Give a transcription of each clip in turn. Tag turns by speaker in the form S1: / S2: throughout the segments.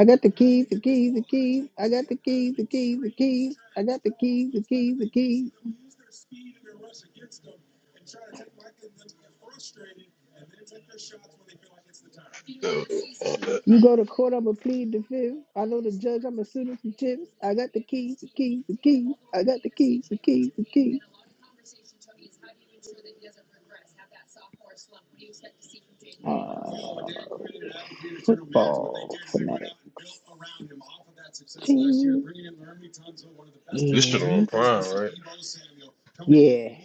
S1: I got the keys, the I got the keys, the keys, the keys. I got the keys, the keys, the keys.
S2: Yo,
S1: You go to court, I'ma plead the fifth. I know the judge, I'ma sue him for chips. I got the keys, the keys, the keys. I got the keys, the keys, the keys. Uh, football fanatics.
S2: this shit on Prime, right?
S1: And yeah,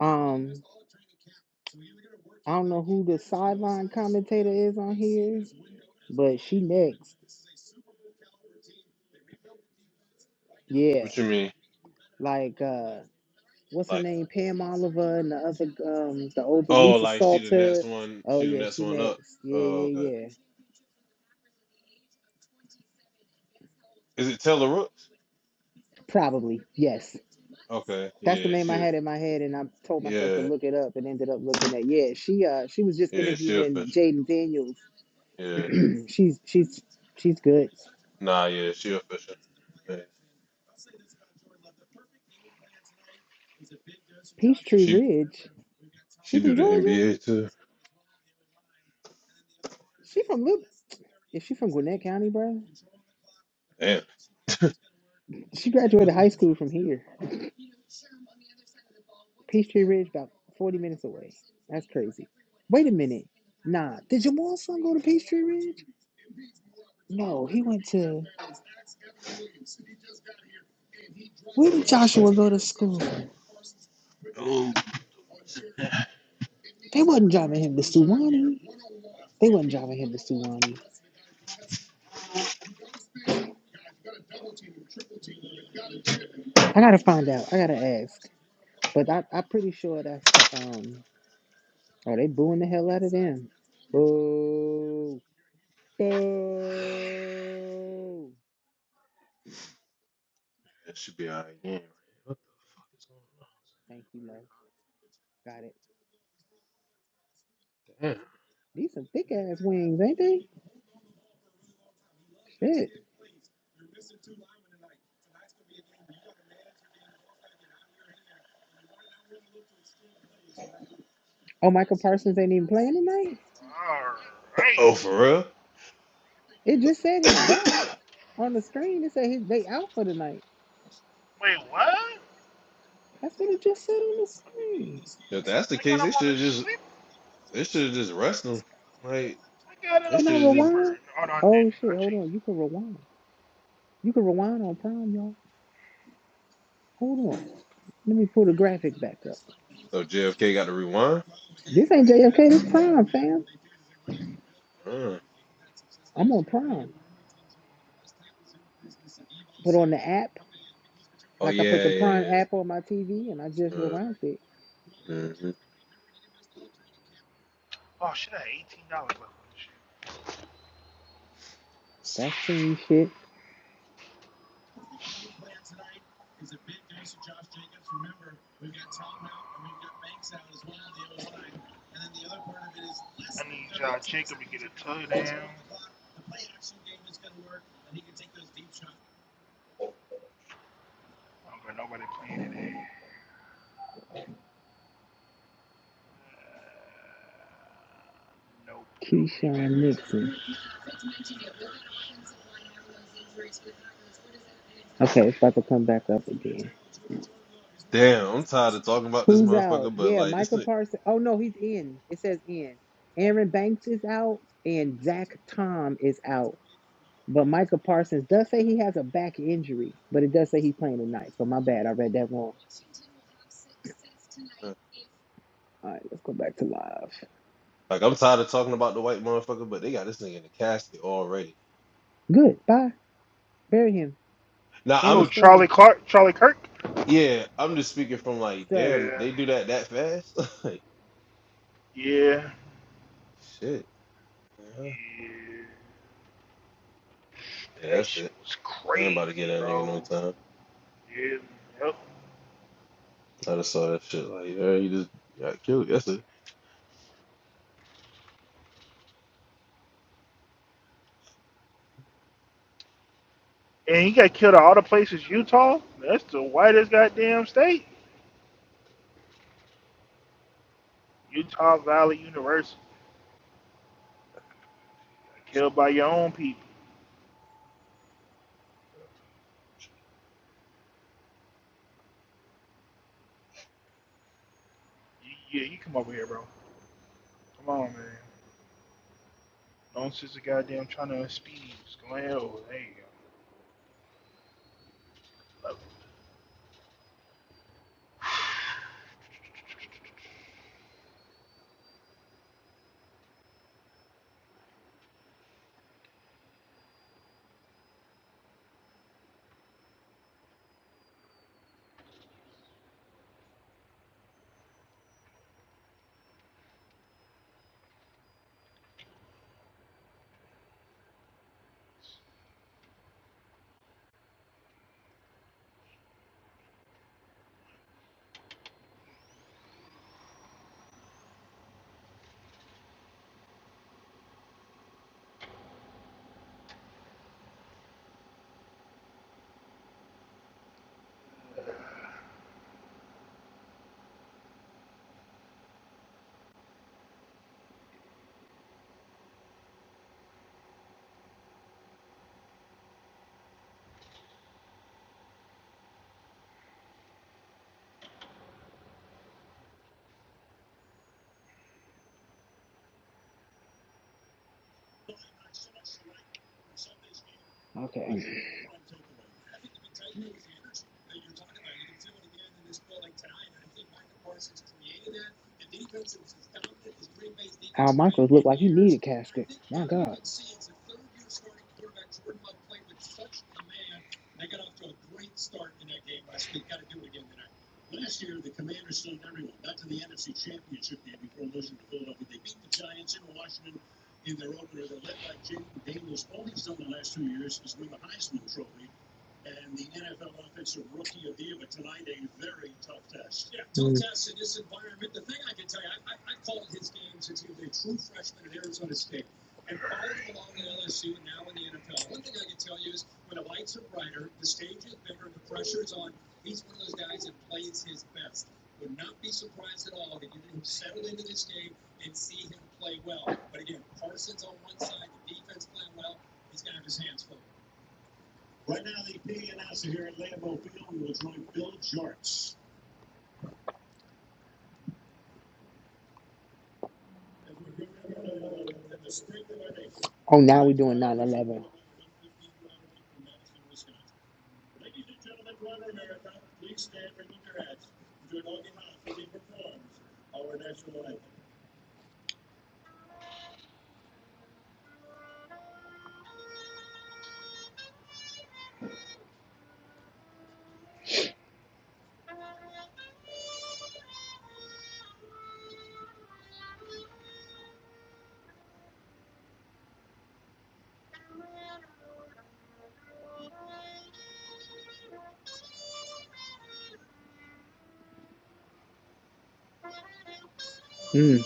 S1: um, I don't know who the sideline commentator is on here, but she next. Yeah.
S2: What you mean?
S1: Like uh what's her
S2: Like,
S1: name? Pam Oliver and the other um the older
S2: oh,
S1: Lisa
S2: like she the next
S1: Salter.
S2: one,
S1: Oh
S2: she the
S1: yeah,
S2: next
S1: she
S2: one up.
S1: next. Yeah,
S2: Oh,
S1: yeah,
S2: okay.
S1: yeah.
S2: Is it Taylor Rooks?
S1: Probably. Yes.
S2: Okay,
S1: That's the
S2: yeah,
S1: name I
S2: she,
S1: had in my head and I told myself to
S2: yeah,
S1: look it up and ended up looking at yeah, she uh she was just
S2: yeah, she official,
S1: interviewing Jaden Daniels.
S2: Yeah,
S1: she's she's she's good.
S2: nah, yeah, she official. Yeah.
S1: Peachtree
S2: She,
S1: Ridge. She
S2: she do
S1: from
S2: the
S1: Georgia?
S2: NBA too.
S1: She from Lib? Is she from Gwinnett County, bro?
S2: Damn.
S1: She
S2: Fuck
S1: graduated
S2: is
S1: high
S2: it?
S1: school from here. Peachtree Ridge, about 40 minutes away. That's crazy. Wait a minute. Nah, did Jamal's son go to Peachtree Ridge? No, he went to. Where
S2: Oh
S1: did Joshua
S2: shit.
S1: go to school?
S2: Oh,
S1: They wasn't driving him to Suwanee. They wasn't driving him to Suwanee. I gotta find out. I gotta ask. But I, I'm pretty sure that's the um. Oh, they booing the hell out of them. Boo! Boo!
S2: that should be out again. What the fuck is
S1: Thank you, Lo. Got it.
S2: going on?
S1: These some thick
S2: Damn.
S1: ass wings, ain't they? Shit. Oh, Michael Parsons ain't even playing tonight.
S2: Oh, for real?
S1: It just said his back on the screen. It said his they out for the night. That's what it just said on the screen.
S2: if that's the case, they should have just. They should have just rushed him. Like they
S1: Can I
S2: should have just.
S1: rewind? Oh shit! Hold on. You can rewind. You can rewind on Prime, y'all. Hold on. Let me pull the graphic back up.
S2: Oh, JFK got to rewind.
S1: This ain't JFK. This Prime, fam.
S2: Uh,
S1: I'm on Prime. Put on the app.
S2: oh
S1: Like I put
S2: yeah,
S1: the
S2: yeah.
S1: Prime
S2: yeah.
S1: app on my TV and I just
S2: yeah. Uh,
S1: rewound it.
S2: mhm.
S1: That's fiend shit. Keyshawn Nixon. Okay, it's about to come back up again.
S2: Damn, I'm tired of talking about this
S1: Who's out?
S2: motherfucker, but
S1: Yeah,
S2: like this
S1: Michael
S2: thing,
S1: Parsons. Oh no, he's in. It says in. Aaron Banks is out and Zach Tom is out. But Michael Parsons does say he has a back injury, but it does say he's playing tonight. So my bad, I read that wrong.
S2: uh,
S1: All right, let's go back to live.
S2: like I'm tired of talking about the white motherfucker, but they got this thing in the casket already.
S1: Good. Bye. Bury him.
S2: Now
S1: End the
S2: I'm,
S1: story.
S2: yeah, I'm just speaking from like,
S1: So
S2: damn, they do that that fast. like, shit. Yeah, yeah, that's it. I ain't about to get that nigga no time. I just saw that shit. Like, yeah, he just got killed. That's it.
S1: Okay. Al Michaels looked like he needed casket. My God. Mm. Oh, now we're doing 9 11. Mm.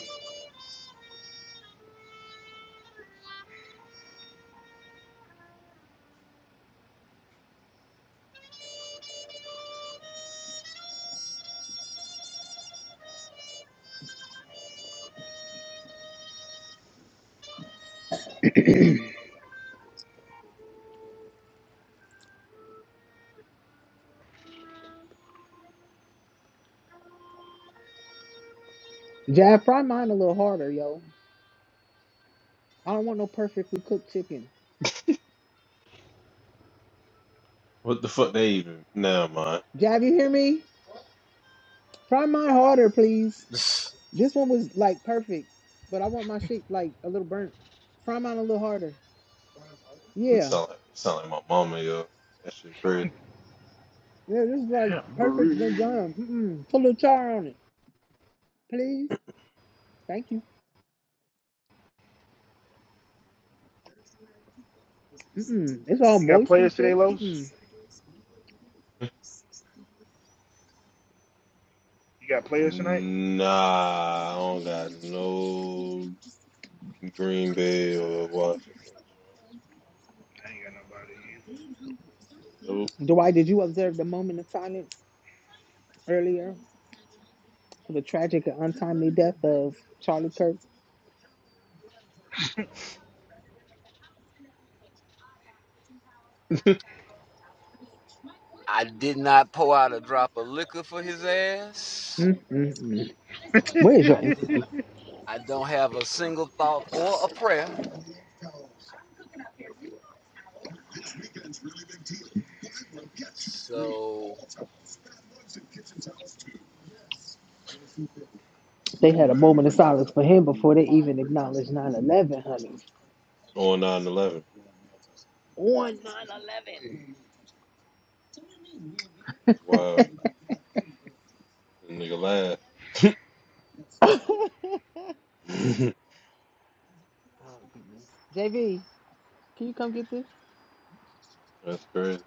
S1: Jav, fry mine a little harder, yo. I don't want no perfectly cooked chicken.
S2: What the fuck they even? Nah, man.
S1: Jav, you hear me? Fry mine harder, please. This one was like perfect, but I want my shit like a little burnt. Fry mine a little harder.
S2: You
S1: Yeah.
S2: sound like, you sound like my mama, yo. That shit crazy.
S1: Yeah, this is like perfect vagina. Mm-mm. Put a little char on it, please. Thank you. Mm-mm. It's all moist and shit. Mm-mm.
S2: Nah, I don't got no Green Bay or Washington. joint.
S1: Dwight, did you observe the moment of silence? earlier for the tragic and untimely death of Charlie Kirk.
S2: Nope.
S3: I did not pour out a drop of liquor for his ass.
S1: Mm, mm, mm. Where is your
S3: I didn't.
S1: empathy?
S3: I don't have a single thought or a prayer. So
S1: They had a moment of silence for him before they even acknowledged 9 11, honey.
S2: On nine eleven,
S1: One 9
S2: It's wild. That nigga
S1: Oh,
S2: laugh.
S1: goodness. JV. Can you come get this?
S2: That's crazy.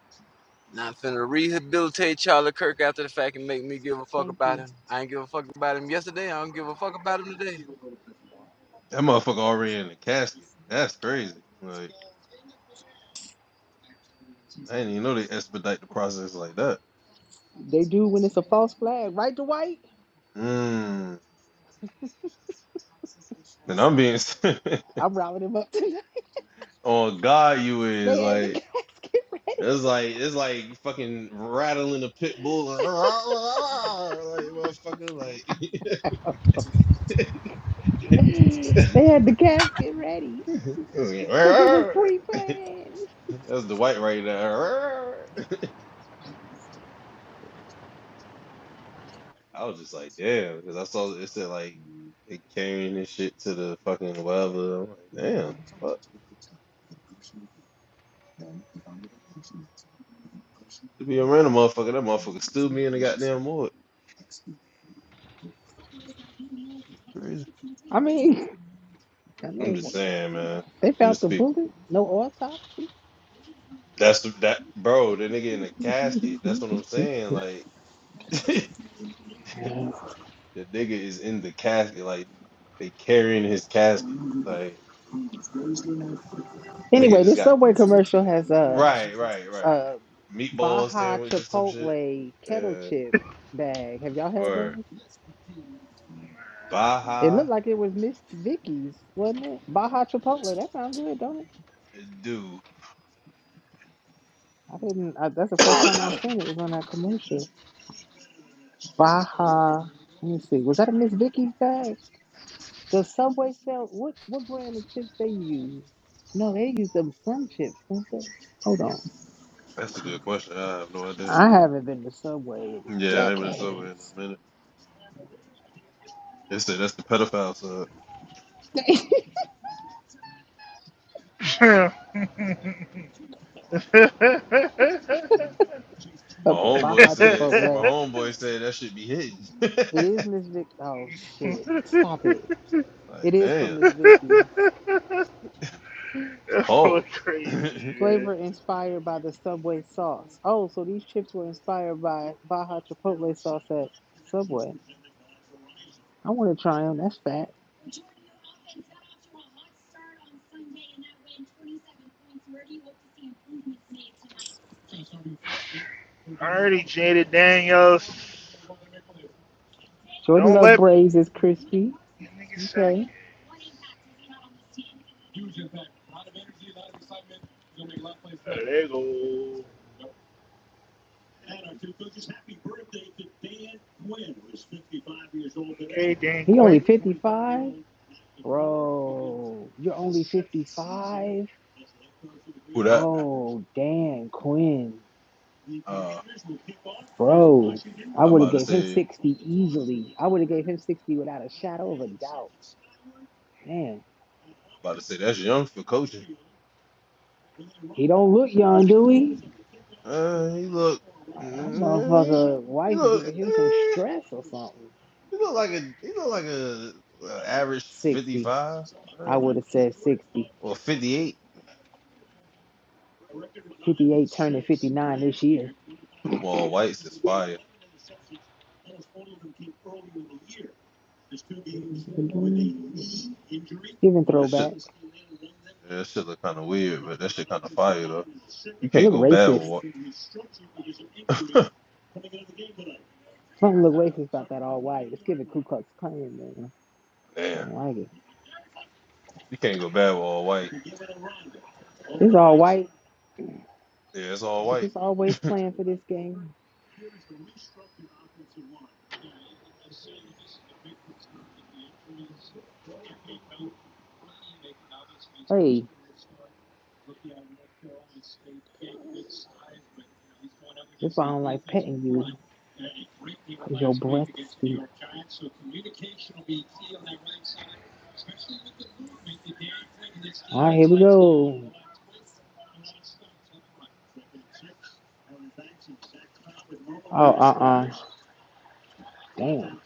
S3: not finna rehabilitate Charlie Kirk after the fact and make me give a fuck
S1: Thank
S3: about
S1: you.
S3: him. I ain't give a fuck about him yesterday. I don't give a fuck about him today.
S2: That motherfucker already in the casket. That's crazy. Like, I didn't even know they expedite the process like that.
S1: They do when it's a false flag, right, Dwight?
S2: Mm. And I'm being
S1: I'm rounding him up tonight.
S2: on God, you is
S1: They had the
S2: like
S1: casket ready.
S2: It's like it's like fucking rattling a pit bull and like motherfucker like
S1: they had the casket ready because it was pre-planned.
S2: that's the white right there. I was just like damn because I saw it said like they carrying this shit to the fucking whatever. I'm like damn fuck to be a random motherfucker that motherfucker stood me in the goddamn wood. Shit Crazy.
S1: I mean, and they
S2: I'm just saying man.
S1: they
S2: I'm
S1: found
S2: just
S1: the
S2: speaking.
S1: bullet. No autopsy.
S2: That's the- that bro. The nigga in the casket. That's what I'm saying like. The nigga is in the casket, like they carrying his casket. Like nigga
S1: anyway,
S2: just
S1: this
S2: got
S1: subway commercial has uh,
S2: right, right, right.
S1: uh
S2: Meatball
S1: Baja
S2: sandwich or some shit.
S1: Chipotle kettle
S2: Yeah.
S1: chip bag. Have y'all had
S2: Or
S1: those? It
S2: Baja
S1: looked like it was Miss Vicky's, wasn't it? Baja Chipotle. That sounds good, don't it?
S2: do.
S1: I didn't. I, that's the first time I seen
S2: that's
S1: it. It was on that commercial. Baja. Let me see. Was that a Miss Vicky's bag? Does Subway sell what? What brand of chips they use? No, they use them Sun chips, don't they? Hold on.
S2: a good question. I have no idea.
S1: I haven't been to Subway in
S2: Yeah, I ain't been sober in
S1: decades.
S2: a minute. They said that's the pedophile side. Shoot. My
S1: Okay,
S2: homeboy
S1: Baja
S2: said my
S1: Chipotle.
S2: homeboy said that should be hidden.
S1: It is Miss Vic. Oh shit! Stop it. It
S2: Like
S1: is from
S2: damn.
S1: Miss Vicky's.
S2: Pause.
S1: Flavor inspired by the Subway sauce. Oh, so these chips were inspired by Baja Chipotle sauce at Subway. I want to try them. That's fat. Jordan Love Braves is crispy. Okay. He only 55? Bro, you're only 55?
S2: Who that?
S1: Oh, damn, Quinn.
S2: Uh
S1: Bro, I
S2: I'm
S1: would have
S2: about to
S1: gave him
S2: say I'm
S1: 60 easily. I would have gave him 60 without a shadow of a doubt. Damn.
S2: about to say that's young for coaching.
S1: He don't look young, do he?
S2: Uh, he look.
S1: That
S2: mm,
S1: motherfucker
S2: He
S1: wife
S2: look.
S1: giving him some
S2: eh,
S1: stress or something.
S2: He look like a. He look like a, a average
S1: 60.
S2: fifty-five,
S1: I
S2: right?
S1: would have said 60.
S2: Or fifty-eight.
S1: 58 turning 59 this year.
S2: But them all whites is fire.
S1: Giving
S2: That shit.
S1: throwback.
S2: yeah, That shit look kind of weird, but that shit kind of fire though. You
S1: They
S2: can't
S1: look
S2: go bad with
S1: racist.
S2: what.
S1: Something look racist about that all white. It's giving Ku Klux Klan, man. I
S2: Damn.
S1: don't like it.
S2: You can't go bad with all white.
S1: It's all white.
S2: Yeah, it's all
S1: was
S2: white.
S1: just always playing for this game. Hey, that's why I don't like petting you, because your breath stinks. All right, here we go. Oh, uh uh Damn.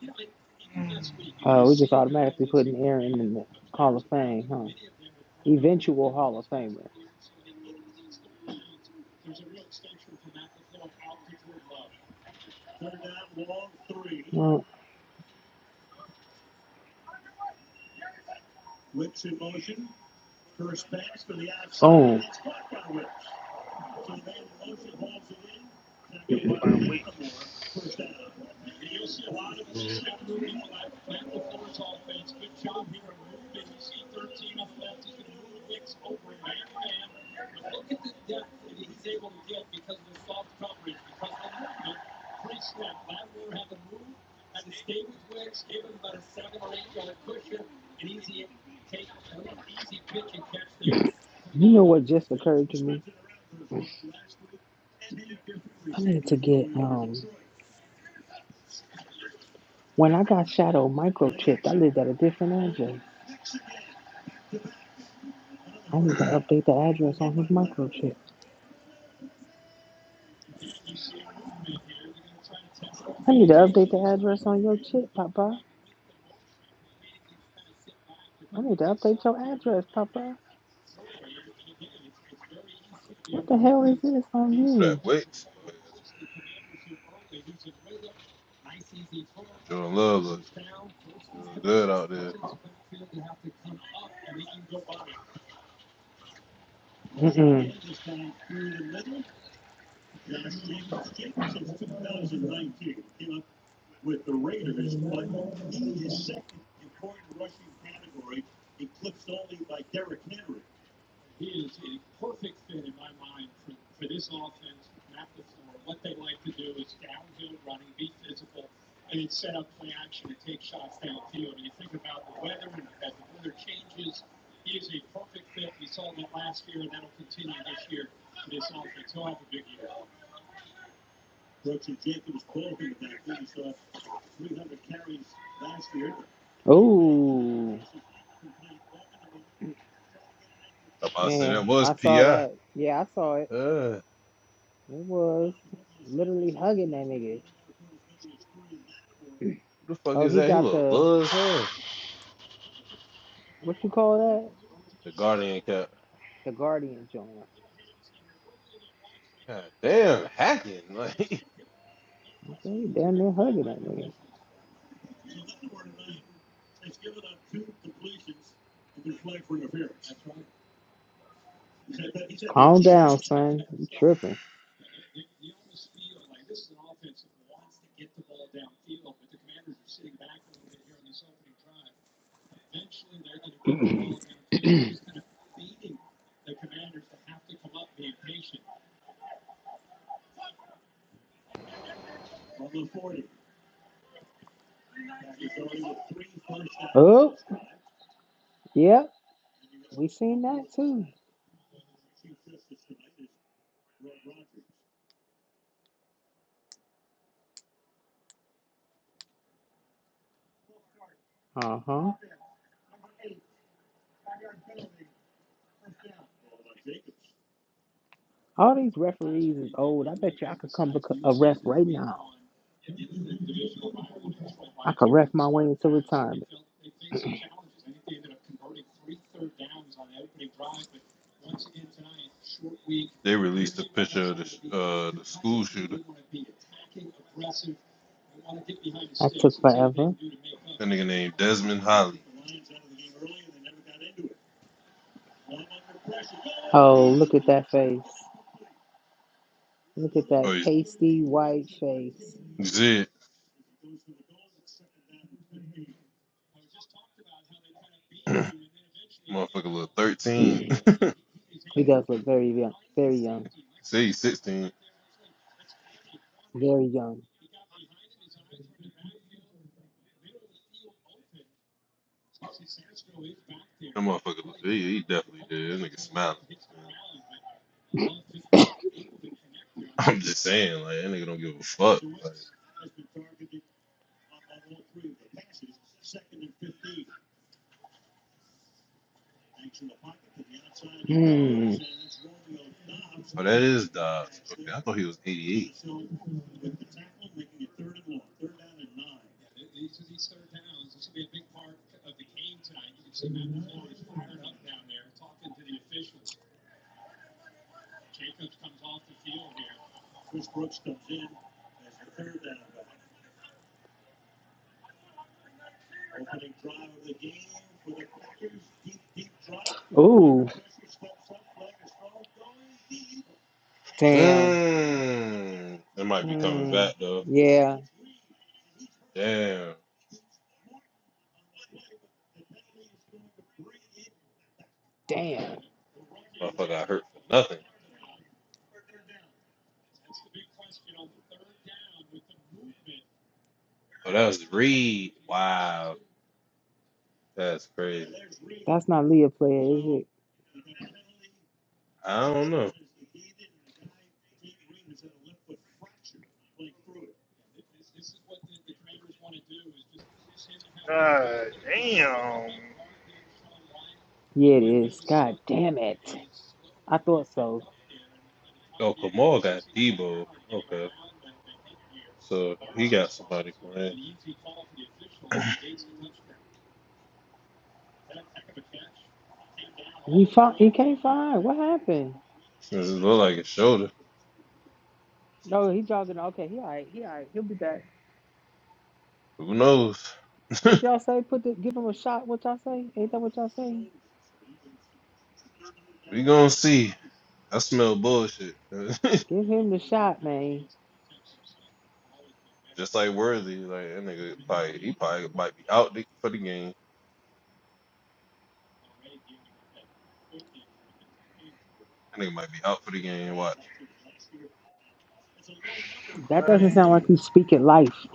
S1: You know, even last week, you Uh, we just automatically putting Aaron in the Hall of Fame, huh? Eventual Hall of Famer. Well, oh,
S2: Mhm.
S1: you know what just occurred to me? I need to get um. When I got Shadow microchipped, I lived at a different address. I need to update the address on his microchip. I need to update the address on your chip, Papa. I need to update your address, Papa. What the hell is this on
S2: Who that
S1: you?
S2: Wicks? Oh, yeah, that's my Jordan Love look, he look good out there.
S1: Mm-mm. Oh,
S2: I'm about to say
S1: yeah,
S2: that was
S1: I
S2: Pi.
S1: saw
S2: Uh,
S1: that. Yeah, I saw it.
S2: who
S1: It was literally hugging that nigga.
S2: the fuck
S1: Oh,
S2: is
S1: he
S2: that? He
S1: got
S2: look
S1: the
S2: low as hell.
S1: what you call that?
S2: The Guardian cat.
S1: The guardian joint.
S2: God damn, hacking! Like
S1: Okay, said, he damn near hugging that nigga. Calm down, son. You tripping? Oh, yep. We seen that too. Uh huh. All these referees is old. I bet you I could come beco- a ref right now. I could ref my way into retirement.
S2: they released a picture of the sh- uh the school shooter.
S1: That took forever.
S2: A nigga named Desmond Holly.
S1: Oh, look at that face. Look at
S2: Oh,
S1: that
S2: he's
S1: pasty white face.
S2: Zed. motherfucker look 13.
S1: He does look very young, very young,
S2: Say he's 16.
S1: very young.
S2: That motherfucker, he, he definitely did. That nigga smiling. man. I'm just saying, like, that nigga don't give a fuck. Like,
S1: Hmm.
S2: oh, that is Dodds. Okay, I thought he was 88.
S1: Ooh, damn.
S2: Mmm. That might be coming
S1: Hmm.
S2: back, though.
S1: Yeah,
S2: Damn.
S1: damn.
S2: Motherfucker got hurt for nothing. Oh, that was Reed. Wow. That's crazy.
S1: That's not Leah player, is it?
S2: I don't know.
S1: Yeah, it is. God damn it. I thought so.
S2: Oh, Kamal got Debo. Okay, so he got somebody playing.
S1: He fought, he can't find. What happened?
S2: Does it look like his shoulder?
S1: No, he jogging. Okay, he all right. He all right. He'll be back.
S2: Who knows?
S1: What y'all say? Put the give him a shot. What y'all say? Ain't that what y'all say?
S2: we gonna see. I smell bullshit.
S1: Give him the shot, man.
S2: Just like Worthy, like that nigga probably he probably might be out the- for the game. That nigga might be out for the game. Watch.
S1: That doesn't sound like he's speaking life.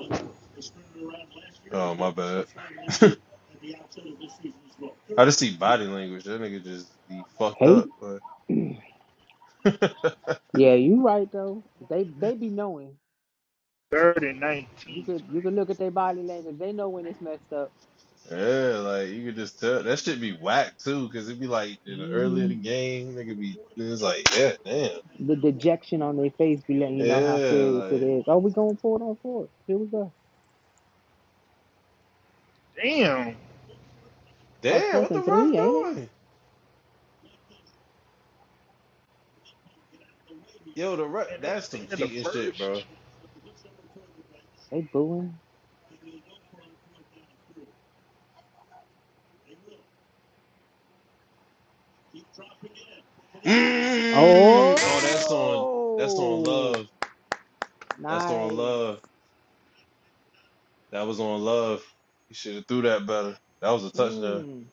S2: Oh my bad. I just see body language. That nigga just be fucked
S1: Hey?
S2: up. Like.
S1: Yeah, you right though. They they be knowing. You could you could look at their body language. They know when it's messed up.
S2: Yeah, like you could just tell that should be whack too, cause it'd be like in the early of
S1: hmm
S2: the game, they could be it's like, yeah, damn,
S1: The dejection on their face be letting you know how
S2: yeah,
S1: serious it
S2: like
S1: is. Oh, we going for it on fourth. Here we go. Like
S2: damn,
S1: fourth
S2: what the
S1: and three, ain't it?
S2: ref doing? Yo, the ref, that's some cheating shit, bro.
S1: They booing. Oh,
S2: Mm, oh, that's on, that's on love, that's on
S1: nice.
S2: love, that was on love. He should have threw that better. That was a touchdown.
S1: Mm.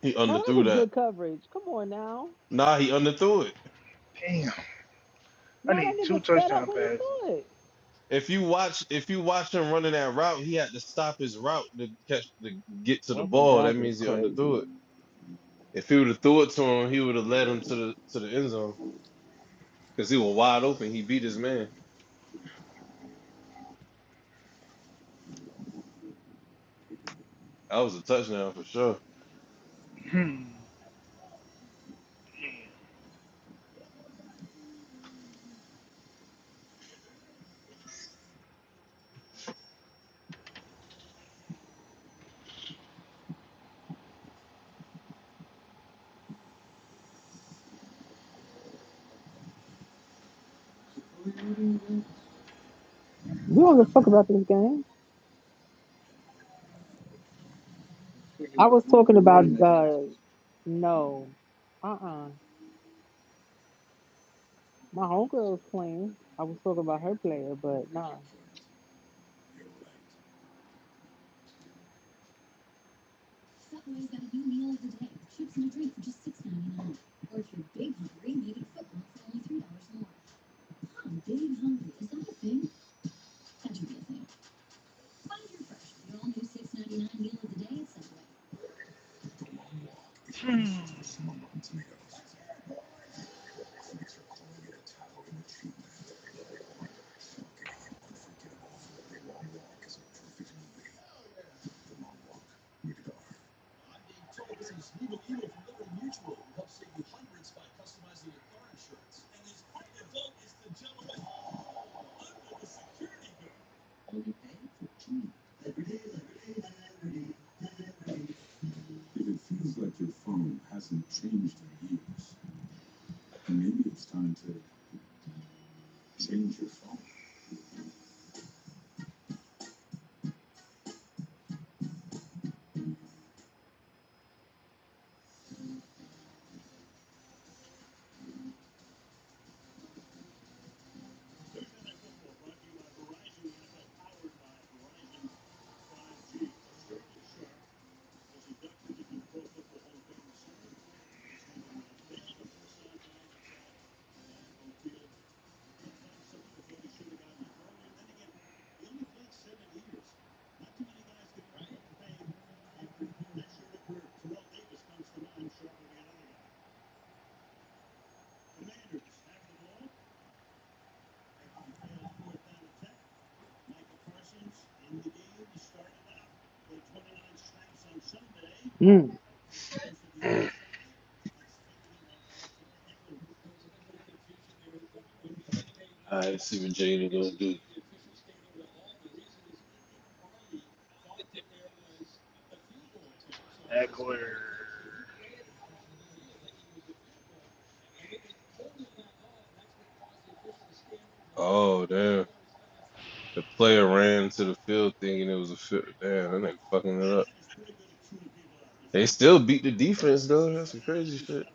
S2: He
S1: Now that
S2: underthrew
S1: was
S2: that.
S1: good coverage. Come on now.
S2: Nah, he underthrew it.
S1: Now that nigga sped up when he saw it.
S2: If you watch, if you watch him running that route, he had to stop his route to catch to get to the
S1: Welcome
S2: ball. That
S1: back is
S2: means he
S1: crazy.
S2: underthrew it. If he would have threw it to him, he would have led him to the to the end zone because he was wide open. He beat his man. That was a touchdown for sure.
S1: You don't give a fuck about this game. I was talking about uh no. Uh uh My homegirl was playing. I was talking about her player, but nah. Mm.
S2: All right, let's see what Jaden gonna do. Oh damn! The player ran to the field thinking it was a field. Damn, that nigga fucking it up. They still beat the defense though. That's some crazy shit.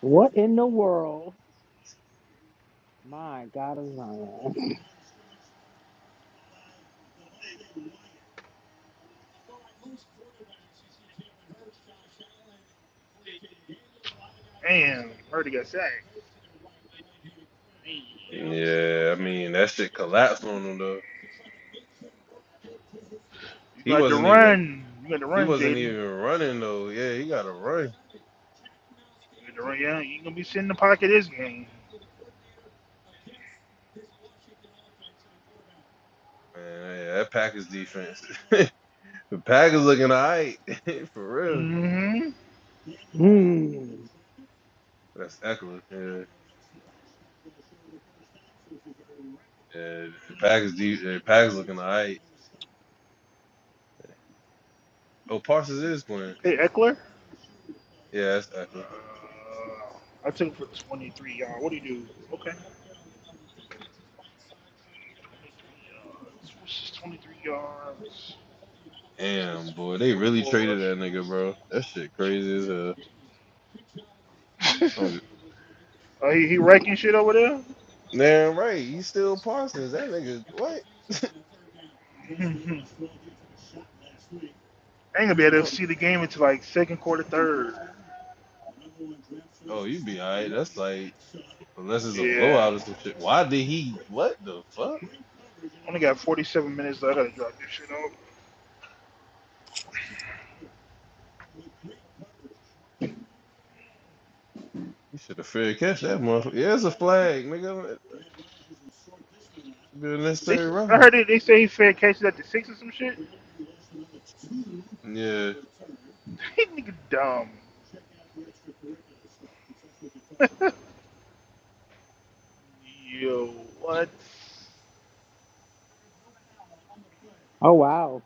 S1: What in the world? My God of Zion.
S2: Yeah, I mean that shit collapsed on him though. He wasn't even he wasn't even running though. Yeah, he got to run. Man, yeah, that Packers defense. the Packers looking alright for real.
S1: Mm.
S2: That's Eckler. Yeah, yeah. Packers de- yeah, Packers looking alright. Oh, Parsons is playing. Yeah, that's Eckler. Damn boy, they really traded that nigga, bro. That shit crazy as hell. I do Damn right, you still Parsons. That nigga, what? Oh, oh you be all right. That's like, unless it's a blowout or some shit. Why did he? What the fuck? You should have fair catch that motherfucker. Yeah, it's a flag, nigga. Should be a necessary roughness. Yeah.
S1: Oh wow.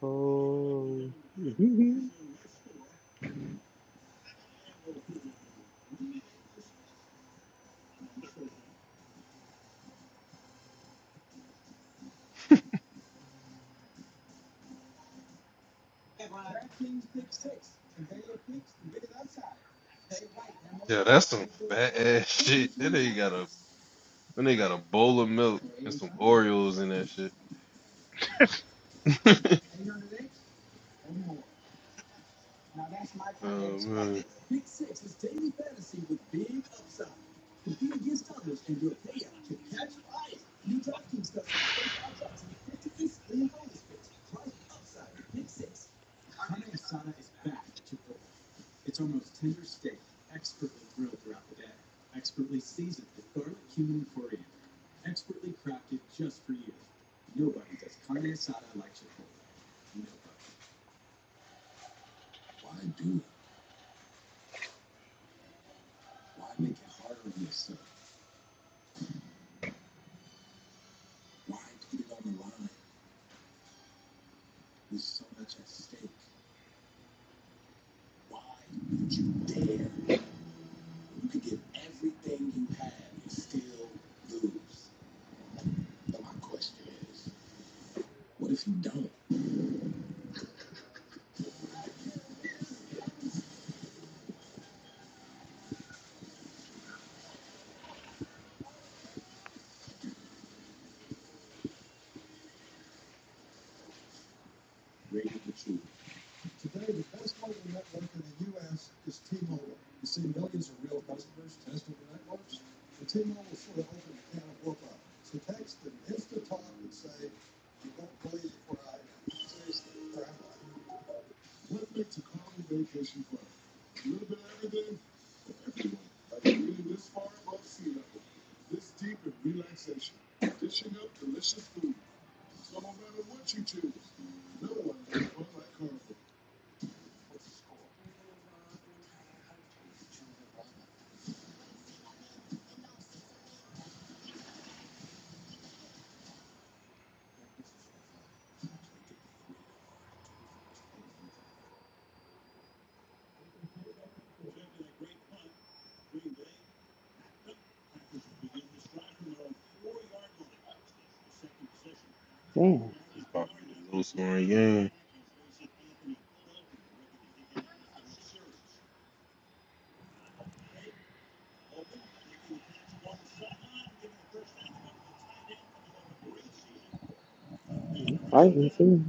S1: Oh.
S2: Yeah, that's some fat ass shit. That nigga got a that nigga got a bowl of milk and some Oreos in that shit. oh man,
S1: Damn.
S2: it's about to be a low scoring game.
S1: Fighting too.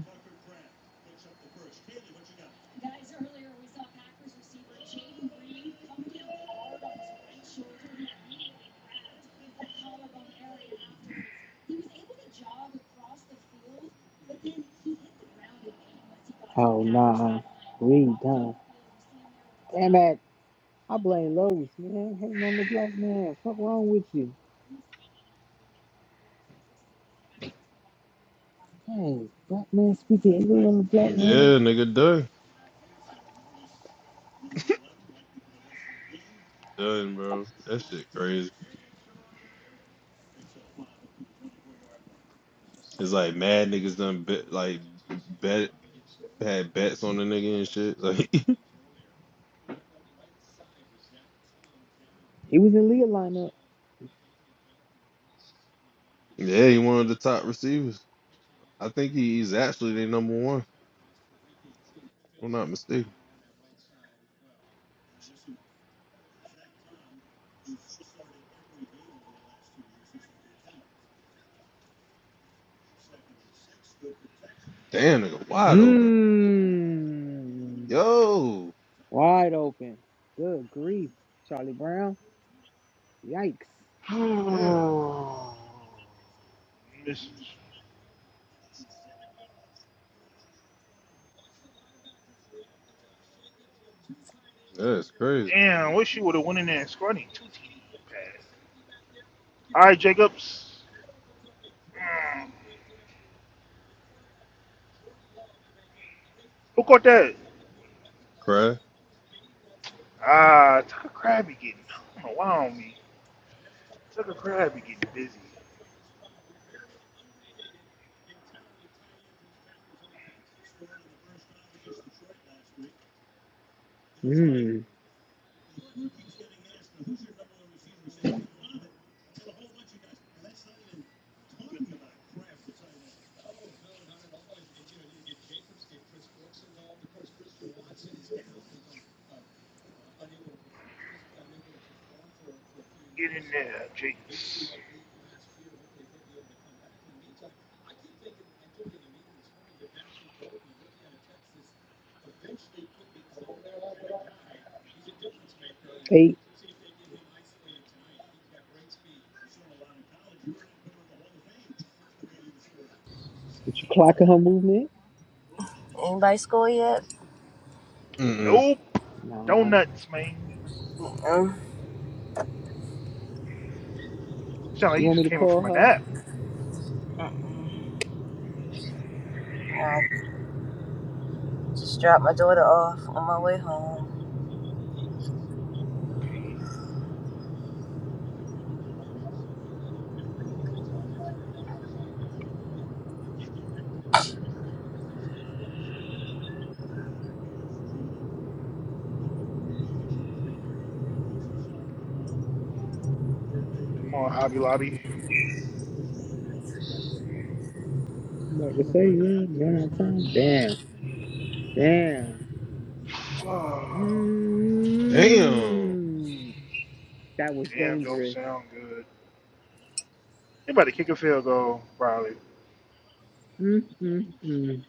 S1: Oh nah. We done. Damn it. I blame Lois, man. Hating on the black man. Fuck wrong with you? Dang, black man speaking. He on the black
S2: Mm,
S1: man.
S2: Yeah, nigga, done, done, bro. That shit crazy. It's like mad niggas done bet, like bet had bets on the nigga and shit. Like,
S1: He was in Leah lineup.
S2: yeah, he one of the top receivers. I think he- he's actually the number one. If I'm not mistaken. Damn, nigga, wide open.
S1: Hmm.
S2: Yo,
S1: Wide open. Good grief, Charlie Brown. Yikes.
S2: damn, that's crazy. Crab.
S1: Eight. Did you clocking her movement?
S4: Anybody school yet?
S2: Mm-mm.
S1: Nah.
S4: No.
S1: You want me to call her?
S4: mm I just dropped my daughter off on my way home.
S1: I'm about to say, yeah, you don't have time. Damn. Damn.
S2: Damn.
S1: Mm. That was dangerous. Mm-mm-mm.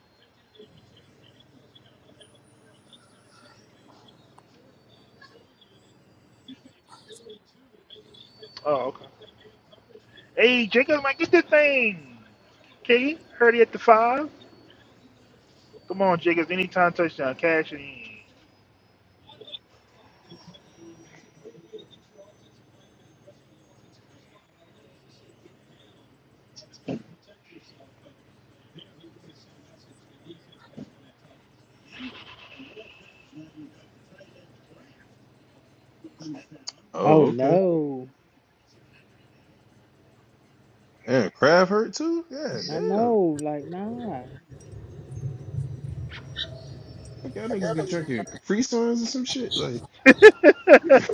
S1: Oh
S2: Oh, okay.
S1: no.
S2: Damn, Crab hurt too. Yeah,
S1: I
S2: damn.
S1: know. Like, nah.
S2: Fuck y'all niggas be drinking Capri Suns or some shit. Like,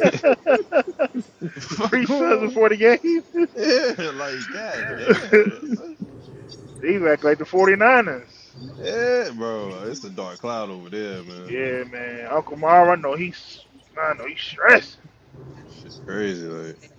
S2: fuck going on? Yeah, like, god damn. that's it. yeah, bro, it's a dark cloud over there, man. Shit, crazy, like,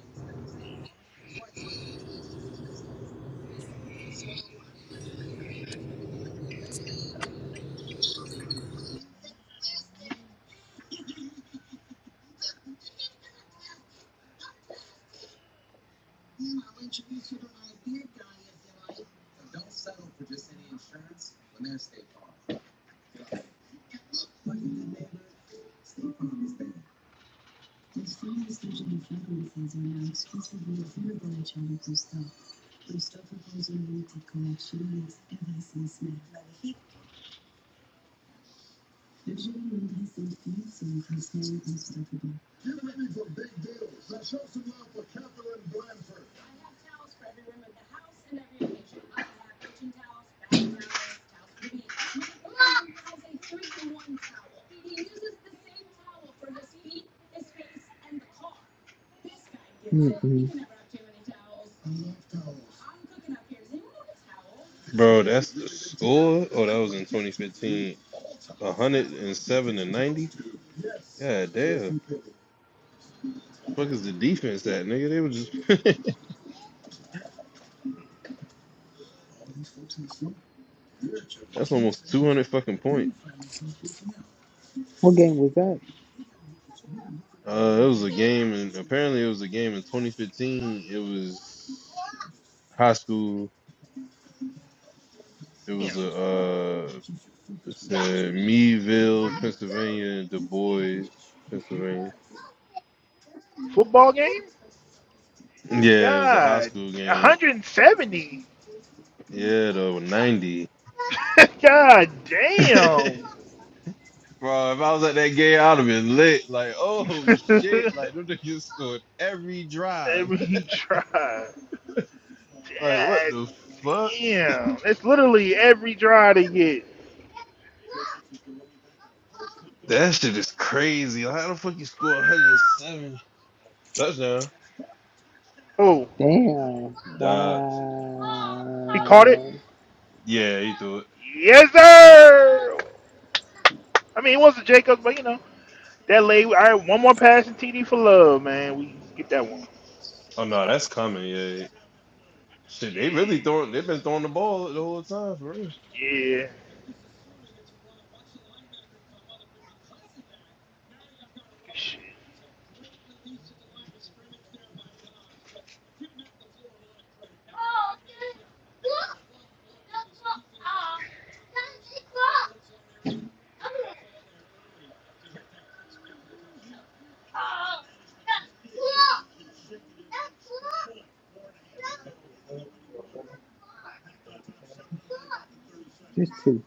S1: Mm-mm.
S2: bro. That's the score. Oh, that was in 2015. 107 to 90. God damn. Fuck is the defense that nigga? They were just. that's almost 200 fucking points.
S1: What game was that?
S2: Uh, it was a game, and apparently it was a game in 2015. It was high school. It was a uh, it said Meadville, Pennsylvania, and Du Bois, Pennsylvania. Yeah, it was a high school game. Yeah, though ninety. Bro, if I was at that game, I'd have been lit. Like, oh shit! Like, them niggas scored every drive. Like, what the fuck? That shit is crazy. Like, how the fuck you score 107 touchdown?
S1: Damn.
S2: Dodds.
S1: Wow.
S2: Yeah, he threw it. Oh no, that's coming. Yeah, Shit, they really throwing. They've been throwing the ball the whole time for real.
S1: Just two.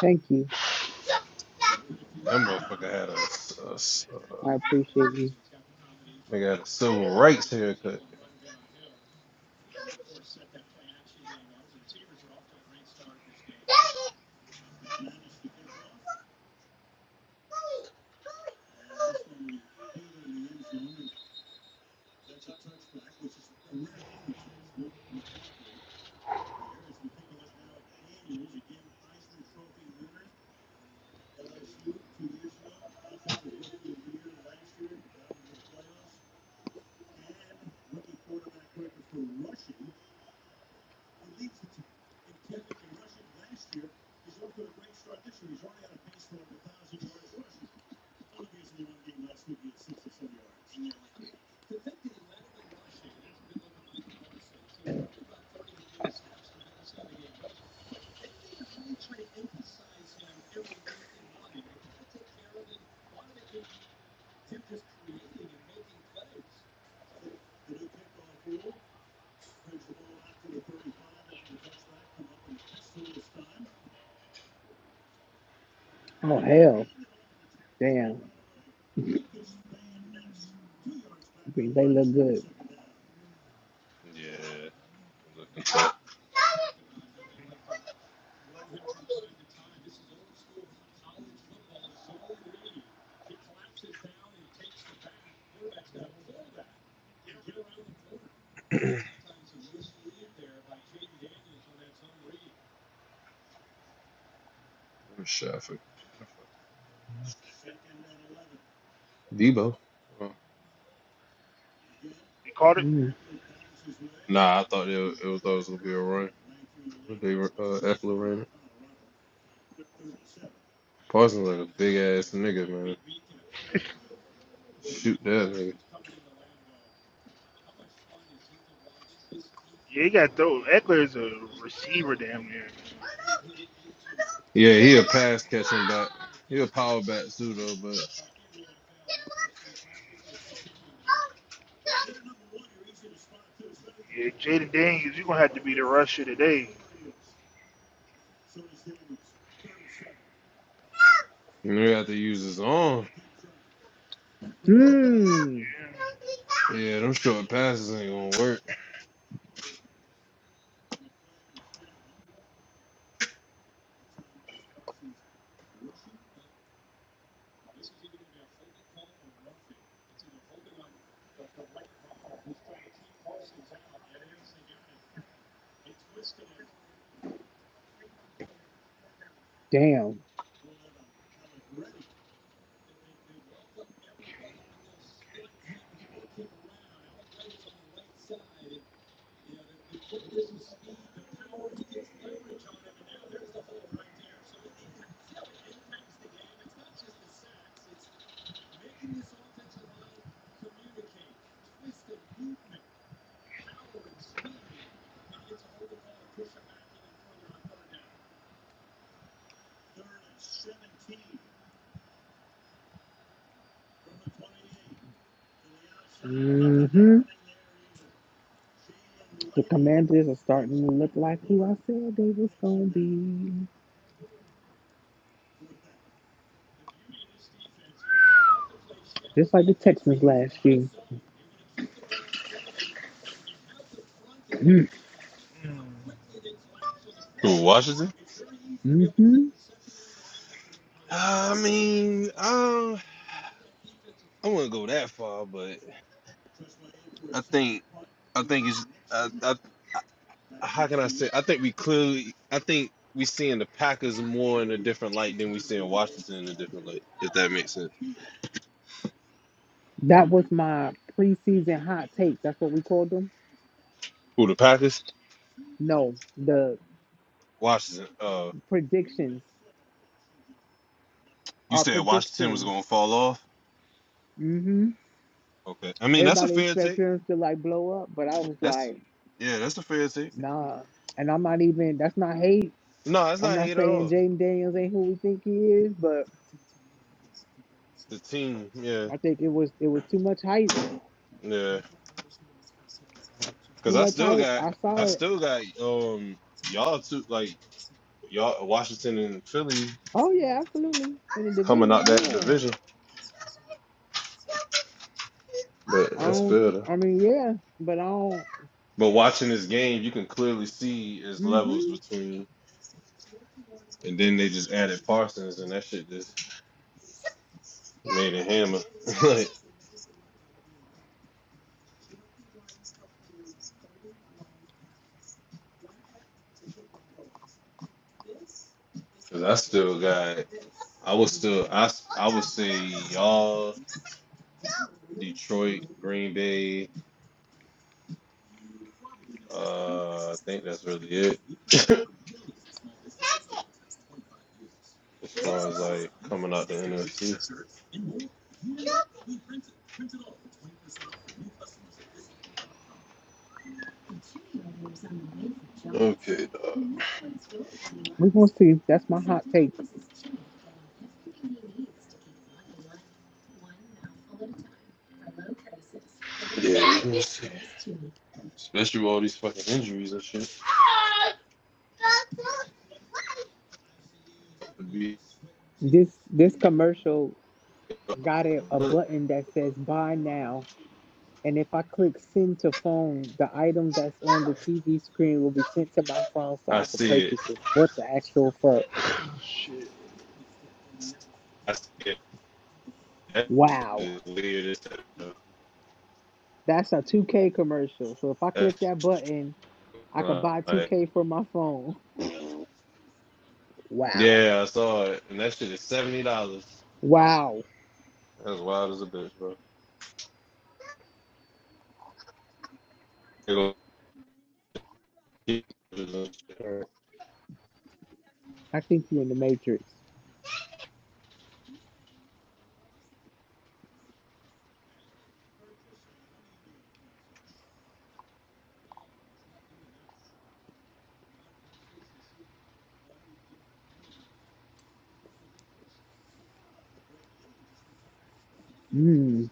S1: Thank you.
S2: That motherfucker had a, s- a s- uh,
S1: I appreciate you.
S2: they got a civil rights haircut.
S1: Oh, hell. Damn. Green Bay look good.
S2: Yeah, they looking tough. Good shot for Debo. Oh.
S1: Mm.
S2: Nah, I thought it, was- it was, thought it was gonna be a run. But They were uh, Eckler ran it. Parsons like a big ass nigga, man. Shoot that nigga. Yeah, he a pass catching back. He a power back too though, but you know, he have to use his arm.
S1: Mm.
S2: Yeah, them short passes ain't gonna work.
S1: Damn. Mm-hmm. The commanders are starting to look like who I said they was going to be. Just like the Texans last year. Mm.
S2: Who, Washington?
S1: Mhm.
S2: I mean, uh, I wouldn't go that far, but I think I think it's I, I, how can I say? I think we clearly I think we seeing the Packers more in a different light than we seeing Washington in a different light. If that makes sense.
S1: That was my preseason hot takes. That's what we called them.
S2: Who the Packers?
S1: No, the
S2: Washington. Uh,
S1: predictions.
S2: you
S1: Our
S2: said Washington was
S1: predictions.
S2: gonna fall off.
S1: Mm hmm
S2: Okay. I mean, that's a
S1: Everybody
S2: fair
S1: expects
S2: take.
S1: them to like blow up, but I was
S2: That's
S1: like,
S2: yeah, that's a fair take.
S1: nah. And I'm not even. That's not hate.
S2: No, it's
S1: I'm
S2: not
S1: not
S2: hate at
S1: saying
S2: all.
S1: Jaden Daniels ain't who we think he is, but
S2: The team, yeah,
S1: I think it was it was too much hype.
S2: yeah.
S1: Too
S2: Cause I
S1: much
S2: still
S1: hype.
S2: got
S1: I
S2: I
S1: saw it.
S2: still got um y'all too. Like y'all Washington and Philly
S1: Oh yeah, absolutely. In the
S2: coming out that
S1: division,
S2: division, but
S1: yeah. I
S2: that's
S1: don't.
S2: better.
S1: I mean, yeah, but I don't.
S2: But watching this game, you can clearly see is levels
S1: hmm
S2: between, and then they just added Parsons, and that shit just made a hammer. like, cause I still got, I was still, I I would say y'all, Detroit, Green Bay. Uh, I think that's really it as far as like coming out the NFC. Okay, dog.
S1: We're gonna see. That's my hot take.
S2: Yeah, let me see. Especially with all these fucking injuries and shit. It'd be
S1: This this commercial got it a
S2: Look,
S1: button that says "Buy Now." And if I click send to phone, the item that's on the TV screen will be sent to my phone so
S2: I
S1: I can
S2: see it.
S1: purchase it. What the actual fuck?
S2: I see it. That
S1: Wow.
S2: shit is weird as hell.
S1: That's a 2K commercial. So if I
S2: That
S1: click that button,
S2: shit,
S1: I could
S2: uh,
S1: buy
S2: like,
S1: 2K for my phone. Wow.
S2: yeah, I saw it, and that shit is seventy dollars.
S1: Wow.
S2: That's wild as a bitch, bro. They gonna keep this and shit.
S1: I think you're in the Matrix. Mmm.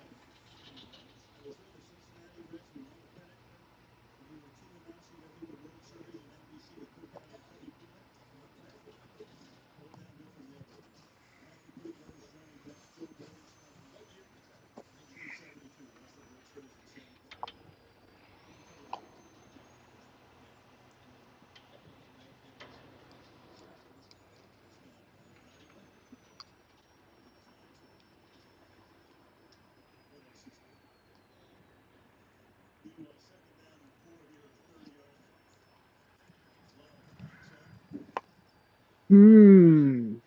S1: Mmm.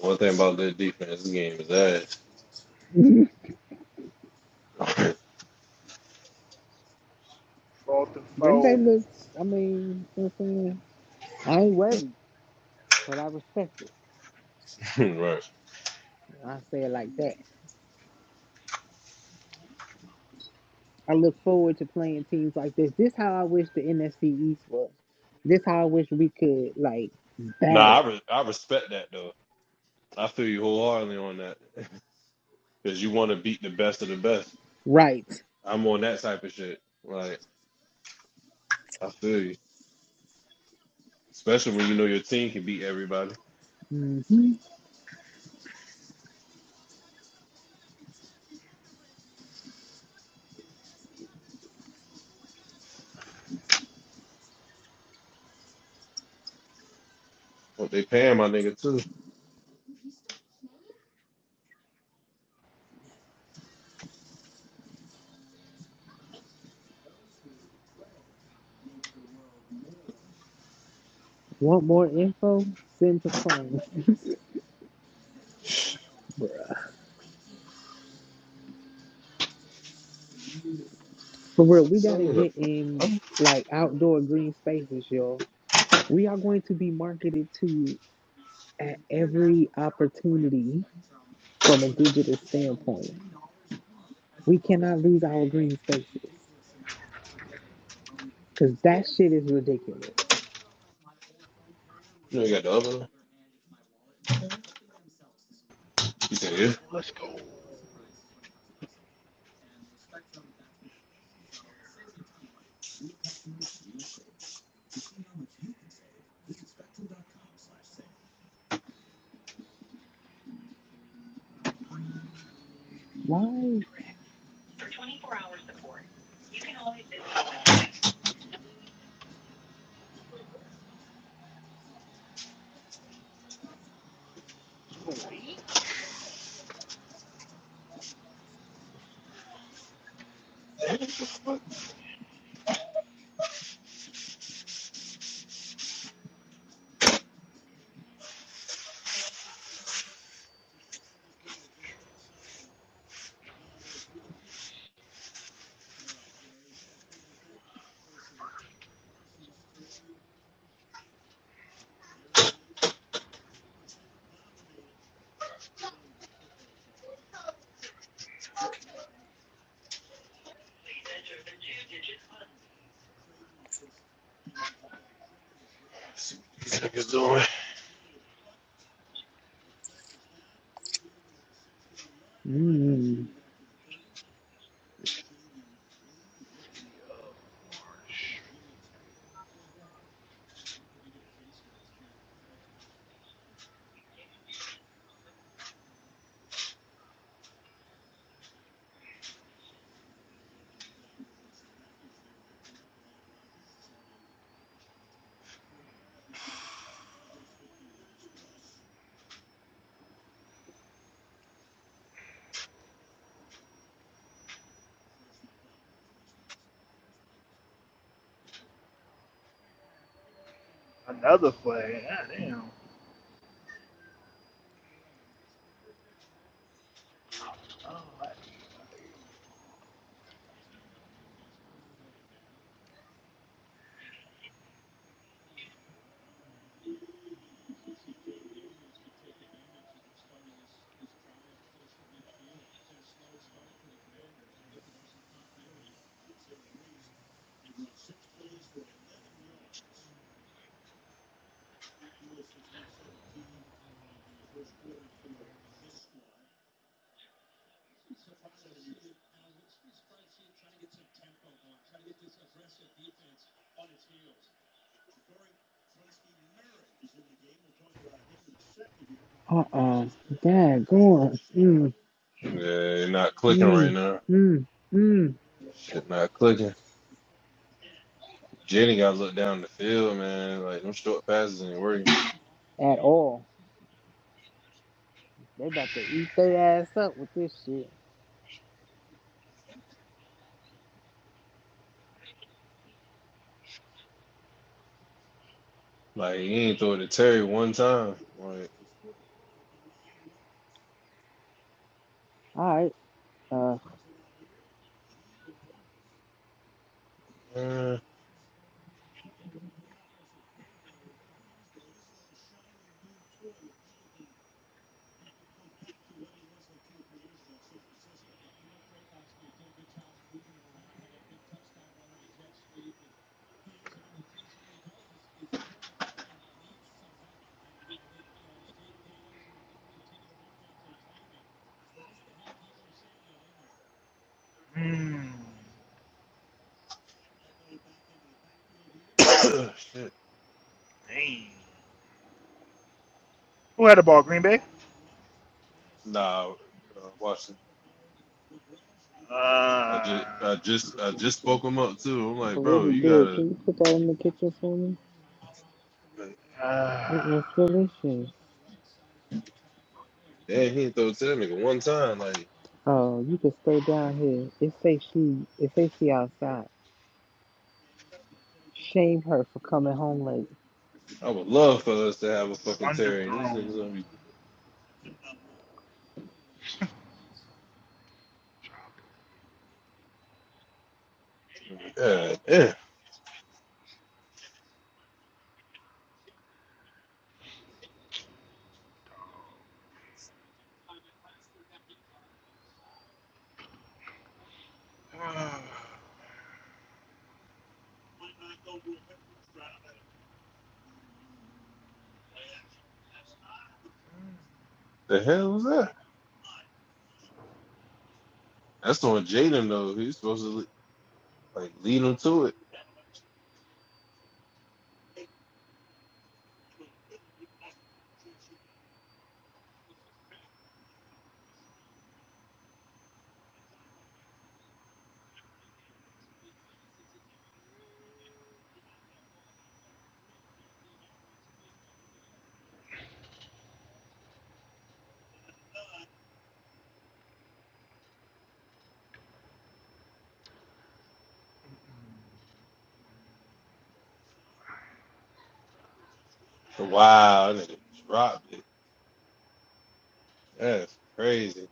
S2: One thing about their defense, this game is ass.
S1: Green Bay looks, I mean, you know what I'm saying? I ain't worried, but I respect it.
S2: right.
S1: I say it like that. I look forward to playing teams like this. This how I wish the NFC East was. This how I wish we could like
S2: Nah,
S1: battle.
S2: I re- I respect that though. I feel you wholeheartedly on that because you want to beat the best of the best.
S1: Right.
S2: I'm on that type of shit. Like I feel you, especially when you know your team can beat everybody.
S1: hmm
S2: What they paying my nigga too.
S1: Want more info? Send to phone. For
S2: That's
S1: real,
S2: what
S1: we
S2: some
S1: gotta
S2: of the
S1: get
S2: fucking.
S1: in
S2: oven-
S1: like outdoor green spaces, y'all. We are going to be marketed to at every opportunity from a digital standpoint. We cannot lose our green spaces because that shit is ridiculous.
S2: You know, you got the oven. You can hear.
S1: Why?
S2: See what these niggas doing.
S1: Mm. Uh-uh. Dad, go on. Mm,
S2: Yeah, you're not clicking right
S1: mm,
S2: now.
S1: mm, mm.
S2: Shit, not clicking. Jenny got to look down the field, man. Like, them short passes ain't working.
S1: At all. They about to eat their ass up with this shit.
S2: Like, he ain't throw it to Terry one time. Like,
S1: All right. Uh,
S2: man. shit. Nah, uh, watch it. I just, I just, I just spoke him up too. I'm like, bro,
S1: whoever
S2: you
S1: did,
S2: gotta.
S1: can you put that in the kitchen for me?
S2: Like,
S1: It was delicious.
S2: damn, he ain't throw it to that nigga one time. Like,
S1: Oh, you could stay down here. It say she. It say she outside. Shame her for coming home late.
S2: I would love for us to have a fucking Terry, and these niggas gonna be. yeah, yeah. The hell was that? That's on Jaden though. He's supposed to like lead him to it. Wow, that nigga dropped it. That's crazy.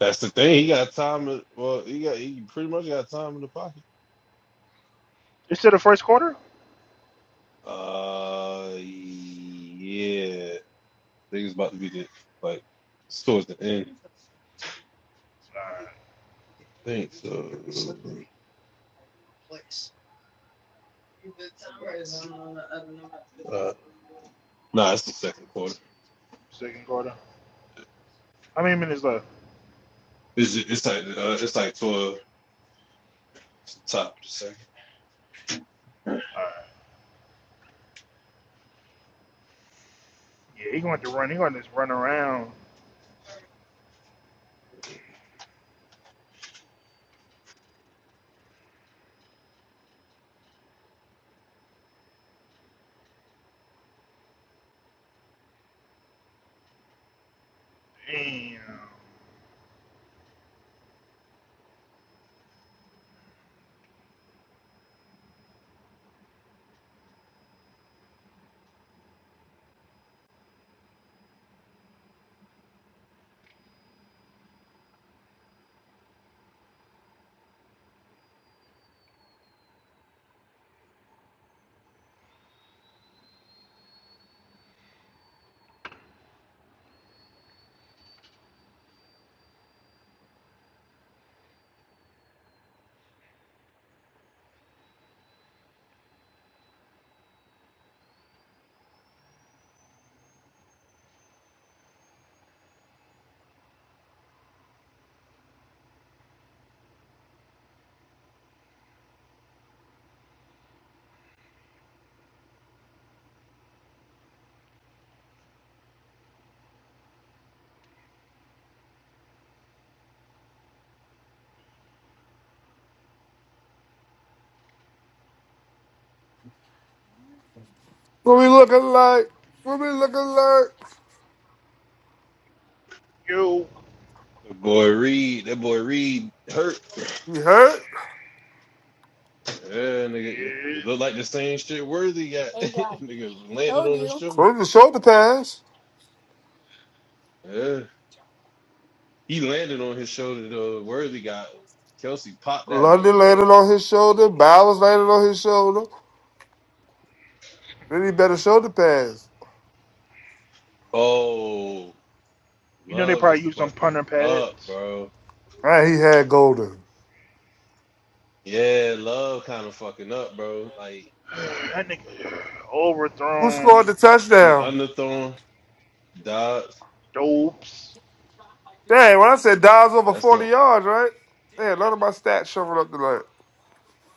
S2: That's the thing. He got time. well, he got he pretty much got time in the pocket. Uh, yeah. I think it's about to be the like towards the end. I think so. Uh, no, nah, it's the second quarter. It's ju- it's like uh, it's like toward the top of the second.
S5: What we looking like? What we looking like?
S2: That boy Reed. That boy Reed hurt.
S5: You hurt?
S2: Yeah, nigga, it looked like the same shit Worthy got. nigga landed on his shoulder.
S5: Close your shoulder pads.
S2: Yeah, he landed on his shoulder though. Worthy got Kelsey popped that
S5: London
S2: nigga,
S5: landed
S2: but
S5: on his shoulder. Bowers landed on his shoulder. Then he better shoulder pass.
S2: oh, love is fucking up, bro.
S5: Right, he had Golden.
S2: Yeah, love kind of fucking up, bro. Like
S5: Who scored the
S2: he
S5: touchdown?
S2: underthrown Dobbs.
S5: Dang, when I said Dobbs over
S2: That's
S5: 40
S2: something
S5: yards, right? Man, none of my stats showing up tonight.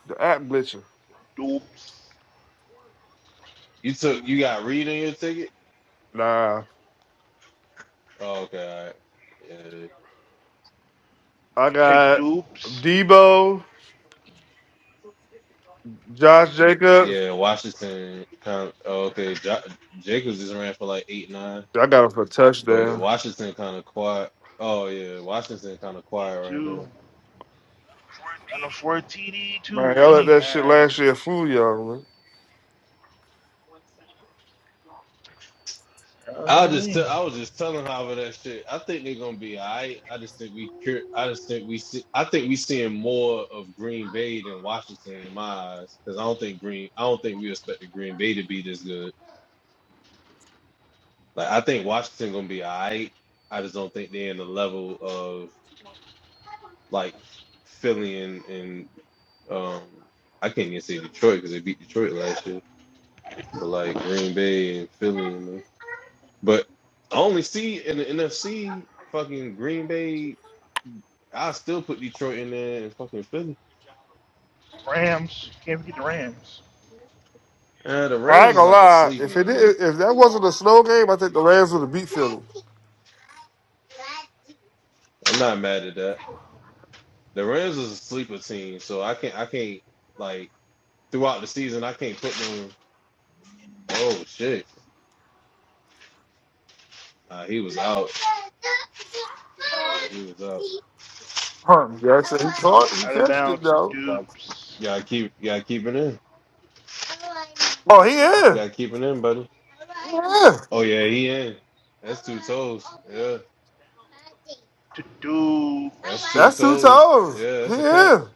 S5: The app glitching.
S2: you took. You got Reed in your ticket.
S5: Nah.
S2: Oh, okay, all right.
S5: I got Debo, Josh Jacobs.
S2: Yeah, yeah. Washington. Kind of, oh, okay. Jo- Jacobs just ran for like eight nine.
S5: I got him for a
S2: But
S5: touchdown.
S2: Washington kind of quiet. Oh yeah, Washington kind of quiet right now.
S5: Man, y'all let that shit last year fool y'all, man.
S2: I just tell, I was just telling Hava that shit. I think they're gonna be alright. I just think we cur- I just think we see I think we seeing more of Green Bay than Washington in my eyes because I don't think Green I don't think we expected Green Bay to be this good. Like I think Washington gonna be alright. I just don't think they're in the level of like Philly and, and um I can't even say Detroit because they beat Detroit last year. But like Green Bay and Philly and them. But I only see in the NFC fucking Green Bay. I still put Detroit in there and fucking Philly. Uh, the
S5: I
S2: Rams
S5: ain't
S2: is
S5: gonna
S2: like a
S5: lie.
S2: sleeper
S5: If it
S2: to me.
S5: did, if that wasn't a snow game, I think the Rams would have beat Philly.
S2: I'm not mad at that. The Rams is a sleeper team, so I can't I can't like throughout the season I can't put them. Oh shit! Nah, he was out. He was out.
S5: Huh? Yeah, I said he caught, it, he catched it though.
S2: You gotta keep you gotta keep it in.
S5: Oh, he
S2: You
S5: in.
S2: gotta keep it in, buddy.
S5: Yeah,
S2: Oh yeah, he in. That's two toes. Yeah, that's two
S5: that's two
S2: toes.
S5: toes.
S2: Yeah,
S5: He
S2: that's a catch.
S5: in.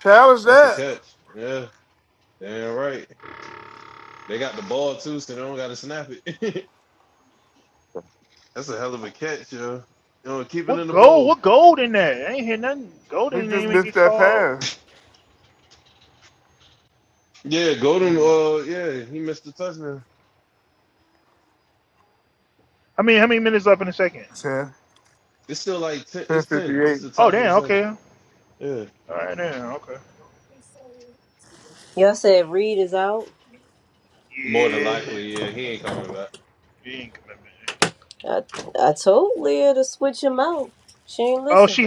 S5: Challenge
S2: That's the
S5: that.
S2: catch. Yeah, damn right. They got the ball too, so they don't got to snap it. That's a hell of a catch, yo. You know, keep it in the bowl.
S5: He just missed that pass.
S2: Yeah, Golden. Uh, yeah, he missed the touchdown.
S5: Ten,
S2: It's still like ten.
S5: ten
S2: It's
S5: fifty
S2: ten. It's
S5: eight.
S2: the top of the second. Yeah,
S4: Y'all said Reed is out.
S2: more than likely. Yeah, he ain't coming back.
S4: I I told Leah to switch him out. She ain't listen.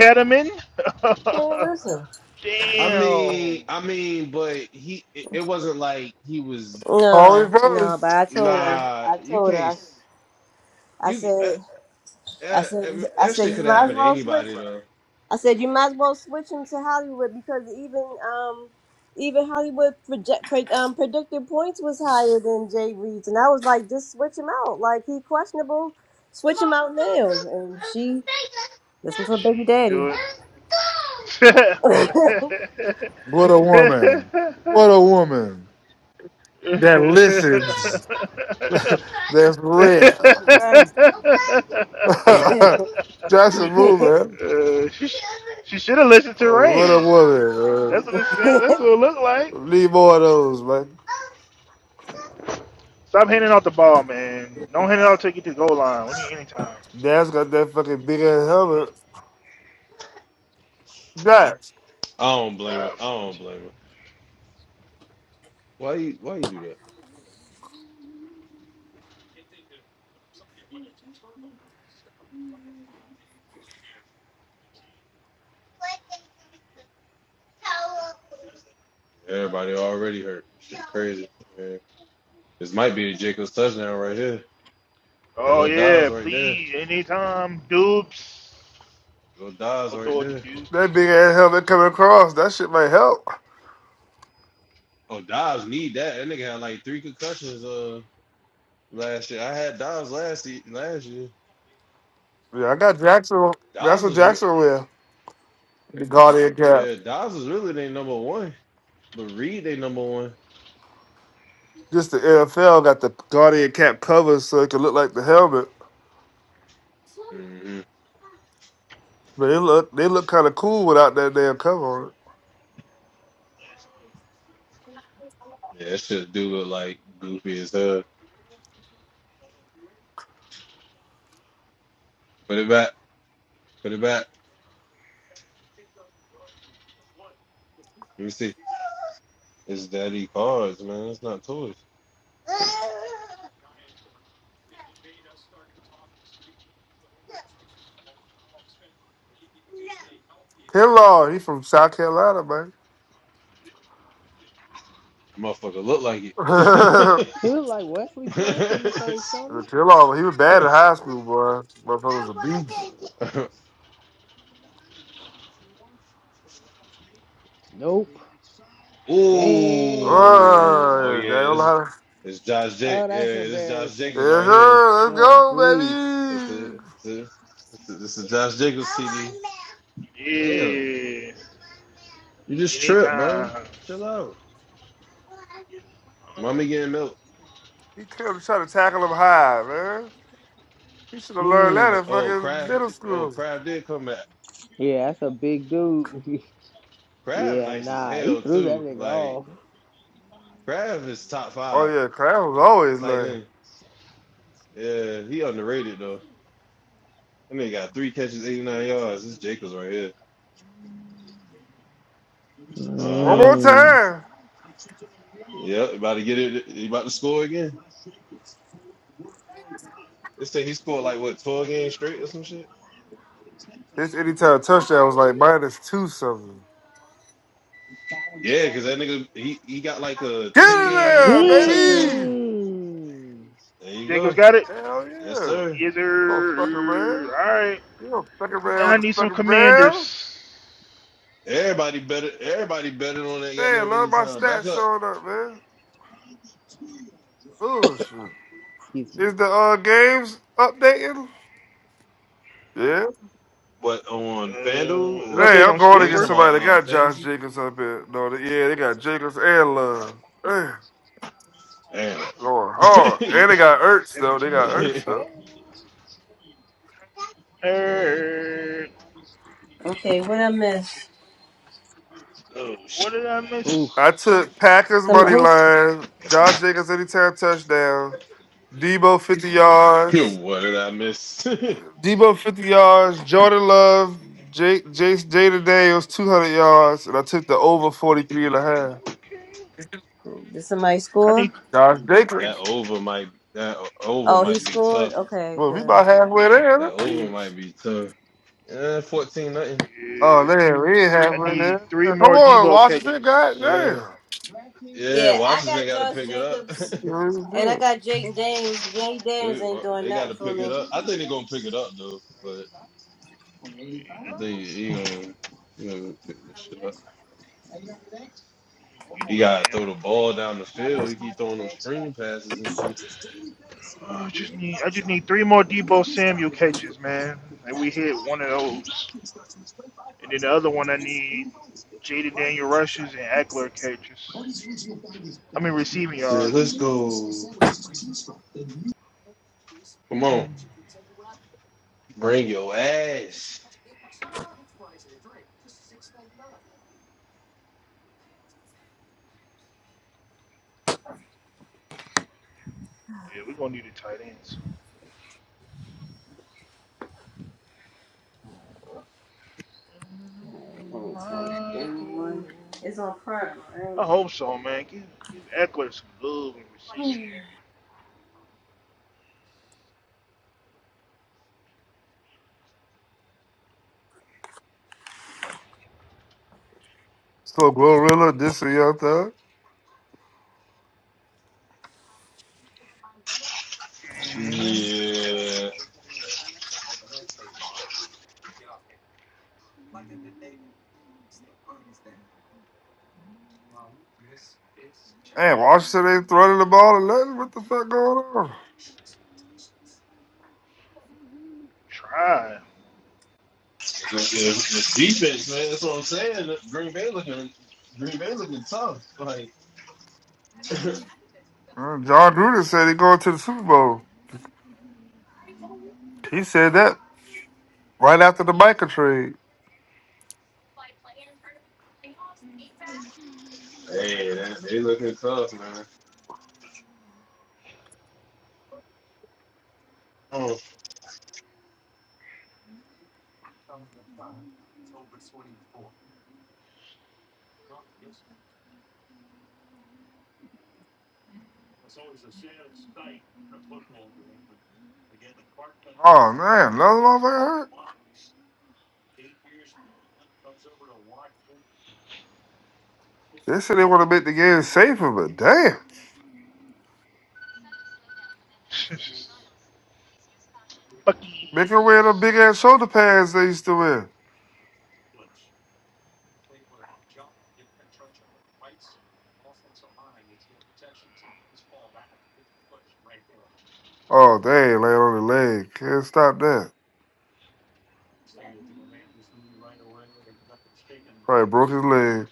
S4: She ain't listen.
S2: I mean, I mean, but he. It, wasn't like he was.
S5: 1058. All
S4: No, no.
S5: reverse.
S4: But I told her.
S2: Nah,
S4: I
S2: you
S4: told her.
S2: can't.
S4: I, I
S2: You uh,
S4: said. I
S2: uh, I
S4: said.
S2: mean,
S4: I
S2: that
S4: said
S2: shit
S4: you
S2: could
S4: might as
S2: happen to
S4: well switch.
S2: anybody though.
S4: I said you might as well switch him to Hollywood because even um even Hollywood project pre- um, predicted points was higher than Jay Reed's, and I was like, just switch him out. Like he questionable, switch him out now. And she listened to her baby daddy.
S5: What a woman. What a woman. That listens. That's rare.
S4: right.
S5: Jackson move, man. Oh, What a woman. man. Need more of those, man. Dad's got that fucking big ass helmet. Dax,
S2: I don't blame him. I don't blame him. Why you Why you do that? Everybody already hurt. Shit crazy. man. This might be a Jacobs touchdown right here. They go Dodds right there. They go Dodds right there.
S5: that big ass helmet coming across. That shit might help.
S2: Oh, Dodds need that. That nigga had like three concussions uh last year. I had Dodds last ye- last year.
S5: Yeah, I got Jackson. That's
S2: Dodds
S5: what
S2: was re-
S5: Jackson wear. The Guardian cap.
S2: yeah, Dodds was really their number one, but Reed they number one.
S5: Just the NFL got the Guardian cap cover so it can look like the helmet.
S2: hmm
S5: But they look they look kind of cool without that damn cover on it.
S2: Yeah, that shit do look like goofy as hell. Put it back. Put it back. Let me see. It's daddy cards, man. It's not toys.
S5: Kinlaw, he from South Carolina, man.
S2: Motherfucker look like it.
S1: He look like Wesley Snipes in the face, don't he?
S5: Kinlaw, he was bad in high school, boy. Motherfucker was a beast.
S1: Nope.
S2: Ooh,
S1: Damn.
S2: oh
S5: Oh, they
S2: yeah,
S5: don't
S2: this
S5: know
S2: is
S5: how to.
S2: this is Josh Jake.
S1: Oh,
S2: Yeah,
S1: that's
S2: this is Josh
S1: embarrassing.
S2: Jacobs
S5: Yes,
S2: right here.
S5: sir. Let's
S1: Good grief.
S2: This
S5: go, baby.
S2: is this is, this is, Josh Jacobs CD. Damn, you just tripped, bro. Chill out. Mommy getting milk.
S5: He tell trying to tackle him high, man. He should have learned that
S1: Mm.
S2: Uh,
S5: in
S2: Oh,
S5: fucking
S2: Kraft.
S5: middle
S2: Oh,
S5: school.
S2: Kraft did come back.
S1: Yeah, that's a big dude.
S2: Kraft
S1: yeah,
S2: nice as
S1: nah, he
S2: hell
S1: threw that
S2: too.
S1: nigga
S2: Like
S1: off.
S2: Kraft is top
S5: Oh
S2: five
S5: yeah, Crown was always
S2: tight
S5: lame.
S2: end. Yeah, he underrated though. That nigga got three catches, 89 yards. This is Jacobs right here. Uh
S5: One more
S2: huh.
S1: Mm.
S5: time.
S2: Yep. About to get it. He about to score again. They say he scored like what 12 games straight or some shit.
S5: His anytime touchdown was like minus two something.
S2: Yeah, because that nigga he, he got like a
S5: Get
S2: 10
S5: in
S2: game
S5: there,
S2: touchdown.
S5: baby!
S1: Mm.
S2: There you go.
S5: Hell
S2: Yes,
S5: yeah.
S2: sir.
S5: Oh fucking around. You don't fucking around with the fucking round.
S2: Everybody better. Everybody better on that
S5: Man,
S2: goddamn
S5: love my
S2: anytime. Back
S5: stats
S2: up.
S5: showing up, man. Bullshit.
S1: Excuse me.
S5: Is the uh games updating? Yeah.
S2: What on FanDuel
S5: Hey,
S2: or
S5: I'm going
S2: oh you
S5: against
S2: talking
S5: somebody that
S2: about uh
S5: got Josh
S2: fantasy?
S5: Jacobs up here. No, they, yeah, they got Jacobs and Love. Hey,
S2: Damn.
S5: going hard. And they got Ertz, though. They got Ertz, though.
S2: Uh,
S4: okay, what I missed
S2: oh shit.
S1: Oof.
S5: I took Packers
S4: Some
S5: money
S4: who's
S5: line, Josh Jacobs anytime touchdown, Debo 50 yards,
S2: What did I miss?
S5: Debo 50 yards, Jordan Love, Jake, Jace, Jada Daniels 200 yards, and I took the over 43 and a half.
S4: did somebody score?
S5: Josh
S2: That
S5: Jacobs.
S2: over might that over
S4: Oh, he
S2: might be
S4: scored.
S2: tough.
S4: Okay,
S5: Well, we about
S4: good.
S5: halfway
S2: That
S5: there.
S2: over
S5: huh?
S2: might be tough. Yeah, fourteen nothing.
S5: Oh man, we ain't halfway there. Come on, Washington,
S2: Yeah,
S5: goddamn.
S2: yeah.
S4: Yeah, I
S2: Washington
S4: got
S2: got to
S4: Josh
S2: pick it up.
S4: Jacobs And I got Jay Daniels. Jay Daniels
S2: they
S4: ain't
S2: well,
S4: doing
S2: they got
S4: nothing
S2: to
S4: for
S2: pick it
S4: me.
S2: up. I think they're gonna pick it up though, but I think he gonna he gonna pick this shit up. He gotta throw the ball down the field. He keep throwing them screen passes and shit. Said, let's go. Come on, bring your ass.
S4: Alright, let me change. Anyone? It's on Prime, right?
S5: So Glorilla this and Young Thug.
S2: Yeah.
S5: Hey, Washington ain't throwing the ball or nothing. What the fuck going on?
S2: The, the defense, man. That's what I'm saying. Green Bay looking, Green Bay looking tough. Like,
S5: Uh, John Gruden said he going to the Super Bowl. He said that right after the Micah trade.
S2: hey, that, they looking tough, man. Oh,
S5: Oh man, another motherfucker hurt. They said they want to make the game safer, but damn, make her wear the big ass shoulder pads they used to wear. Oh, dang, laying on the leg. Can't stop that. Probably broke his leg.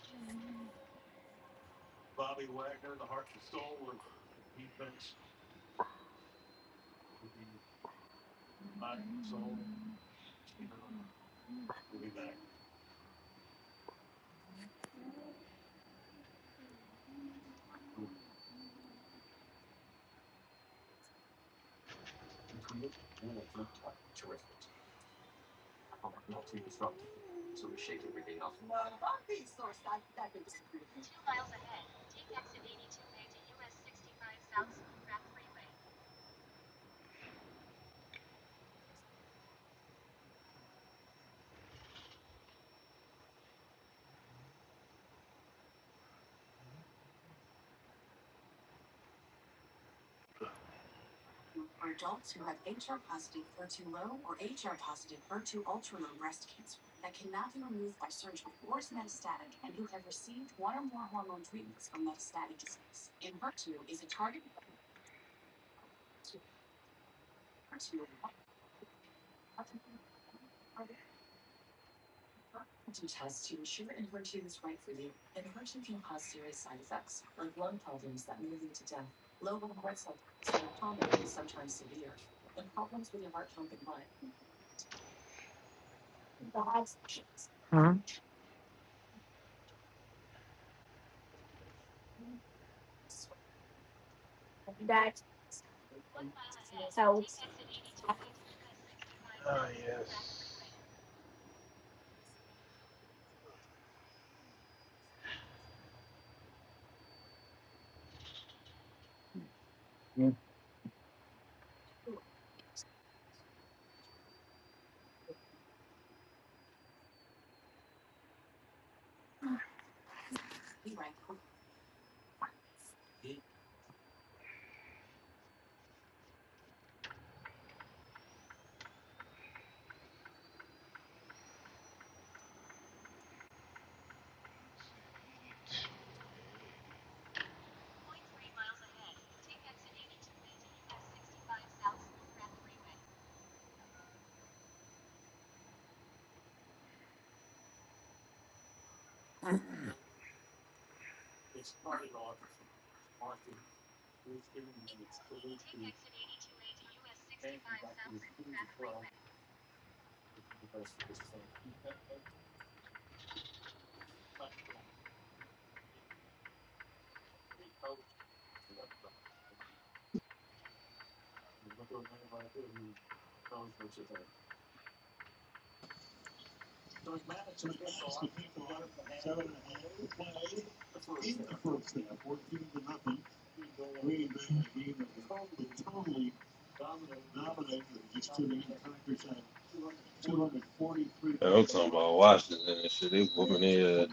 S2: I'm talking about Washington and shit. They whooping their. ass.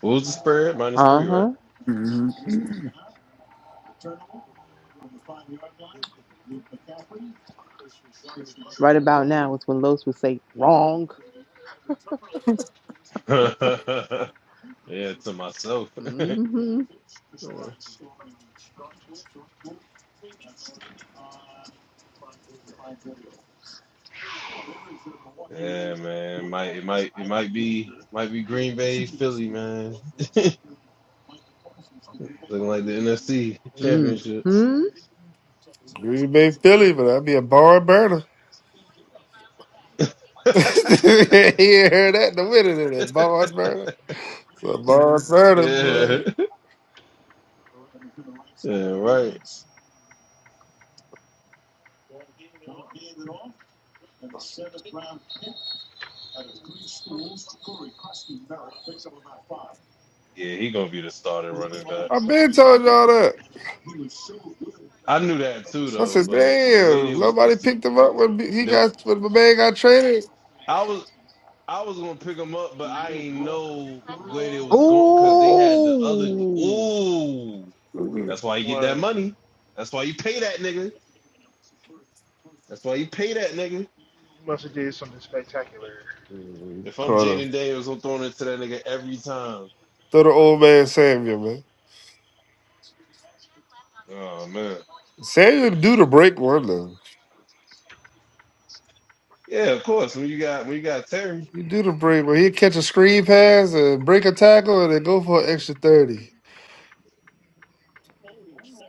S2: What was the spread? Minus
S1: Uh
S2: three, right?
S1: huh.
S5: Mhm.
S1: Right about now is when Los would say wrong.
S2: yeah, yeah to myself.
S1: Mm-hmm.
S2: yeah, man. It Might it might it might be might be Green Bay, Philly, man. Looking like the NFC championship.
S1: Mm-hmm.
S5: Green Bay Philly, but that'd be a barn burner. he ain't heard that in the winter of that barn burner. It's a barn burner,
S2: yeah.
S5: boy.
S2: Yeah, right. Yeah, he gonna be the starter running back.
S5: I been told y'all that.
S2: I knew that too,
S5: I
S2: though.
S5: said,
S2: But the way they
S5: damn,
S2: was,
S5: nobody
S2: posi-
S5: picked him up when he
S2: the
S5: got when my man got traded.
S2: I was, I was gonna pick them up, but I ain't know where they was going because they had the other.
S1: Ooh.
S2: Ooh,
S5: Mm-hmm.
S2: that's why you get that money. That's why you pay that nigga. That's why you pay that nigga.
S5: Mm-hmm.
S2: If I'm
S5: Caught him.
S2: Jaden Daniels, I'm throwing it to that nigga every time.
S5: Throw the old man Samuel, man.
S2: Oh man,
S5: Samuel do the break one though.
S2: yeah, of course. When you got when you got Terry,
S5: You do the break, but he catch a screen pass and break a tackle and then go for an extra 30.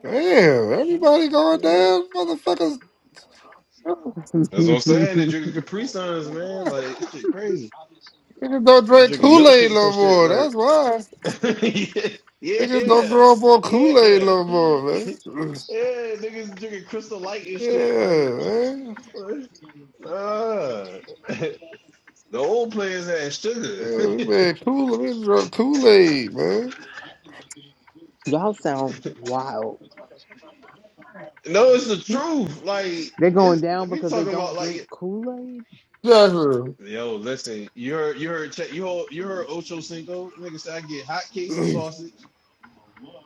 S5: Damn, everybody going
S2: yeah.
S5: down, motherfuckers.
S2: that's what I'm saying. They drinking Capri Suns, man.
S5: Ah,
S2: Like shit crazy.
S5: Niggas don't
S2: They
S5: drink
S2: drinking
S5: Kool Aid
S2: milkshakes
S5: no
S2: and shit.
S5: more.
S2: Like
S5: That's why.
S2: yeah,
S5: Niggas don't
S2: yeah,
S5: grow up on Kool Aid
S2: yeah.
S5: no more, man.
S2: Niggas drinking Crystal Light and shit.
S5: Yeah,
S2: Like,
S5: man.
S2: what? uh, the old players had sugar.
S5: Yeah, we made Kool Aid. We drunk Kool Aid, man.
S1: Y'all sound wild.
S2: no, it's the truth. Like,
S1: They're going
S2: it's
S1: down
S2: we
S1: because they
S2: talking
S1: don't
S2: about
S1: drink
S2: like,
S1: Kool-Aid?
S5: Joshua.
S2: yo, listen, you heard, you heard, you heard, you heard Ocho Cinco. Nigga said I get hot cakes and sausage,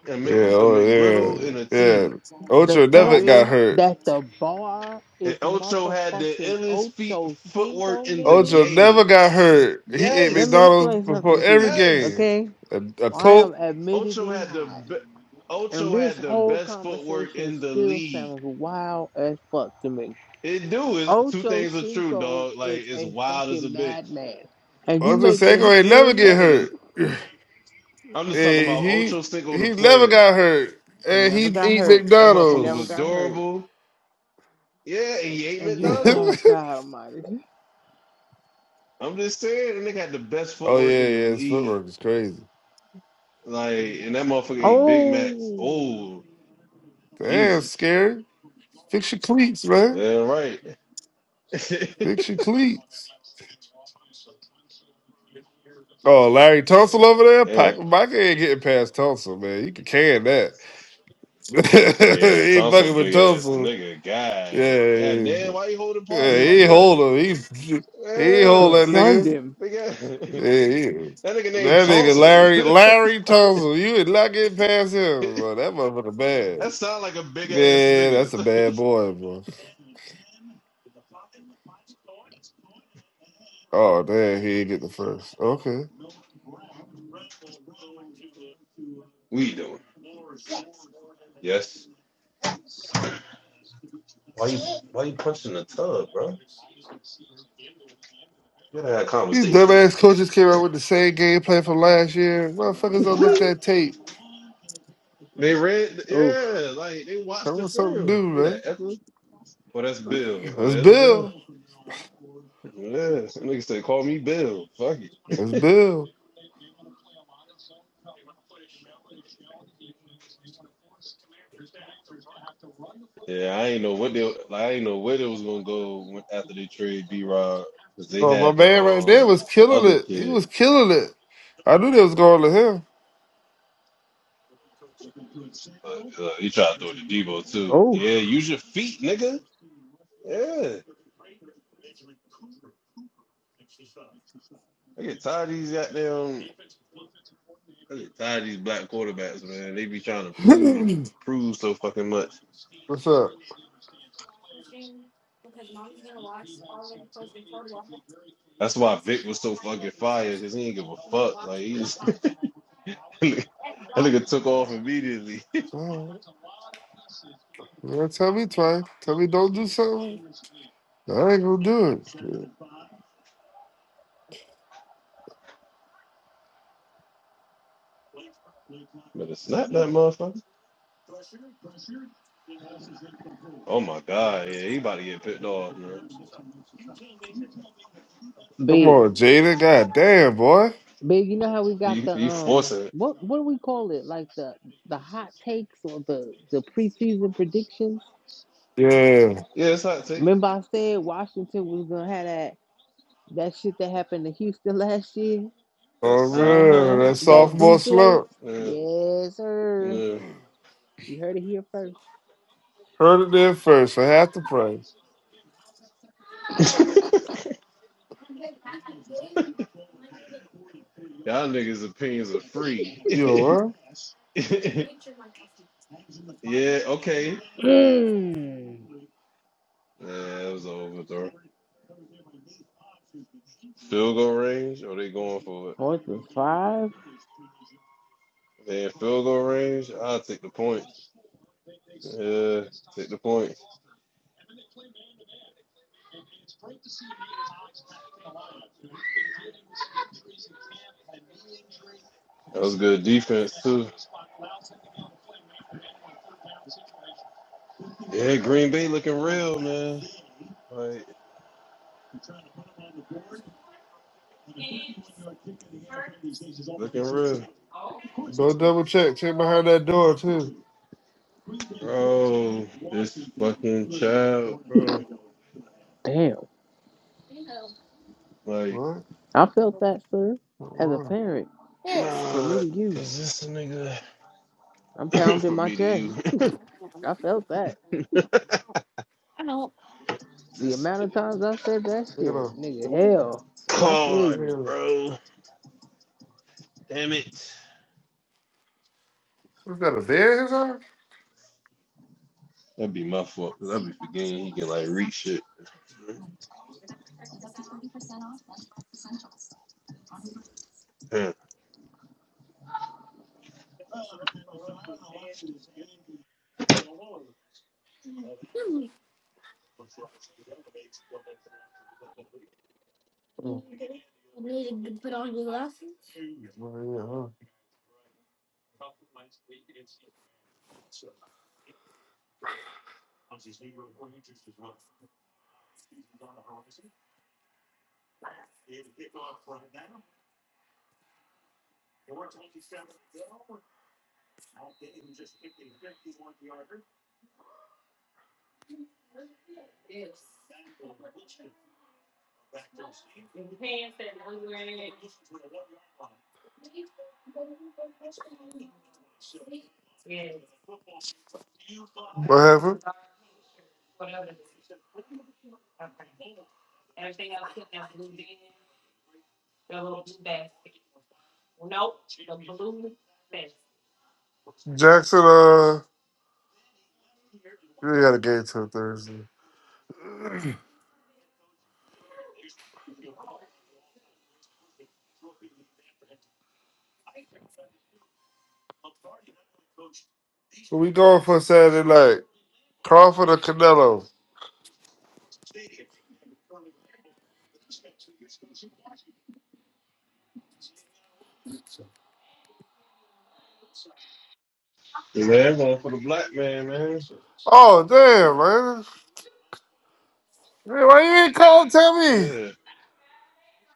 S2: and
S5: Yeah,
S2: a
S5: oh, yeah.
S2: McGriddle and a
S5: Yeah.
S2: tea.
S1: The
S5: Ocho
S2: You know what I
S5: never
S1: fact
S5: got
S2: mean?
S5: hurt.
S1: that the bar
S2: And
S1: is
S2: Ocho had the
S1: motherfucking
S2: illest feet
S1: Ocho Cinco,
S2: footwork in the
S5: Ocho
S1: niggas.
S5: never
S2: game.
S5: got hurt. He ate
S1: Let me
S2: Yes.
S5: McDonald's
S1: explain
S5: before
S1: something to
S5: every
S1: you,
S2: Yes,
S5: game.
S1: okay?
S5: A, a
S1: I am
S5: Coke.
S2: Ocho
S1: admittedly
S2: had the
S1: high,
S2: be-
S1: and
S2: Ocho
S1: this
S2: had the
S1: whole
S2: best footwork
S1: conversation
S2: in the
S1: still
S2: league.
S1: sounds wild as fuck to me.
S2: It do is two
S1: Ocho
S2: things are true,
S1: Cinco
S2: dog. Like
S1: is
S2: it's
S1: a
S2: wild as a
S1: fucking
S2: bitch.
S1: madman, and you
S5: Ocho Seco
S1: making
S5: ain't never get
S2: That
S1: him.
S2: nigga's.
S5: hurt.
S2: I'm just talking
S5: And
S2: about
S5: he
S2: Ocho Cinco the
S5: he never
S2: player.
S5: got hurt.
S1: He
S5: And he
S1: never got
S5: eat
S1: hurt.
S2: That
S1: He
S2: motherfucker
S1: never
S2: was
S5: McDonald's.
S1: got hurt.
S2: durable. Yeah, and he ate
S1: And you,
S5: oh
S1: oh
S2: McDonald's.
S1: God Almighty!
S2: I'm just saying, that nigga had the best
S5: yeah,
S2: footwork in the
S5: yeah. His
S2: league.
S5: footwork is crazy.
S2: Like, and that motherfucker ate Big Macs.
S1: Oh,
S2: Oh,
S5: Damn,
S2: Jesus.
S5: scary. Fix your cleats, man.
S2: Yeah, right.
S5: Fix your cleats. Oh, Larry Tunsil over there.
S2: Yeah,
S5: Pac- Mike ain't getting past Tunsil, man. You can can that.
S2: Yeah,
S5: he ain't
S2: Tonso
S5: fucking with
S2: big ass
S5: Tunsil.
S2: nigga.
S5: Yeah,
S2: God, yeah,
S5: yeah, yeah.
S2: damn. Why you holding
S5: Yeah,
S2: parcels like
S5: he
S1: mm,
S2: that?
S5: hold him. He he
S1: he
S5: hold
S2: Yeah,
S5: that
S1: sunned
S5: nigga.
S1: him.
S2: big ass.
S5: Yeah, he,
S2: That nigga named
S5: that nigga
S2: Tonsil.
S5: Larry Larry Tunsil. You would not get past him, bro. That motherfucker bad.
S2: that sound like a big ass
S5: Man,
S2: nigga.
S5: that's a bad boy, bro. Oh damn, he didn't get the first. Okay.
S2: we doing? Yes. Why you Why you punching the tub, bro? You gotta have
S5: These dumbass
S2: conversations.
S5: coaches came out with the same gameplay from last year. Motherfuckers don't look that tape.
S2: They read,
S1: Oof.
S2: yeah, like they watched
S5: Come
S2: the
S5: with something
S2: film.
S5: new,
S2: Who that?
S5: man.
S2: Ethel? Oh, that's Bill. Oh,
S5: That's
S2: that's Bill.
S5: Bill.
S2: Yeah, that nigga said, call me Bill. Fuck
S5: That's Bill.
S2: Yeah, I ain't know what they like, I ain't know where they was gonna go when, after they trade B Rob because they
S5: Oh, my
S2: had the
S5: man right there
S2: um
S5: was
S2: the
S5: killing
S2: other
S5: it. He
S2: kid,
S5: was killing it. I knew they was going
S2: but uh, he tried to throw it to Debo too.
S1: Oof.
S2: Yeah, use your feet, nigga. Yeah, I get tired of these goddamn. I get tired of these black quarterbacks, man. They be trying to
S5: to
S2: prove
S5: him.
S2: prove so fucking much.
S5: What's up?
S2: That's why Vic was so fucking fire because he ain't give a fuck. Like he just that nigga took off immediately.
S5: All right. You gotta tell me twice. Tell me don't do something. I ain't gonna do it.
S2: Better snap that motherfucker. Oh my god, yeah, he about to get picked off, man.
S5: Come
S1: Big.
S5: on, Jada. God damn, boy.
S1: Big, you know how we got
S2: You
S1: the
S2: you
S1: um
S2: forcing it.
S1: what what do we call it? Like the the hot takes or the the preseason predictions?
S5: Yeah.
S2: Yeah, it's hot take.
S1: Remember I said Washington was gonna have that that shit that happened to Houston last year?
S2: That
S5: Oh
S2: slump that
S1: Uh-huh.
S5: man,
S2: that
S5: that
S2: slump.
S1: That
S5: sophomore
S1: deflate.
S5: slump.
S2: Yeah,
S1: Yes, sir.
S2: yeah.
S1: You heard it here first.
S5: Heard it there first. I have to pray.
S2: Y'all niggas' opinions are free.
S5: Yo,
S2: yeah,
S5: what?
S2: okay.
S1: Mm.
S2: Yeah, it was an overthrow. Field goal range, or they going for it?
S1: Fourth and five?
S2: Man, field goal range, I'll take the points. Yeah, take the points. That was good defense too. Yeah, Green Bay looking real, man. Like looking real.
S5: Go double check. Check behind that door too.
S2: Bro, this fucking child, bro.
S1: Damn.
S2: Like,
S5: What?
S1: I felt that, sir. As a
S5: What?
S1: parent, from
S2: nah,
S1: me to you,
S2: cause this nigga,
S1: I'm pounding
S2: from
S1: my
S2: me to you,
S1: chest. I felt that. The
S2: this
S1: amount of
S2: nigga
S1: times I said that
S5: Look at
S1: shit,
S5: her.
S1: nigga, hell, I feel
S5: Look at
S2: card,
S1: you.
S5: her.
S2: bro. Damn it.
S5: Is that a bed in his house?
S2: That'd be my fault, cause I'd be forgetting he can, like, reach shit. Yeah. Yeah,
S5: Oh, well, yeah, huh? What happened? Jackson, uh, we got a game till Thursday. So we going for Saturday night. Crawford or Canelo?
S2: That's all for the black man, man.
S5: Oh damn, man. Man, Why you ain't call and tell me?
S2: Yeah.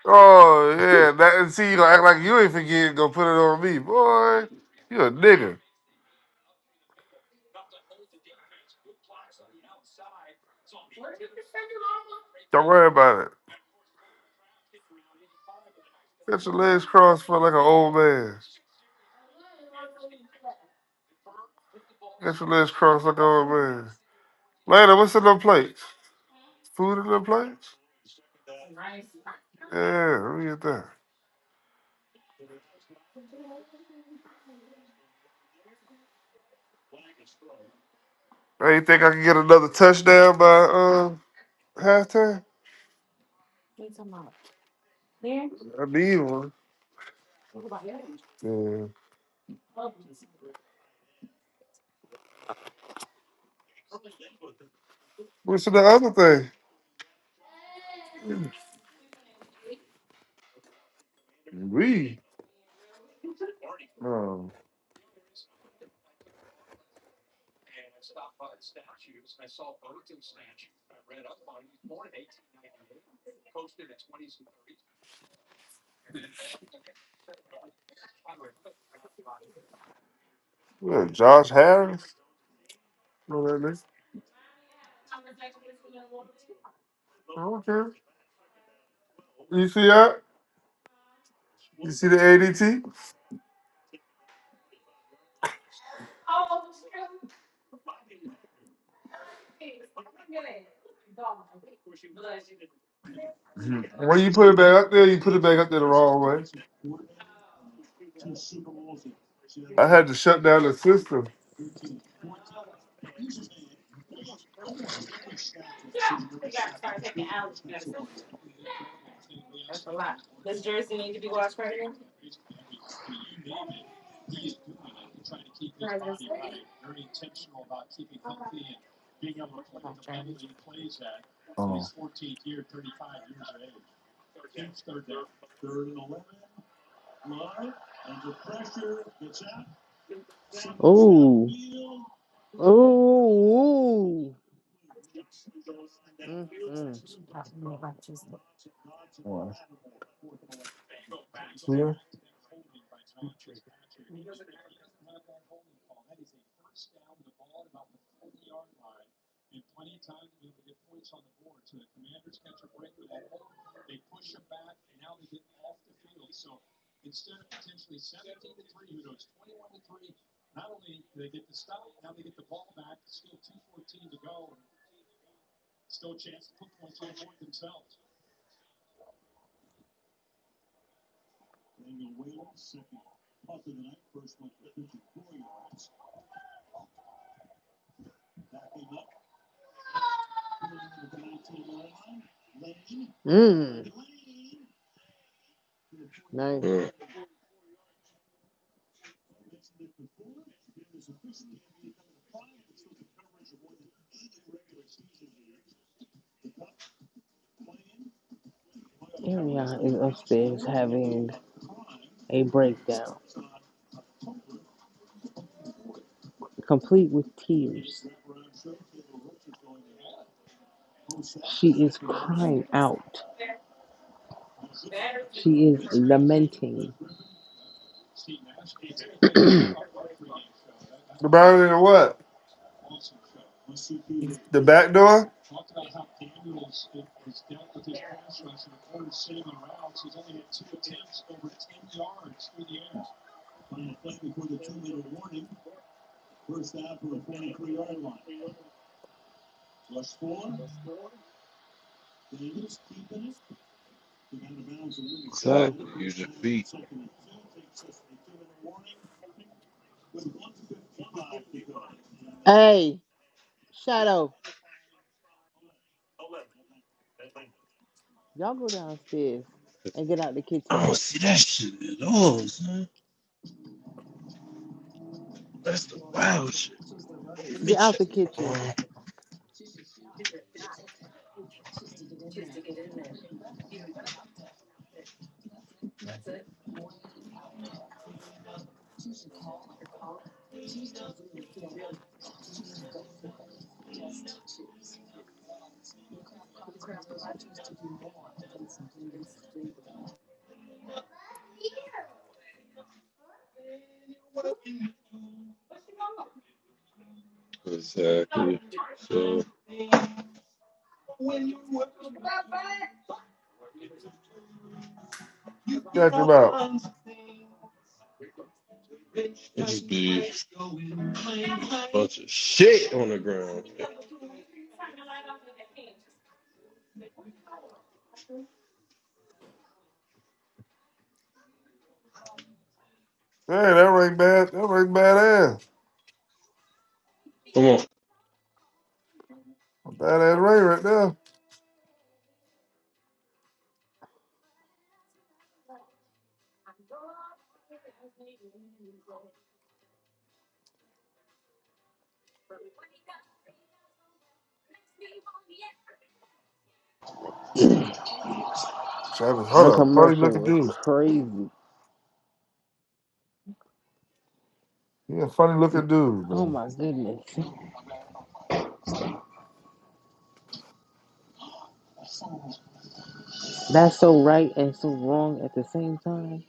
S5: Oh yeah, that and see you gonna act like you ain't forget, gonna put it on me. Boy, you a nigga. Don't worry about it. Get your legs crossed for like an old man. Get your legs crossed like an old man. Later, what's in them plates? Food in them plates? Yeah, let me get that. Hey, you think I can get another touchdown by um halftime? I need one. Yeah. What's in the other thing? We. Yeah, Josh Harris. Know that nigga. Okay. You see that? You see the ADT? Mhm. When you put it back up there, you put it back up there the wrong way. I had to shut down the system. Oh.
S1: Ooh, ooh, ooh. Mm, mm, mm. Nice.
S2: Yeah,
S1: Ariana is upstairs having a breakdown, complete with tears. She is crying out. She is lamenting.
S5: The boundary to what? The back door?
S1: Close.
S2: Exactly. Use your feet.
S1: Hey, Shadow, y'all go downstairs and get out the
S2: I
S1: kitchen.
S2: don't see that shit at all, son. That's the wild shit. Let me
S1: Get out
S2: check.
S1: the
S2: my
S1: kitchen.
S2: Exactly. So,
S5: Got them out.
S2: it just be. bunch of shit on the ground.
S5: Hey, that ring bad. That ring badass.
S2: Come on.
S5: A Badass ring right there. Travis, hold
S1: Her
S5: up. Funny
S1: commercial
S5: looking
S1: was
S5: dude.
S1: crazy.
S5: He a funny looking dude,
S1: Oh
S5: man.
S1: my goodness. That's so right and so wrong at the same time.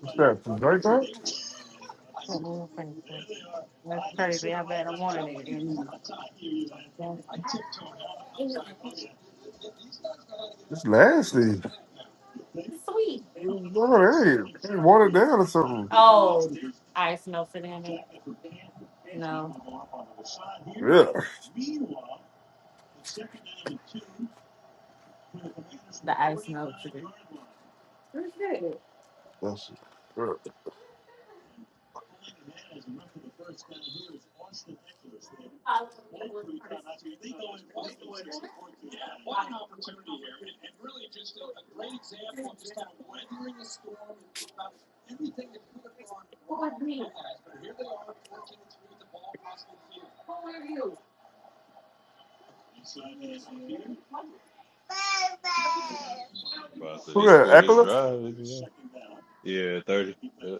S5: What's that? Some drink that? It's nasty. Oh, hey, hey, water down or something. Yeah. That's it. Yeah.
S2: Bro, I said
S5: Who
S2: they
S5: that?
S2: scored this
S5: Eckler?
S2: drive. it'd be all- Yeah, thirty. Yeah.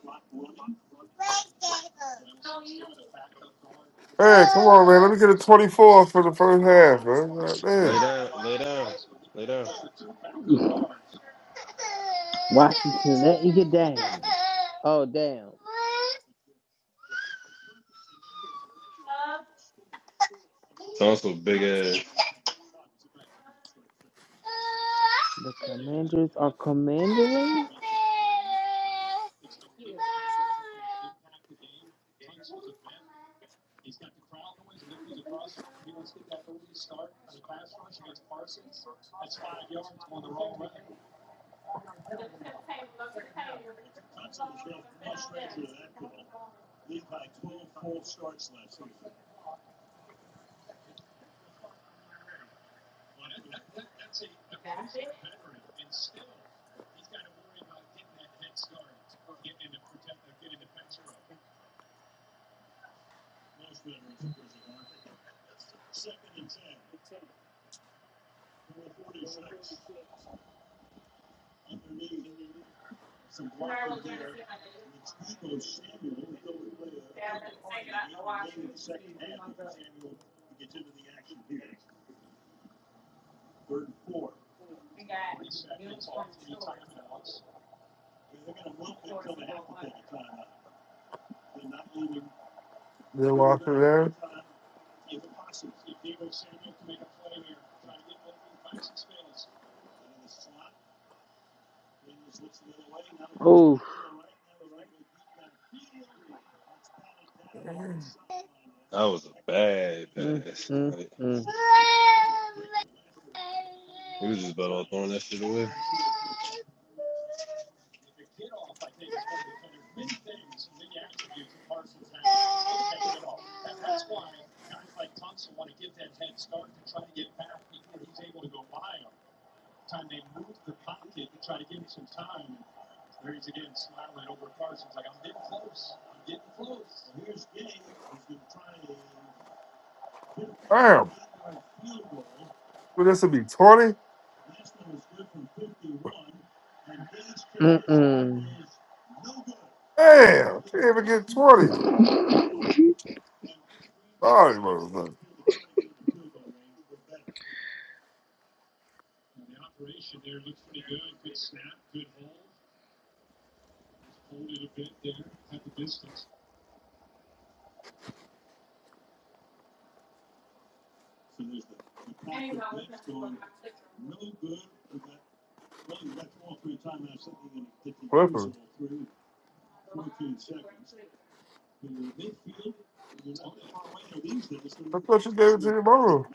S5: Hey, come on, man. Let me get a 24 for the first half, man. God
S2: Lay
S5: damn.
S2: down, lay down, lay down.
S1: Washington letting you down. Oh, damn.
S2: Sounds so big ass.
S1: The commanders are commandering?
S5: Then watch it, man.
S1: Oh.
S2: That was a bad
S1: Mm,
S2: pass.
S1: mm,
S2: Like,
S1: mm,
S2: he was just about all throwing that shit away.
S5: Damn. Well, this would be 20?
S1: mm,
S5: Damn. Can't even get 20. Sorry, motherfucker. Clippers. I thought you gave it to your mother.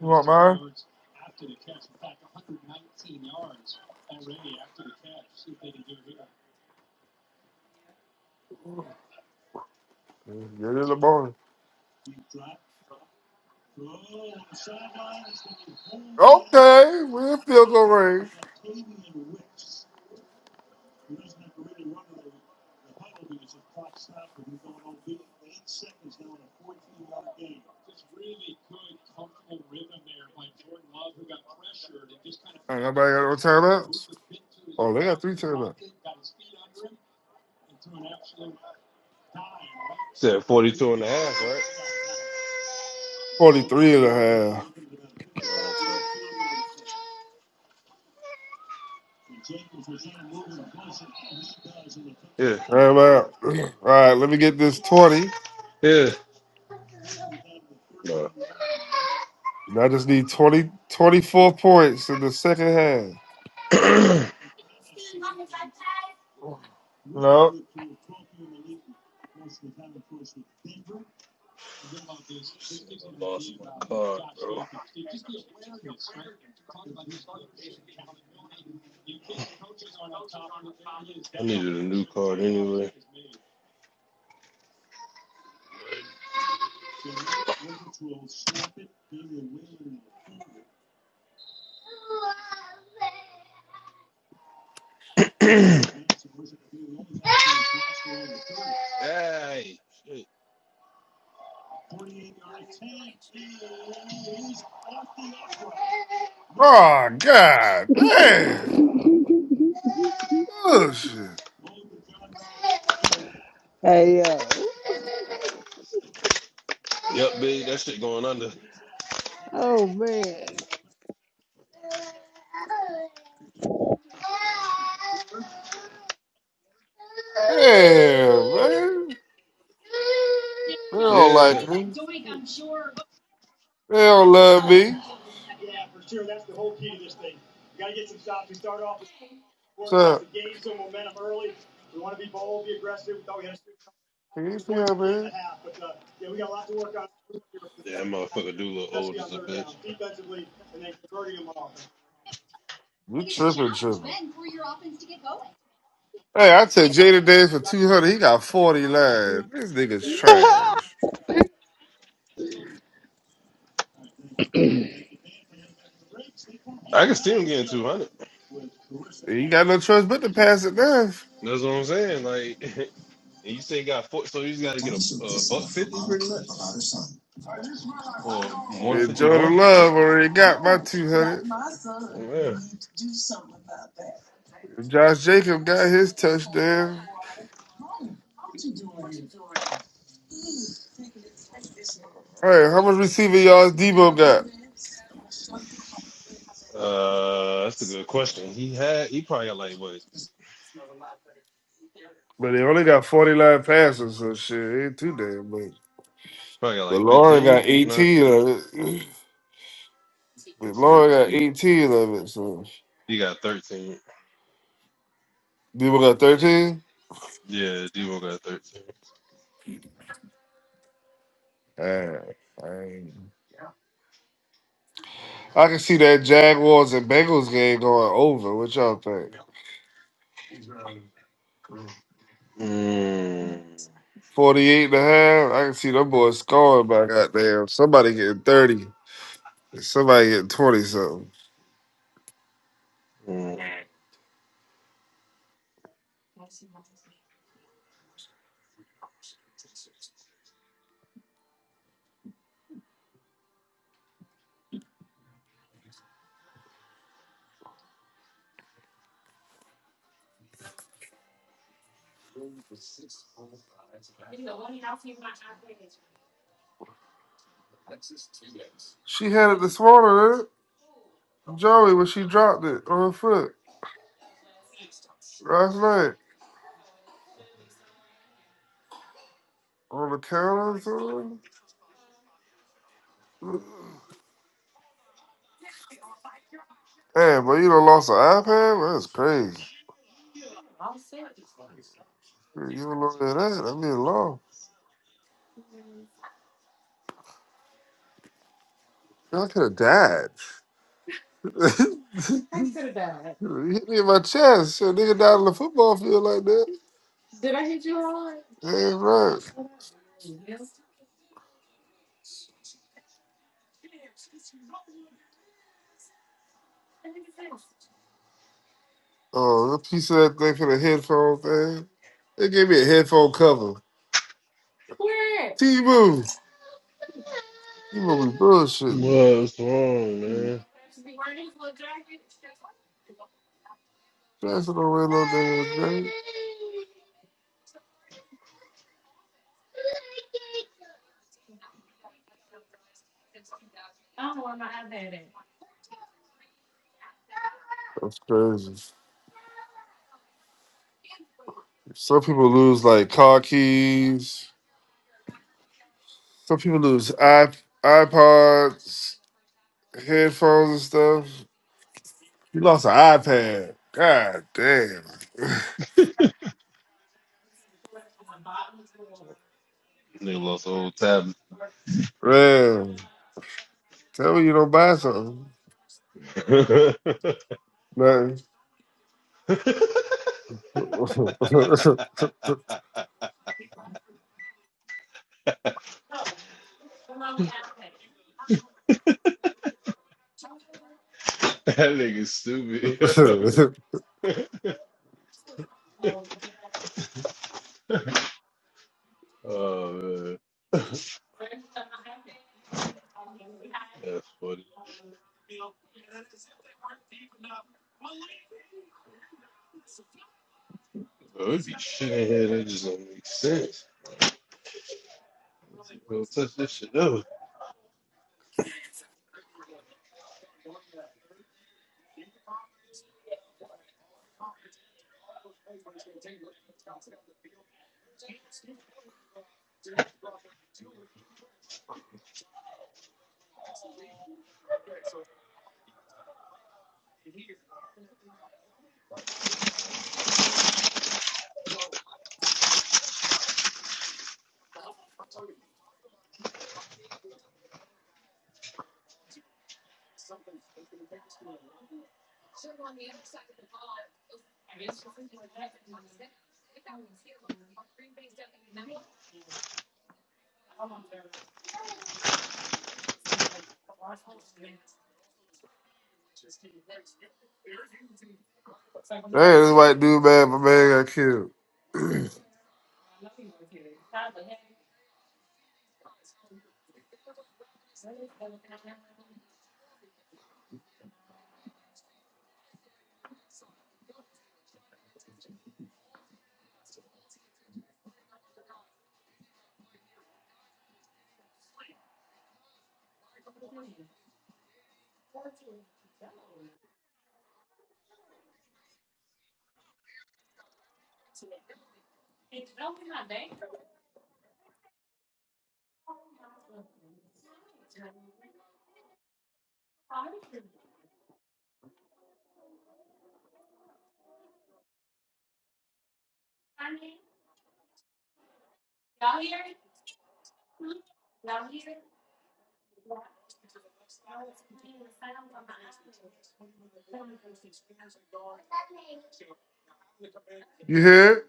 S5: You want mine? Get it in the morning. Okay. We're in field goal range. Ain't nobody got no timeouts? Oh, they got three timeouts.
S2: Said forty-two and a half, right?
S5: 43 and a and a
S2: Yeah,
S5: Timeout. All right, let me get this 20.
S2: yeah. Bro.
S5: And I just need 20, 24 points in the second half. No.
S2: this nigga lost my card, bro. I needed a new card anyway. Hey, shit.
S5: Oh God. Damn.
S1: mm.
S5: Oh shit.
S1: Hey yo.
S2: Yep, big. That shit going under.
S1: Oh man.
S5: Damn, man. They don't like
S2: Yeah. Yeah,
S5: me. They don't love me. So can you see how man?
S2: that motherfucker do look old as a bitch.
S5: You tripping, tripping. Hey, I took Jada Davis for two hundred. He got forty line. This nigga's trash.
S2: I can see him getting 200.
S5: He got no choice but to pass it down.
S2: That's what I'm saying. Like, and you say he got four, so you just got to get a, a buck 50 pretty much, or
S5: And
S2: 151.
S5: Jordan Love already got my two hundred.
S2: Yeah.
S5: Josh Jacob got his touchdown. Hey, how much receiving yards Debo got?
S2: Uh, that's a good question. He had, he probably got like, what,
S5: But they only got forty line passes, so shit, ain't too damn much.
S2: probably got
S5: But
S2: like
S5: Lauren got
S2: 15, if not,
S5: 18 of it. But
S2: let's see.
S5: Lauren got 18 of it, so.
S2: He got 13.
S5: People got 13?
S2: Yeah, Devo got 13.
S5: Damn. Dang. I can see that Jaguars and Bengals game going over. What y'all think?
S2: Mm.
S5: 48 and a half. I can see them boys scoring by goddamn. Somebody getting 30. and Somebody getting 20 something.
S2: Mm.
S5: She had it this morning, huh? Joey, when she dropped it on her foot last night on the counter or something. Hey, bro, you done lost an iPad? that's crazy. Yeah, You don't know where that. I mean, long. Man, I could have died. You hit me in my chest. Shit, nigga died on the football field like that. Ain't right. Oh, a piece of that thing for the headphone thing. They gave me a headphone cover. T-Boo. You gonna be bullshitting.
S2: What's wrong, man?
S5: That's what I wear no damn day. That's crazy. Some people lose like car keys. Some people lose iP- iPods, headphones and stuff. You lost an iPad. God damn.
S2: Nigga lost the whole tab.
S5: Man, tell me you don't buy something.
S2: that
S5: Man.
S2: nigga stupid. oh man, that's funny. Bro, it'd be shit in here that just don't make sense. Don't touch this shit up.
S5: Hey, this white dude, man, my man got killed. You hear?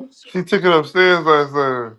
S5: it? She took it upstairs last night.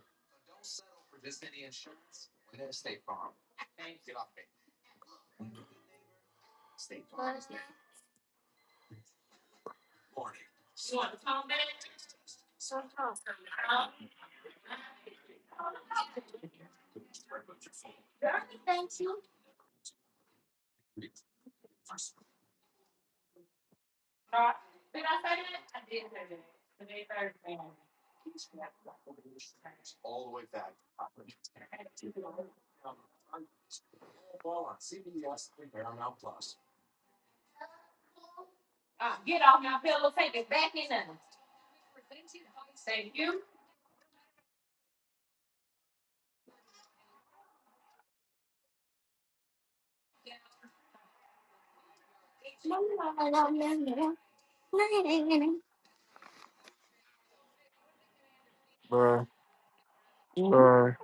S5: Man, man.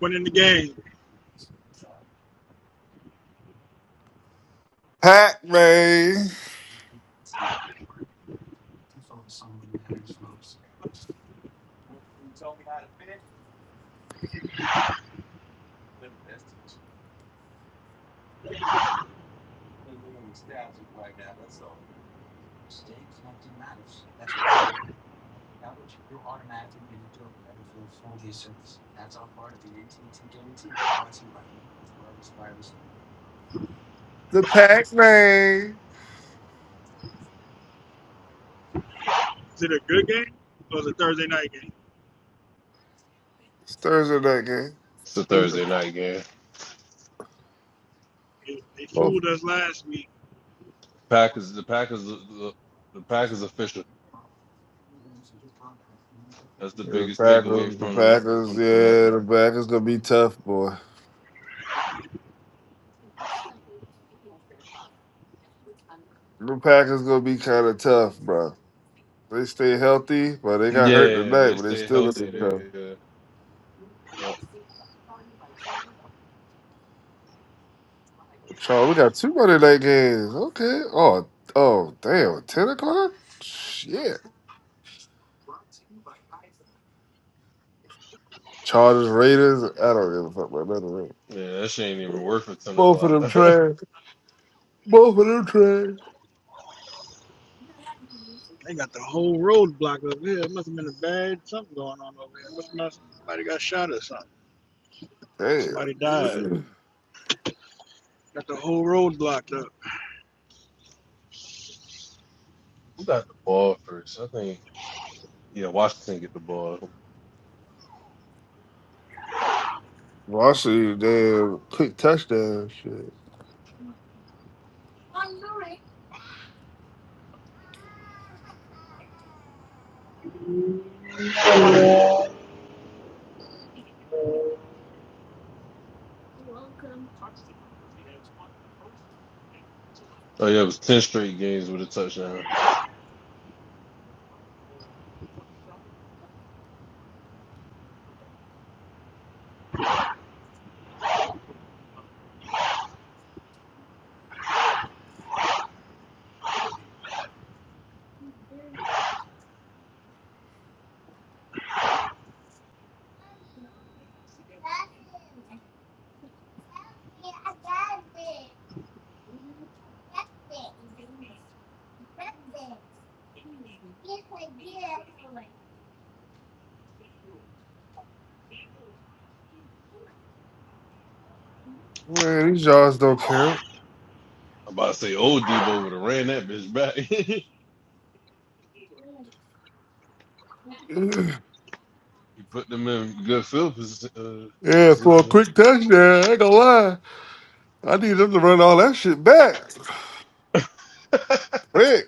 S6: winning the game.
S5: Pac Man. The Pac Man.
S6: Is it a good game or is it a Thursday night game?
S5: Stirs in that
S2: It's a Thursday
S5: game.
S2: night game.
S6: They, they fooled us last week.
S2: Packers, the Packers, the, the Packers official. That's the
S5: The
S2: biggest takeaway
S5: Packers, the
S2: from
S5: Packers,
S2: from tonight.
S5: yeah, the Packers gonna be tough, boy. The Packers gonna be kind of tough, bro. They stay healthy, but they got hurt
S2: Yeah,
S5: tonight,
S2: they
S5: but they
S2: stay
S5: still gonna
S2: healthy.
S5: be tough.
S2: dude. yeah, yeah,
S5: Charles, we got two Monday night games. Okay. Oh, oh, damn. Ten o'clock. Shit. Chargers, Raiders. I don't give a fuck about none of that.
S2: yeah, that shit ain't even worth it. Ten
S5: Both of
S2: o'clock.
S5: them trash. Both of them trash.
S6: They got the whole road blocked over here. It must have been a bad something going on over here. Must have been somebody got shot or something. Or somebody died.
S5: Damn.
S6: Got the whole road blocked up.
S2: Who got the ball first? I think. Yeah, Washington get the ball.
S5: Well, I see damn quick touchdown shit.
S2: Oh yeah, it was ten straight games with a touchdown.
S5: Man, these yards don't count.
S2: I'm about to say old Debo would have ran that bitch back. he
S5: Yeah,
S2: put them in good field posi- uh,
S5: for a
S2: position.
S5: quick touchdown, I ain't gonna lie. I need them to run all that shit back. Quick.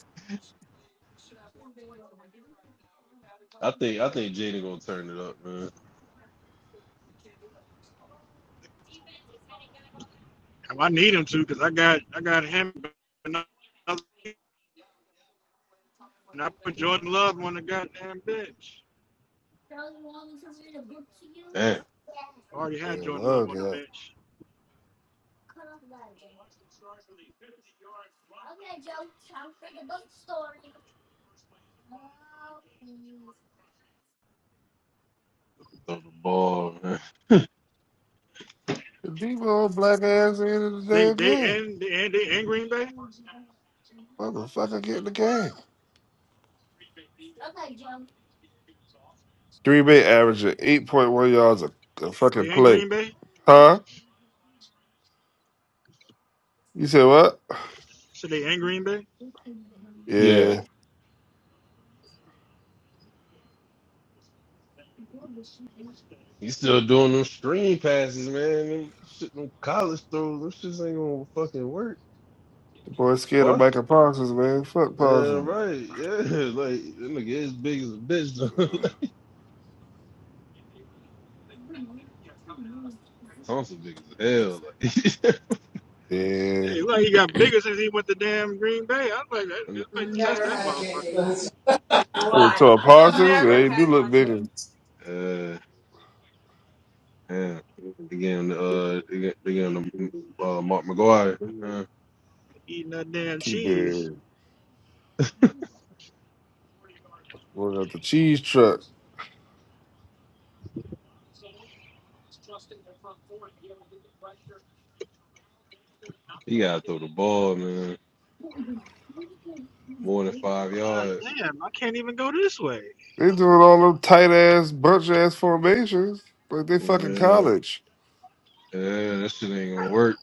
S2: I think I think Jaden gonna turn it up, man.
S6: And I need him to because I got I got him and I put Jordan Love on the goddamn bench.
S2: Damn,
S6: I already had
S5: Man,
S6: Jordan Love
S5: love
S6: on the
S5: that.
S6: bench.
S2: throw the ball, man.
S5: The Debo black ass in the
S6: They
S5: damn
S6: they
S5: game.
S6: and they and they in Green Bay.
S5: Motherfucker get in the game. Green Bay averaging 8.1 yards a, a fucking
S6: They in
S5: play.
S6: Green Bay.
S5: Huh? You said what?
S6: So they in Green Bay.
S2: Yeah.
S5: Yeah.
S2: He's still doing them screen passes, man. Them shit, them college throws, them shits ain't gonna fucking work.
S5: The boy scared of
S2: Boss.
S5: Michael Parsons, man. Fuck
S2: Yeah,
S5: Parsons.
S2: right. Yeah, like that nigga is big as a bitch. though. Thompson big as hell. Like,
S5: Yeah.
S6: It's like he got bigger since he went to damn Green Bay. I was like, that- this touch that motherfucker
S5: Who, To a Parsons? Yeah, he do look bigger.
S2: And, uh, yeah. Again, uh, again, again, uh, Mark McGuire. Uh,
S6: eating that damn
S5: Keep
S6: cheese.
S5: it. Going out the cheese truck.
S2: he gotta throw the ball, man. More than five
S6: God
S2: yards.
S6: damn, I can't even go this way.
S5: They doing all them tight ass, bunch ass formations like they
S2: Yeah,
S5: fucking college.
S2: yeah, that shit ain't gonna work.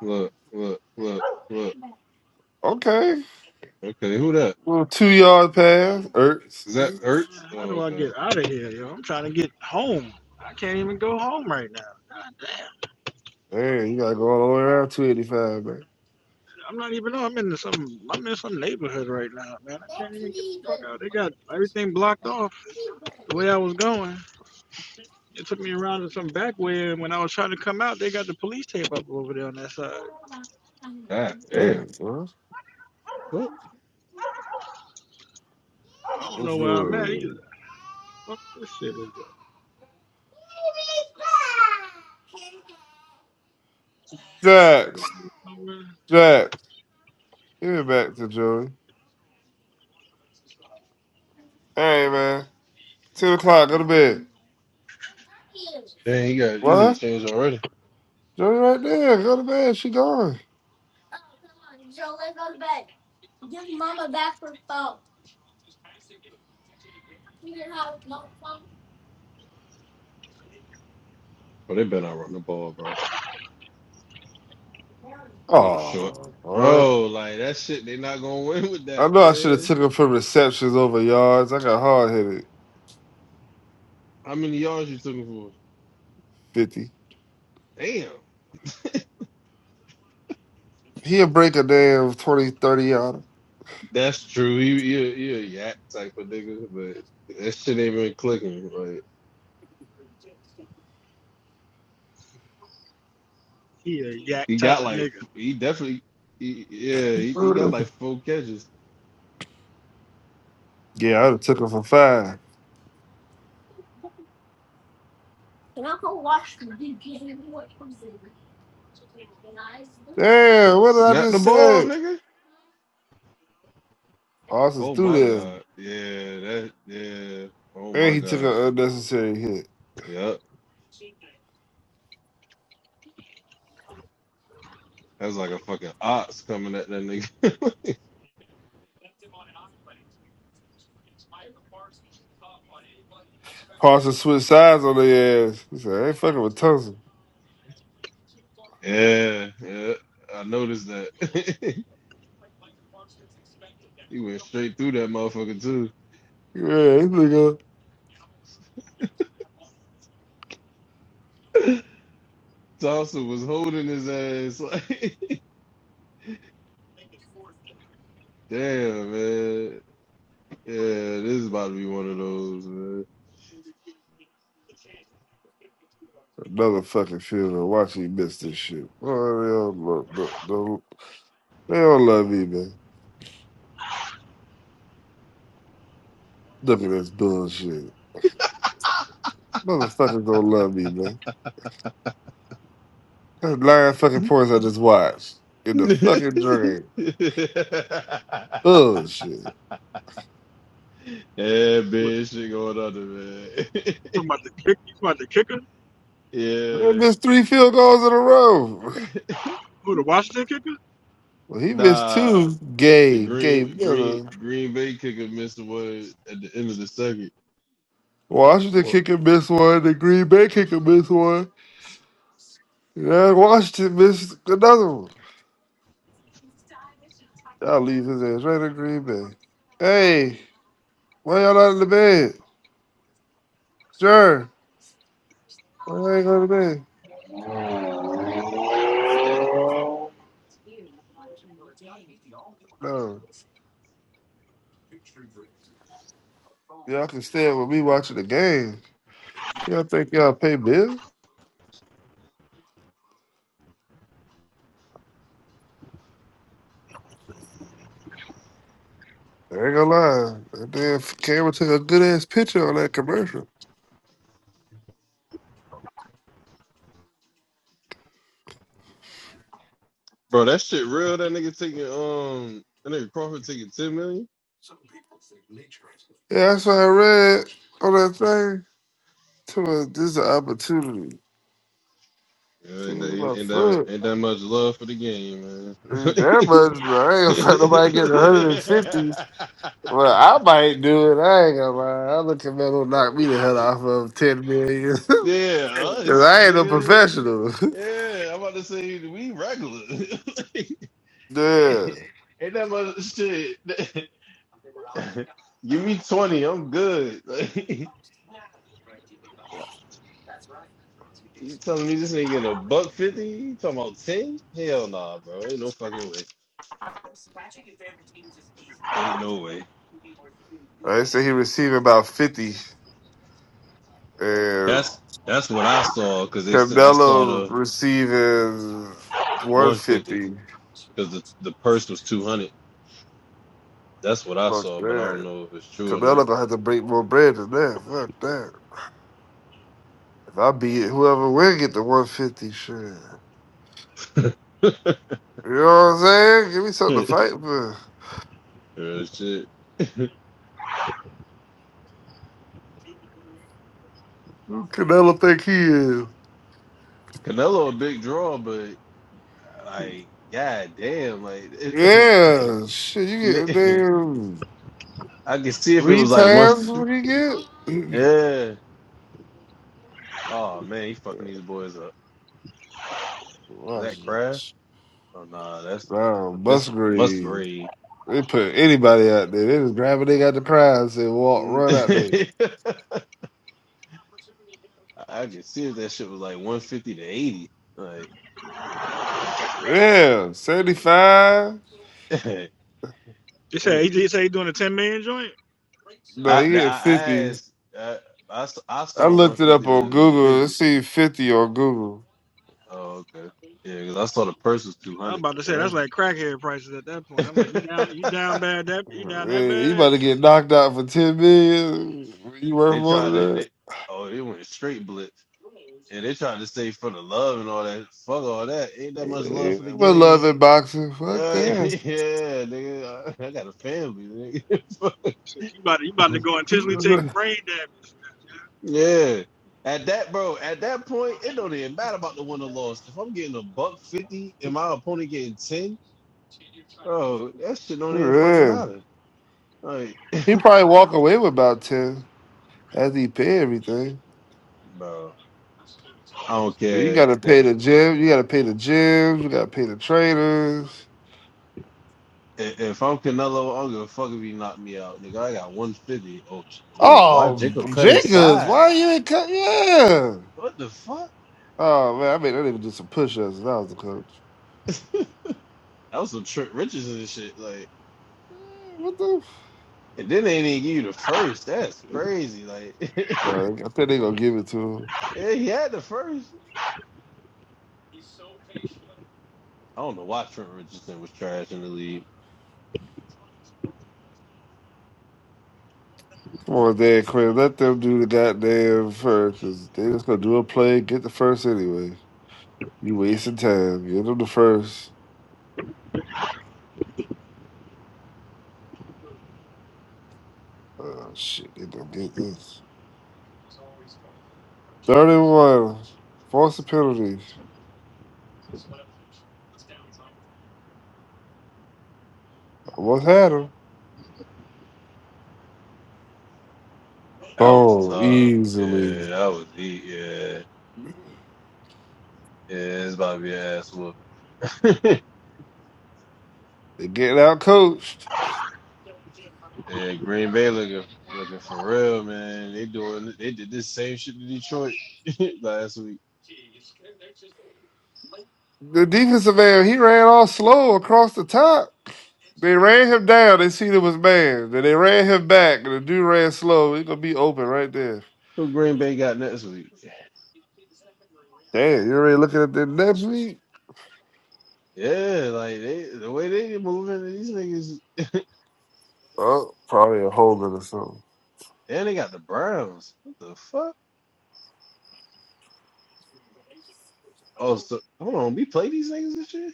S2: Look, look, look, look.
S5: Okay.
S2: Okay, who that?
S5: Little two yard pass.
S2: Is that
S6: Uh,
S5: Ertz.
S2: Ertz?
S6: How do
S2: Oh,
S6: I
S2: okay.
S6: get out of here, yo? I'm trying to get home. I can't even go home right now. God damn.
S5: Damn, you gotta go all the way around 285, man.
S6: I'm not even know I'm in some I'm in some neighborhood right now, man. I can't even get the fuck out. They got everything blocked off the way I was going. It took me around to some back way and when I was trying to come out, they got the police tape up over there on that side.
S2: God damn.
S5: Damn, bro.
S2: What?
S6: I don't know
S5: What's
S6: where I'm at either.
S5: good?
S6: Fuck this shit is They
S5: Jax.
S6: gonna leave
S5: Jax. Give it back to Joey. Hey, man. 10 o'clock. Go to bed.
S2: Dang, he got he need
S5: What?
S2: change already.
S5: Joey right there. Go to bed. She gone.
S2: But they better not run the ball, bro. Bro, the short.
S5: Oh,
S2: Bro, like that shit, they not gonna win with
S5: I
S2: that,
S5: know I should have
S2: man.
S5: took him for receptions over yards. I got hard headed.
S2: How many yards you took him for?
S5: 50.
S2: Damn.
S5: He'll break a damn 20 30 out.
S2: That's true. He he, he a yak type of nigga, but that shit ain't been clicking. Like
S6: He a yak
S2: he
S6: type
S2: got
S6: of
S2: like
S6: nigga.
S2: he definitely he, yeah, he, he got like four catches.
S5: Yeah, I'd have took him for five. Damn, what did I
S2: Snap the
S5: just
S2: ball,
S5: say?
S2: nigga.
S5: Parsons
S2: Oh
S5: threw
S2: my
S5: there.
S2: god. Yeah, that yeah. Oh
S5: And
S2: my
S5: he took an
S2: god.
S5: unnecessary hit.
S2: Yep. That's like a fucking ox coming at that nigga.
S5: Parsons switched sides on their ass. He said, I ain't fucking with Thompson.
S2: Yeah, yeah. I noticed that. he went straight through that motherfucker too.
S5: Yeah, this nigga.
S2: Thompson was holding his ass like damn man. Yeah, this is about to be one of those, man.
S5: Another fucking funeral. Watch he miss this shit. Oh, they, don't love, they don't they don't love me, man. Look at this bullshit. Motherfuckers don't love me, man. That's nine fucking points I just watched. In the fucking drain. Bullshit.
S2: yeah,
S6: But
S2: big shit going under, man.
S6: talking about the kick, talking about the kicker?
S5: I missed three field goals in a row.
S2: yeah.
S6: Who the Washington kicker?
S5: Well, he missed
S2: Nah,
S5: two.
S2: the
S5: Gabe, Gabe
S2: green green
S5: Miller.
S2: green bay kicker missed the one at the end of the second.
S5: Washington kicker missed one. The Green Bay kicker missed one. And Washington missed another one. Y'all leave his ass right in Green Bay. Hey, why y'all not in the bed? Sure. Why y'all ain't going to bed? No. Y'all can stand with me watching the game. Y'all think y'all pay bills? I ain't gonna lie. That damn camera took a good ass picture on that commercial.
S2: Bro, that shit real. That nigga taking um, that nigga Crawford taking ten million.
S5: Yeah, that's what I read on that thing. To this is an opportunity.
S2: Yeah, ain't,
S5: To
S2: that-
S5: my
S2: ain't, ain't that
S5: foot.
S2: ain't that much love for the game, man.
S5: And That much, I ain't gonna nobody get 150. Well, I might do it. I ain't gonna lie. I look at Melo knock me the hell off of ten million
S2: yeah,
S5: because
S2: us,
S5: I ain't no
S2: nigga.
S5: professional.
S2: Yeah, I'm about to say we regular.
S5: yeah.
S2: ain't, ain't that much shit. Give me twenty, I'm good. you telling me this ain't getting a buck fifty? You talking about ten? Hell nah, bro. Ain't no fucking way. Ain't no way.
S5: Like I say he receiving about 50. And
S2: That's that's what I saw because they s- I saw
S5: Carmelo
S2: the
S5: receiving
S2: one fifty
S5: 150.
S2: because the the purse was two hundred. That's what I
S5: Fuck
S2: saw, but I don't
S5: that.
S2: know if it's true or
S5: Carmelo gonna have to break more bread than that. Fuck that. If I beat it, whoever win get the 150 shit. You know what I'm saying? Give me
S2: not.
S5: something to fight for.
S2: Real shit.
S5: Who Canelo think he is?
S2: Canelo a big draw, but like, god damn, like, it, like
S5: Yeah, shit, you get a
S2: li-
S5: damn
S2: I can see if it
S5: three
S2: was like one.
S5: times what he get?
S2: Yeah. Oh man, he fucking these boys up. Is that
S5: Watch
S2: Crab?
S5: this.
S2: Oh nah, that's
S5: Wow,
S2: uh Miss
S5: Musgrave.
S2: Musgrave.
S5: They put anybody out there. They just grab what they got the prize They walk, run out there.
S2: I, I could see if that shit was like 150 to 80. Like,
S5: Yeah, 75.
S2: that
S6: They say he, he
S2: nigga.
S6: say he doing a ten million joint.
S5: No,
S2: I,
S5: he
S2: now
S5: get
S2: I I
S5: 50.
S2: asked, I, I, s- I
S5: I
S2: saw
S5: looked it up
S2: 150
S5: on
S2: to
S5: Google. I
S2: 50.
S5: see fifty on Google.
S2: Oh, okay. Yeah, because I saw the purse was
S6: I'm
S2: 200.
S6: about to say
S5: Uh,
S6: that's like crackhead prices at that point. I'm like, you down, you down bad, that you down that
S5: Hey, you
S6: bad.
S5: about to get knocked out for ten million? You worth
S2: they
S5: more than
S2: tried to,
S5: that?
S2: they, oh, it went straight blitz. And they tried to say for the love and all that. Fuck all that. Ain't that much love
S5: Hey,
S2: for the
S5: but
S2: game.
S5: loving boxing, fuck
S2: Uh,
S5: that.
S2: yeah, nigga. I, I got a family, nigga.
S6: Shit, you about to, you about to go intentionally take brain damage.
S2: Yeah. At that, bro, at that point, it don't even matter about the win or loss. If I'm getting a buck 50 and my opponent getting 10, bro, that shit don't even fucking
S5: Man,
S2: matter. Like,
S5: he probably walk away with about ten as he pay everything.
S2: bro, I don't
S5: You
S2: care.
S5: gotta
S2: That
S5: pay the gym. You gotta pay the gyms. You gotta pay the trainers.
S2: i- If I'm Canelo, I don't give a fuck if he knock me out, nigga. I got 150. Oh, j- oh why
S5: Oh,
S2: Jacob cut
S5: Jenkins,
S2: inside?
S5: why you ain't cut? Yeah.
S2: What the fuck?
S5: Oh man, I mean, I didn't even do some push-ups. If I was the coach.
S2: That was some Trent Richardson and shit. Like,
S5: Man, What the?
S2: and then they didn't give you the first. That's crazy. Like,
S5: No, I think they gonna give it to him.
S2: yeah, he had the first. I don't know why Trent Richardson was trash in the league.
S5: Come on, Dan Quinn, let them do the goddamn first, cause they just gonna do a play, get the first anyway. You wasting time. Get them the first. Oh shit, they gonna get this. Third and one, force the penalty. Almost had him.
S2: That was
S5: Boom,
S2: tough. Yeah,
S5: easily.
S2: that was heat. Yeah, yeah, it's about to be an ass whooping.
S5: They getting out coached.
S2: yeah, Green Bay looking looking for real, man. They doing they did this same shit to Detroit last week.
S5: The defensive man, he ran all slow across the top. They ran him down. They seen it was man. Then they ran him back, and the dude ran slow. He gonna be open right there.
S2: Who Green Bay got next week?
S5: Damn, you already looking at the next week?
S2: Yeah, like they the way they moving these niggas,
S5: Oh, probably a whole or something.
S2: and they got the Browns. What the fuck? Oh, so hold on, we play these niggas this year?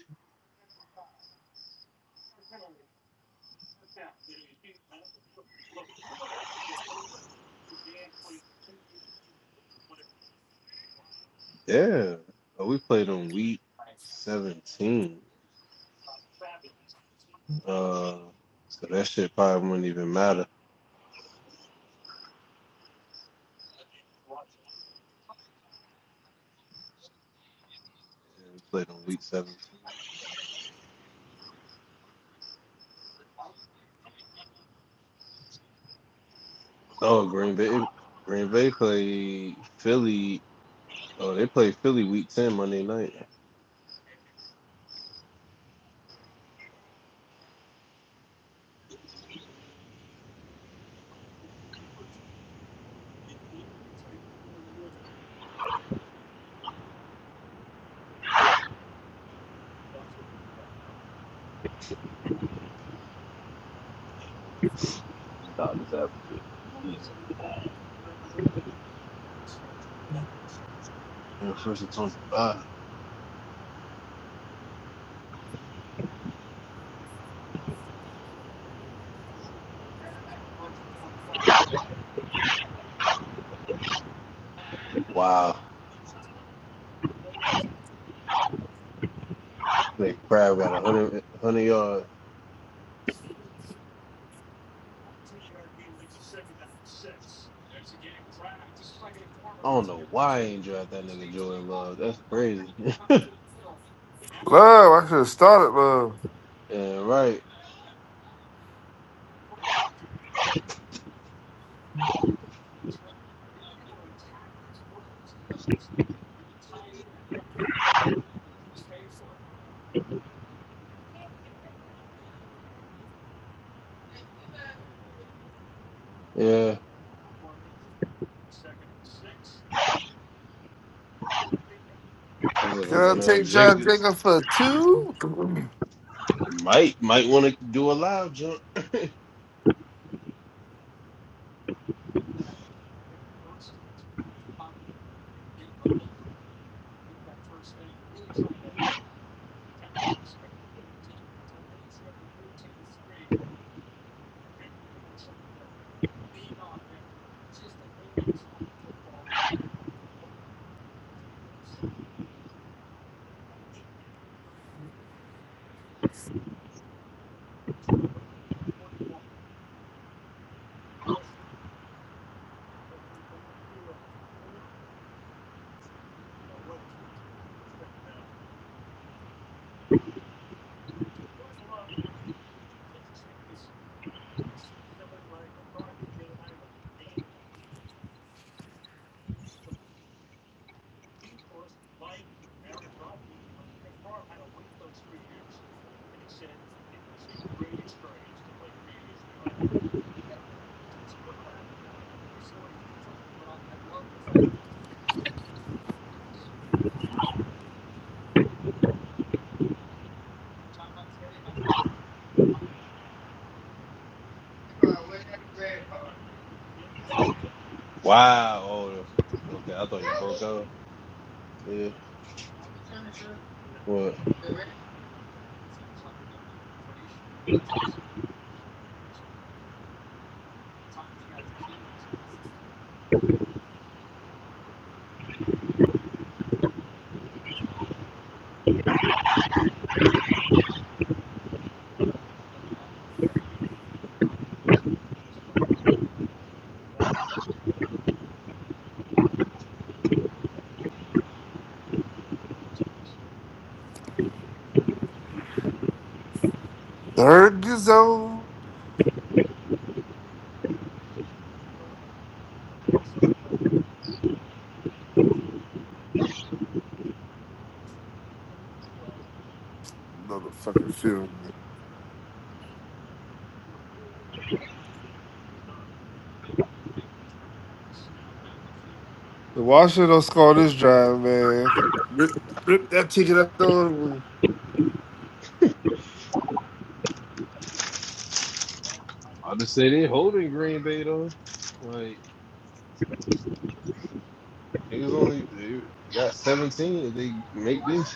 S2: Yeah, oh, we played on week seventeen. Uh, so that shit probably wouldn't even matter. And we played on week 17. Oh, Green Bay. Green Bay played Philly. Oh, they played Philly week 10 Monday night. And first and 25. Wow. That crab got 100, 100 yards. I don't know why I ain't draft that nigga Jordan Love. That's crazy.
S5: Love, I could have started love.
S2: yeah, right. Yeah. This is
S5: Can
S2: like
S5: I
S2: another
S5: take John
S2: Jacobs.
S5: Jacob for two?
S2: Might might want to do a live jump. Wow. Oh, okay. I thought you broke out. Yeah. What?
S5: Third is zone. Motherfucking field. man. The Washington don't score this drive, man. Rip, rip that ticket up the way.
S2: I just say they holding Green Bay though. Like Niggas only they got 17. If they make this,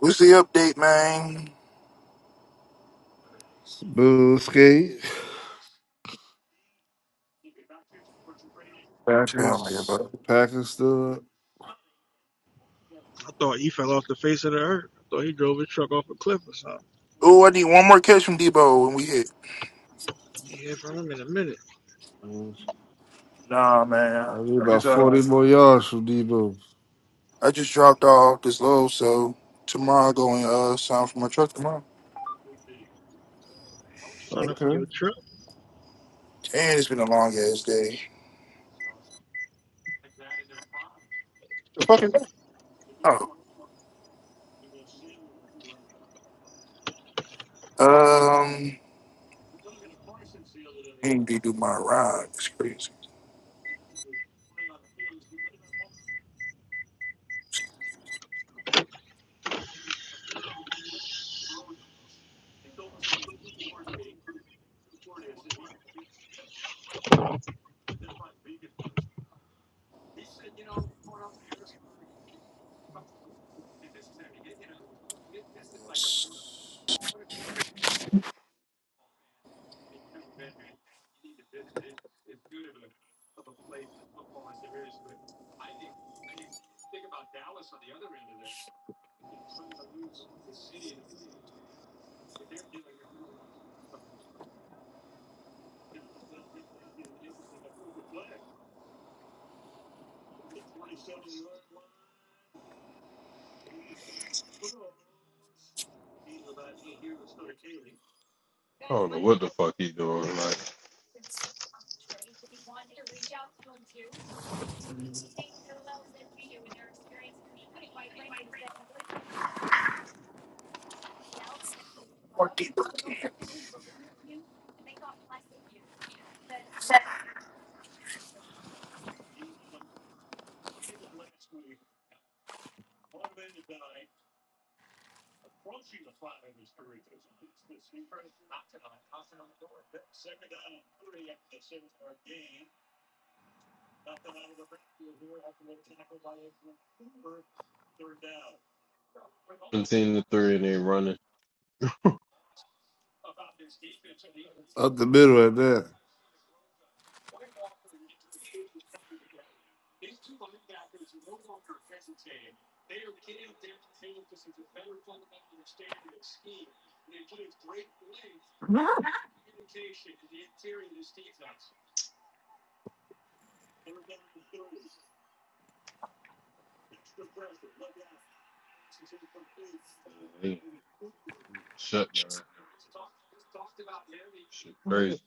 S7: What's the update, man?
S5: Boo skate.
S7: Tell me
S5: Packers.
S7: about it.
S5: Packers still up.
S6: I thought he fell off the face of the earth. I thought he drove his truck off a cliff or something.
S7: Oh, I need one more catch from Debo when we hit.
S6: You hear from him in a minute.
S5: Mm.
S7: Uh,
S5: I need about 40 more yards from Debo.
S7: I just dropped off this load, so tomorrow going uh sign for my truck tomorrow.
S6: Sign up for
S5: Okay.
S6: your truck.
S7: Damn, it's been a long ass day. The fucking um ain't my ride. It's crazy.
S2: I don't know what the fuck he doing. Like 17 to 3 and they running.
S5: Up the middle at that.
S2: Yeah, they shut down. Shit crazy.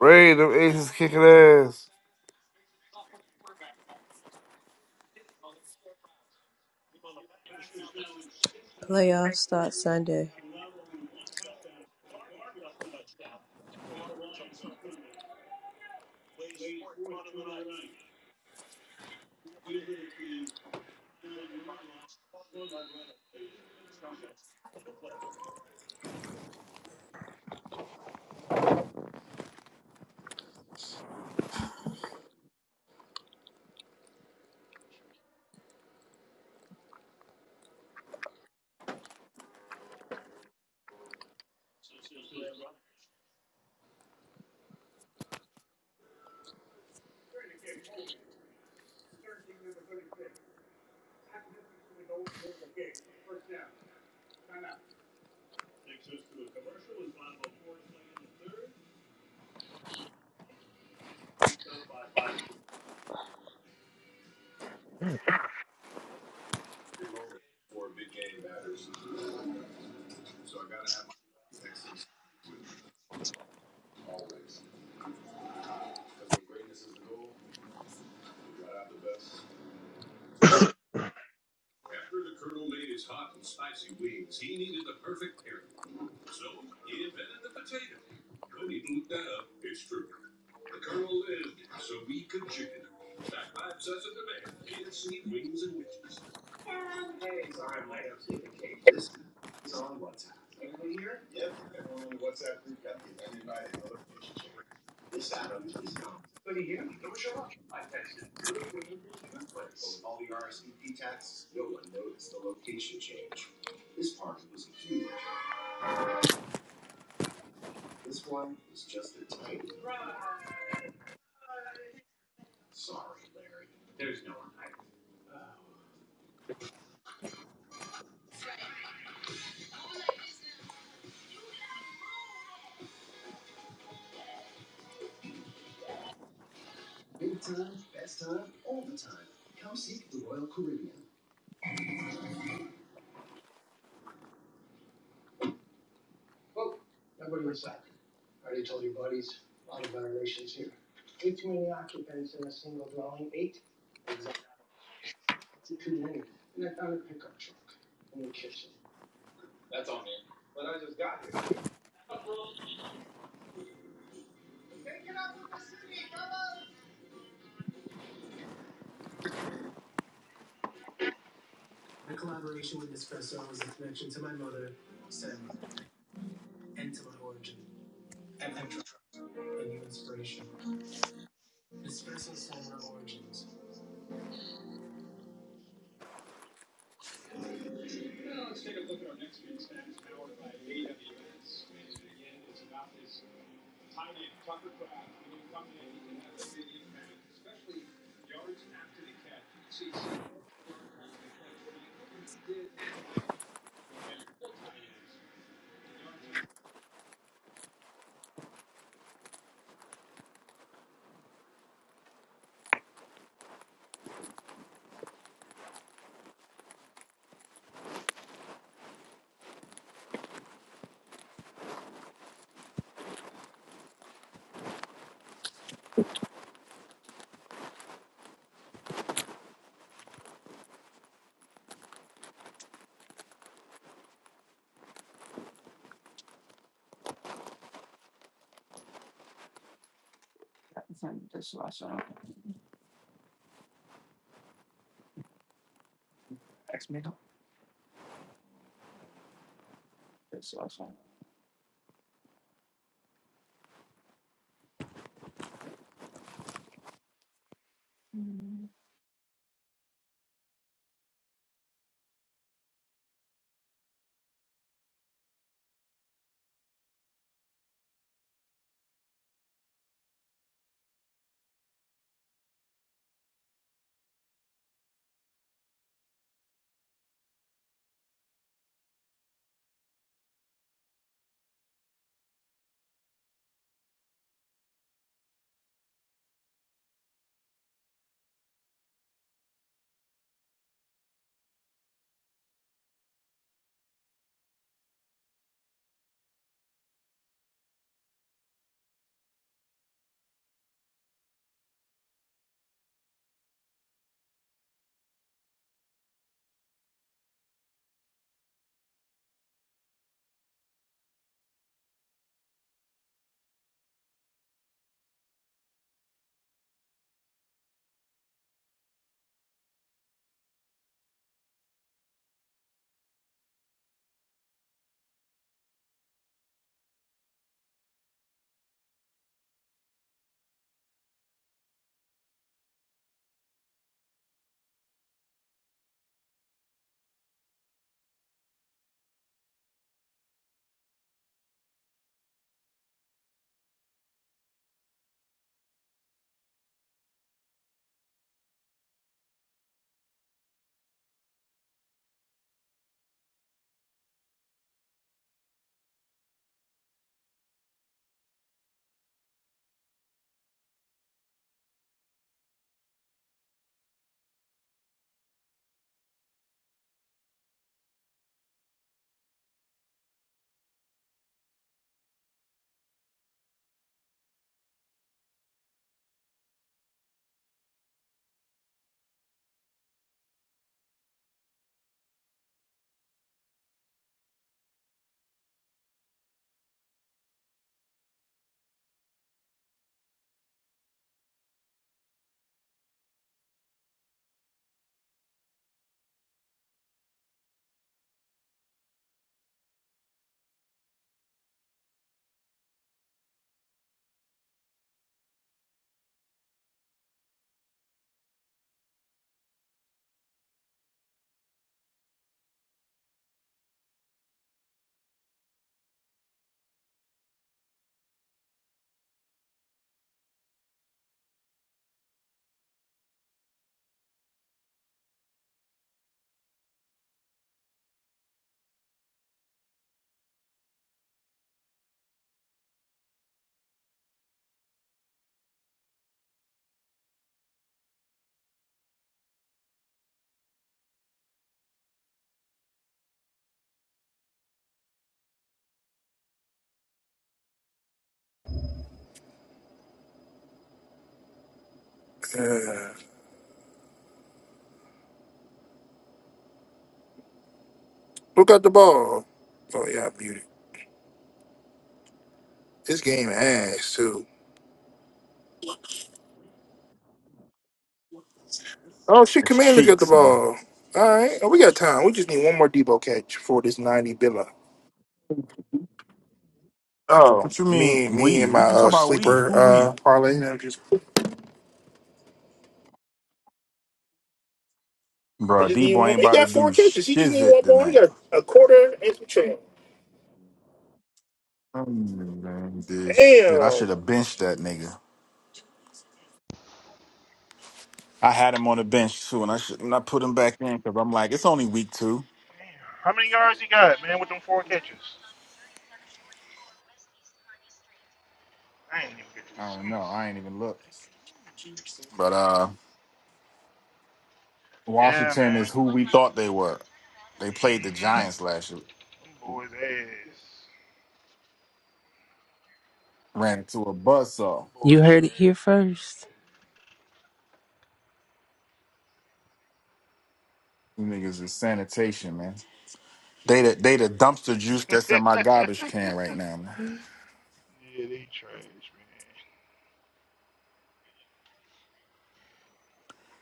S5: Ray, them aces kicking ass.
S4: Playoffs start Sunday.
S7: Who got the ball? Oh yeah, I muted. This game ass too. Oh shit,
S8: It's
S7: Commander's got the
S8: cheeks, man.
S7: ball. All right, oh, we got time. We just need one more Debo catch for this ninety billa. Oh,
S8: What you mean
S7: me, me
S8: we?
S7: and my
S8: We you talk
S7: uh,
S8: about we?
S7: sleeper
S8: Who we?
S7: uh parlay.
S8: Bro, D boy ain't about to do shizit tonight. Mm, man, This shit. I should have benched that nigga. I had him on the bench too, and I should and I put him back in because I'm like, it's only week two. I don't know. I ain't even looked. But uh Washington is who we thought they were. They played the Giants last year. Ran into a buzzsaw. You niggas is sanitation, man. They the, they the dumpster juice that's in my garbage can right now.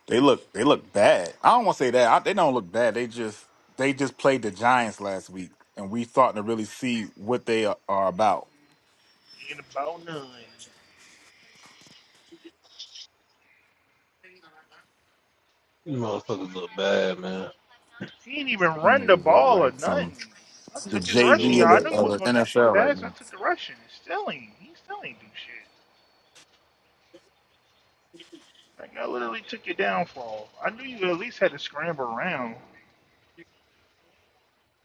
S8: They look they look bad. I don't want to say that. I, they don't look bad. They just they just played the Giants last week, and we starting to really see what they are, are about.
S2: These motherfuckers look bad, man.
S8: You niggas look like some the
S2: Niggas ain't
S8: JV of
S2: doing
S8: the, of the NFL right now.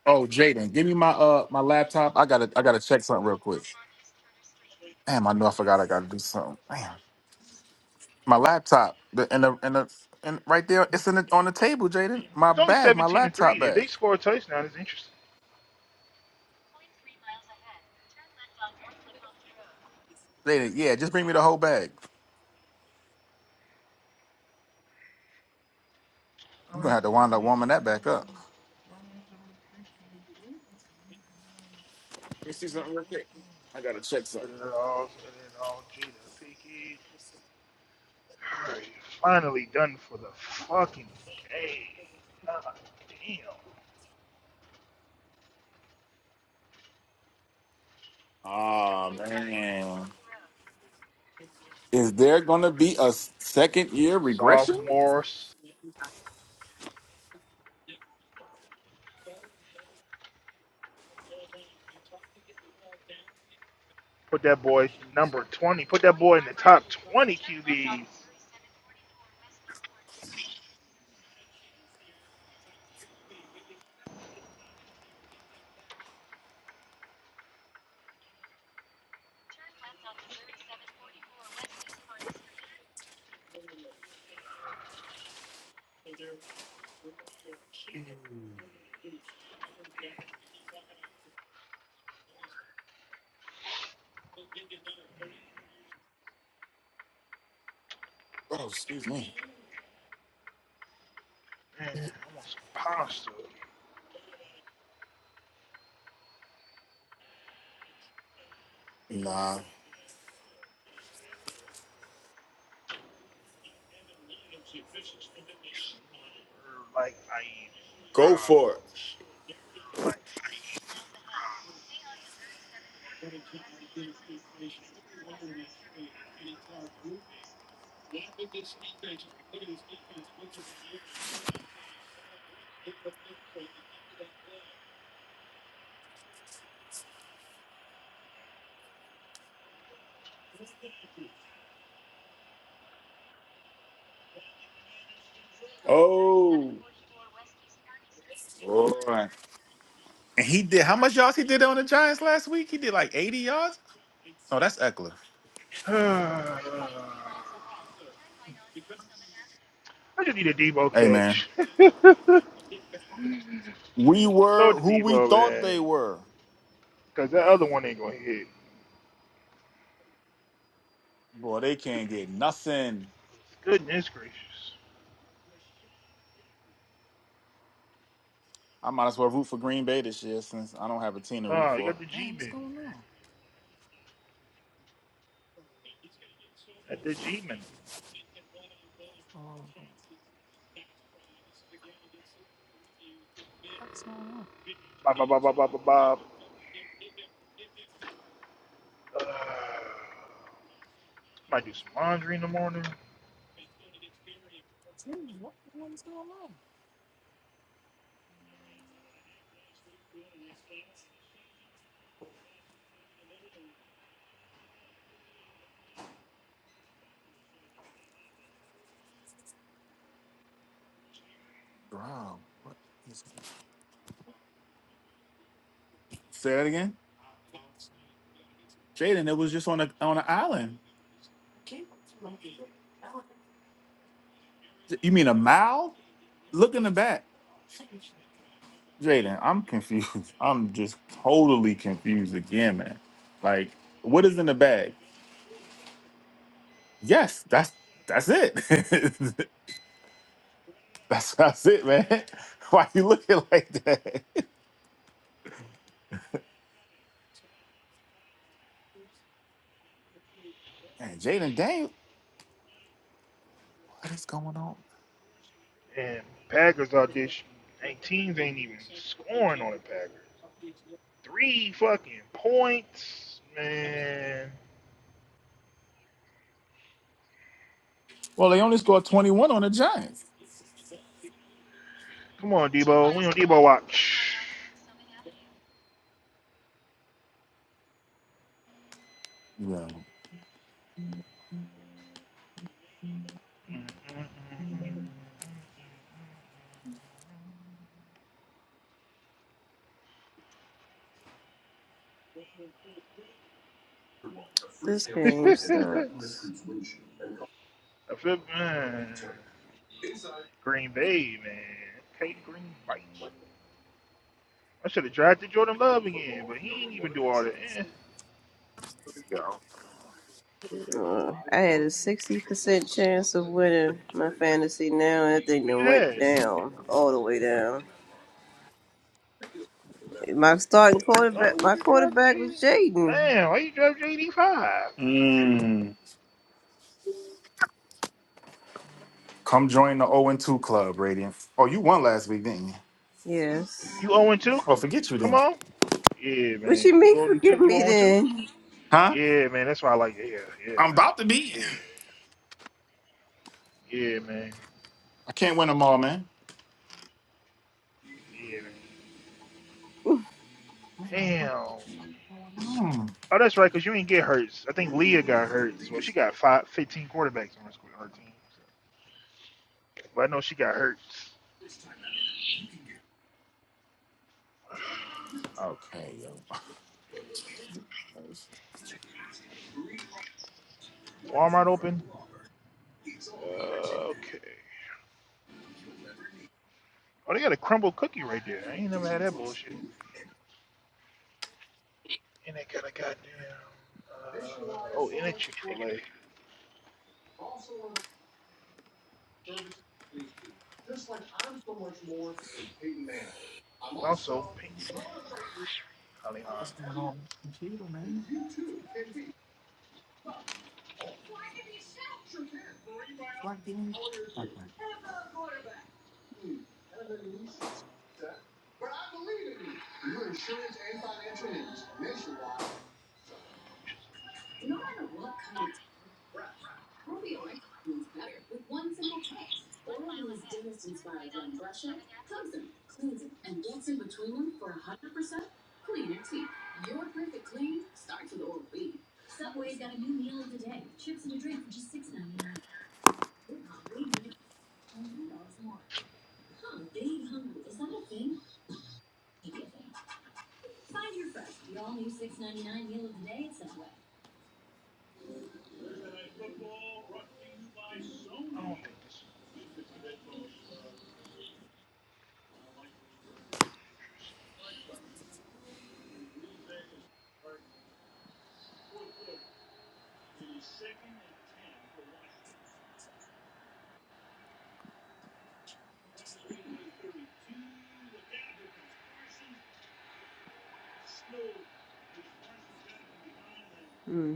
S8: Oh, Jaden, give me my uh my laptop. I gotta I gotta check something real quick. Damn, I know I forgot. I gotta do something. Damn, my laptop. The and the and the and right there, it's in the, on the table, Jaden. My bag, my laptop bag. Jaden, yeah, just bring me the whole bag. You are gonna have to wind up warming that back up. Let me see something real quick. I gotta check something. Oh man. Is there gonna be a second year regression? Oh, excuse me. Nah. Go for it. Oh boy. And he did how much yards he did on the Giants last week? He did like 80 yards? No, that's Eckler. Hey man. We were who we thought they were. Boy, they can't get nothing. I might as well root for Green Bay this year since I don't have a team to root for. Man, what's going on? Bro. Say that again. Jaden, it was just on a on an island. You mean a mile? Look in the back. Jaden, I'm confused. I'm just totally confused again, man. Like, what is in the bag? Yes, that's that's it. that's that's it, man. Why you looking like that? Man, Jaden, dang, what is going on? Well, they only scored 21 on the Giants. Yeah.
S4: This game sucks. Uh, I had a sixty percent chance of winning my fantasy. Now that thing done went down all the way down. My starting quarterback, my quarterback was Jaden.
S8: Mm. Come join the 0 2 club, Radiant. Oh, you won last week, didn't you?
S4: Yes.
S8: Oh, forget you then.
S4: What you mean? Forget me then.
S8: Huh? I'm about to be. I can't win them all, man. Man, what the fuck is going on? Okay, yo. This is fucking-
S4: Hmm.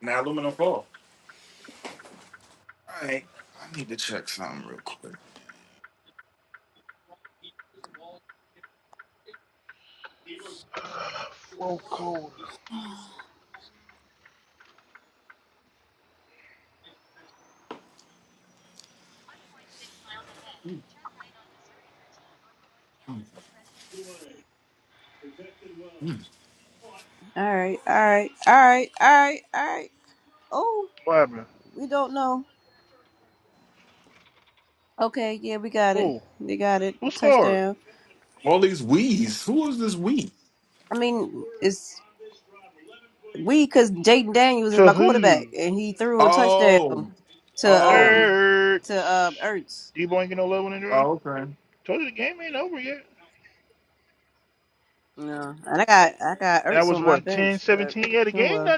S8: Now aluminum foil. All right, I need to check something real quick.
S4: All right. All right. All right. All right. All right. Oh, we don't know. Okay, yeah, we got it. They got it. Touchdown.
S8: All these wees. Who is this we?
S4: I mean, it's we because Jaden Daniels is my quarterback, and he threw a
S8: Oh,
S4: touchdown to
S8: oh,
S4: um to uh Ertz.
S8: oh. Okay.
S4: No, and I got I got Ertz on my bench, but oh well.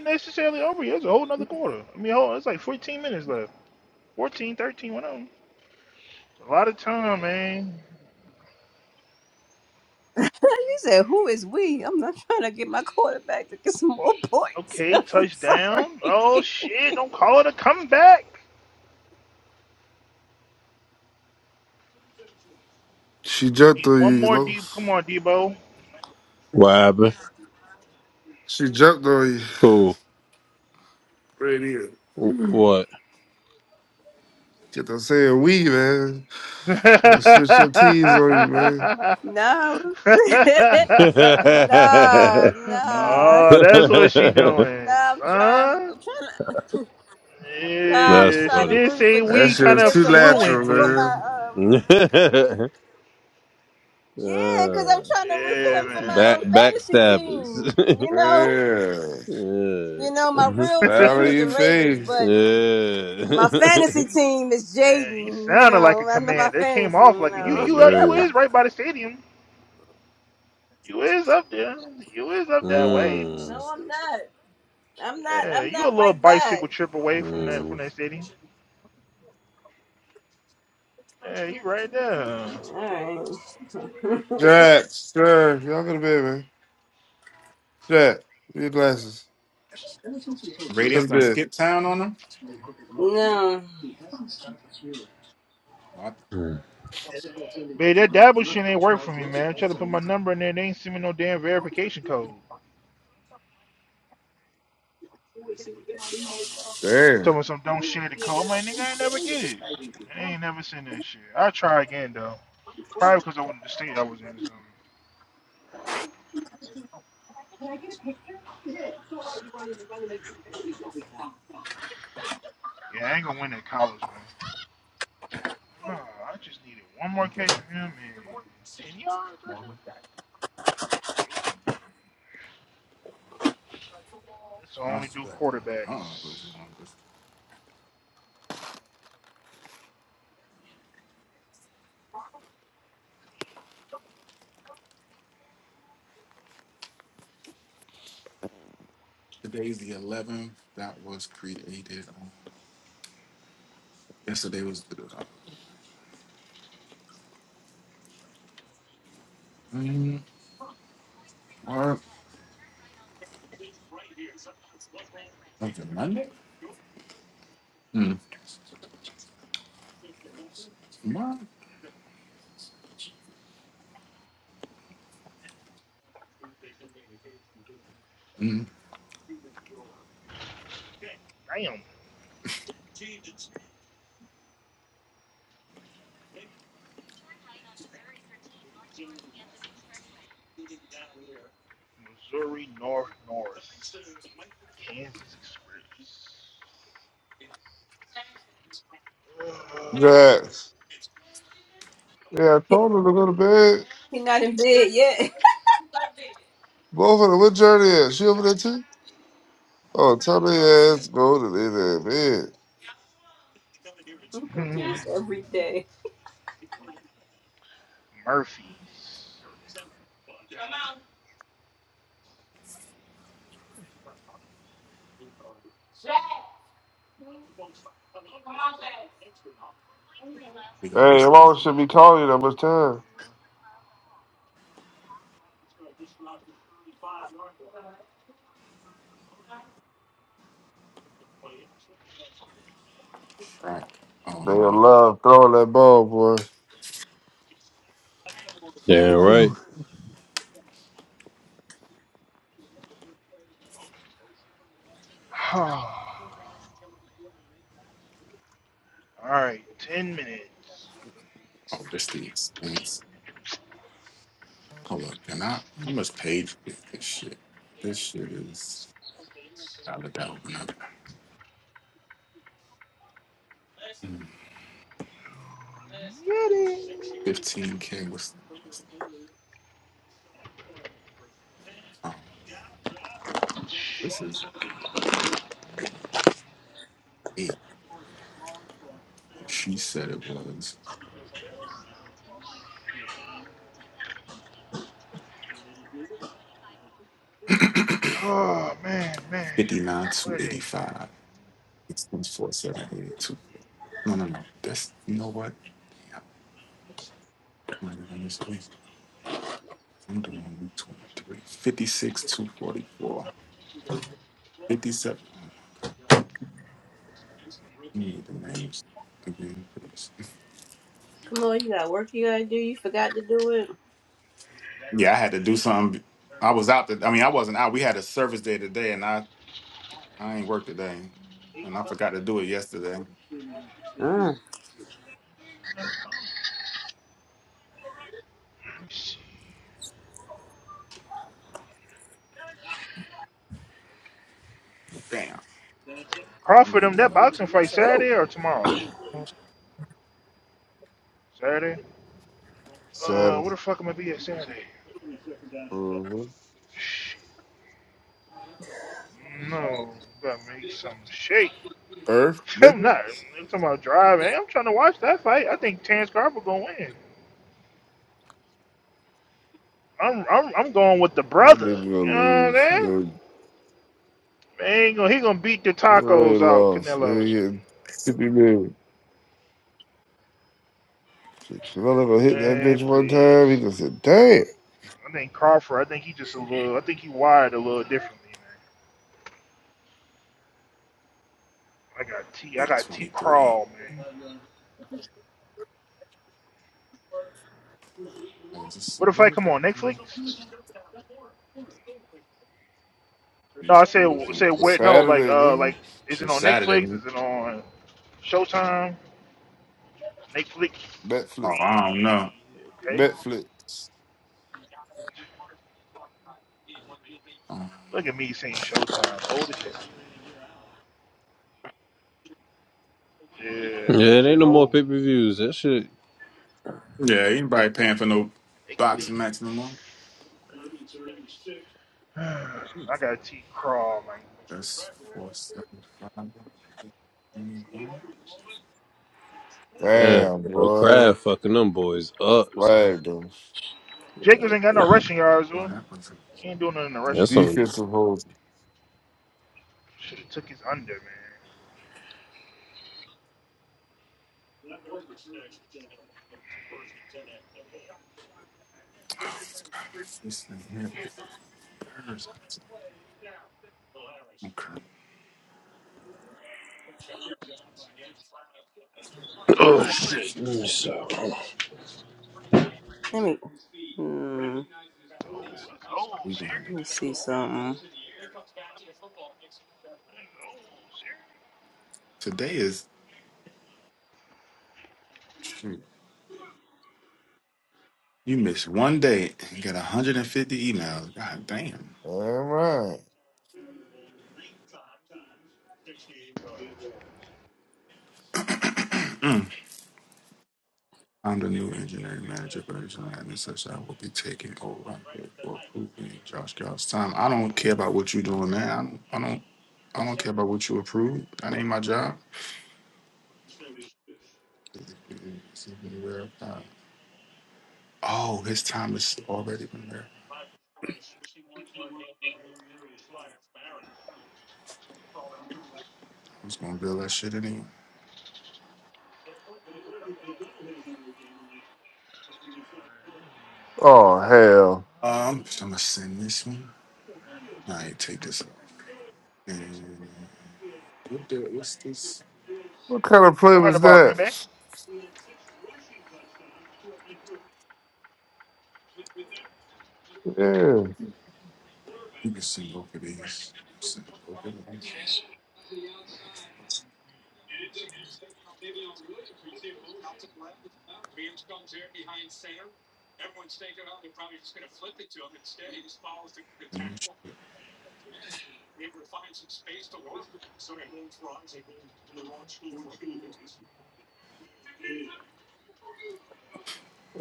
S4: He said, "Who is we?" I'm not trying to get my quarterback to get some more points. I'm sorry.
S5: She jumped on you, Los.
S2: What happened?
S5: She jumped on you.
S2: Who?
S5: Right here.
S2: Wh- What?
S5: Get them saying we, man. Gonna switch your tees on you, man.
S4: No, nah, nah,
S8: Mm-hmm.
S4: nah. I'm trying. I'm trying. Nah,
S2: That's
S4: I'm trying to
S2: funny.
S4: root for
S5: That
S4: Jaden
S5: shit
S4: to
S5: was
S4: get
S5: too
S4: some
S5: natural,
S4: points for my
S5: man.
S4: um.
S2: uh,
S4: Yeah, cause I'm trying to root for him for my
S2: back
S4: um, fantasy
S2: backstabbers.
S4: team. You know,
S5: Man.
S4: you know, my real
S5: Smile
S4: team
S5: on
S4: is
S5: your
S4: the Ravens,
S5: face.
S4: but my
S2: yeah. yeah.
S4: fantasy team is Jaden. You know, I'm not my fantasy. You know.
S2: That's good. Mm.
S4: No, I'm not. I'm not. I'm not right by. It.
S2: Mm.
S4: All right.
S5: Jack, Sir, y'all go to bed, man. Jack, get your glasses. Go
S8: Radiance
S5: to
S8: done
S5: bed.
S8: skip town on them.
S4: No,
S8: What?
S2: Mm.
S5: Damn.
S8: Go. I swear. Uh uh What's going on? What's- Today's the 11th. That was created. on- Yesterday was the. Mm, what? Was it Monday? Mm. Tomorrow?
S5: Jack. Yeah, I told her to go to bed.
S4: he not in bed yet.
S5: Both of them. What journey is? She over there too? Oh, tell their ass go to their damn bed.
S4: I go through this every day.
S8: We gotta do
S5: Hey, your mom should be calling you that much time.
S8: Right.
S5: They in love throwing that ball, boy.
S2: Damn right.
S8: Oh, this the expense. Hold up. And I, how much paid for this shit. This shit is out of doubt. When I 15K was, oh, this is eight. She said it was 59 to 85. Expense 4782. No, no, no. That's, you know what? I'm not this week. I'm doing week 23. 56 244. 57. I need the names again. please.
S4: Come on, you got work you gotta do. You forgot to do it.
S8: Yeah, I had to do something. I was out. The, I mean, I wasn't out. We had a service day today, and I I ain't work today, and I forgot to do it yesterday.
S4: Mm.
S8: Damn, I- I'm gonna need your name change.
S5: Saturday. hmm Earth, nigga. That nigga gonna lose. He already, he already lost. Nigga getting 50 million. Shit, Jamel ever hit that bitch one time, he gonna say, damn.
S8: Eight twenty three. Just a little bit more. These rules and put
S5: Saturday, nigga.
S8: It's Saturday. man. Oh,
S5: Netflix.
S8: I don't know.
S5: Netflix.
S8: Um,
S2: Yeah, it ain't no more pay per views. That shit.
S8: Yeah, anybody paying for no boxing match no more? That's four seven five. Anyone?
S2: Damn,
S5: Damn,
S2: bro.
S5: boy.
S2: Crab fucking them boys up, son.
S5: Flagged him.
S8: No, that was a.
S2: That's
S8: Oh,
S2: on.
S5: Defensive hold.
S8: God. This thing here. Okay,
S2: Oh, shit. Let me stop.
S4: Let me Hmm,
S8: we gonna have to
S4: let
S8: do
S4: me
S8: this.
S4: see something.
S8: Today is. You miss one day and get 150 emails. God damn.
S5: All right.
S8: Mm. I'm the new engineering manager for this line, and such so I will be taking over for approving Josh Gall's time. I don't care about what you're doing now. I don't, I don't, I don't care about what you approve. That ain't my job. Oh, his time is already been there. I was gonna build that shit anyway.
S5: Oh hell!
S8: Um, so I'm gonna send this one. All right, take this off. And what the, what's this?
S5: What kind of play was that? Yeah.
S8: You can see over these. See over these.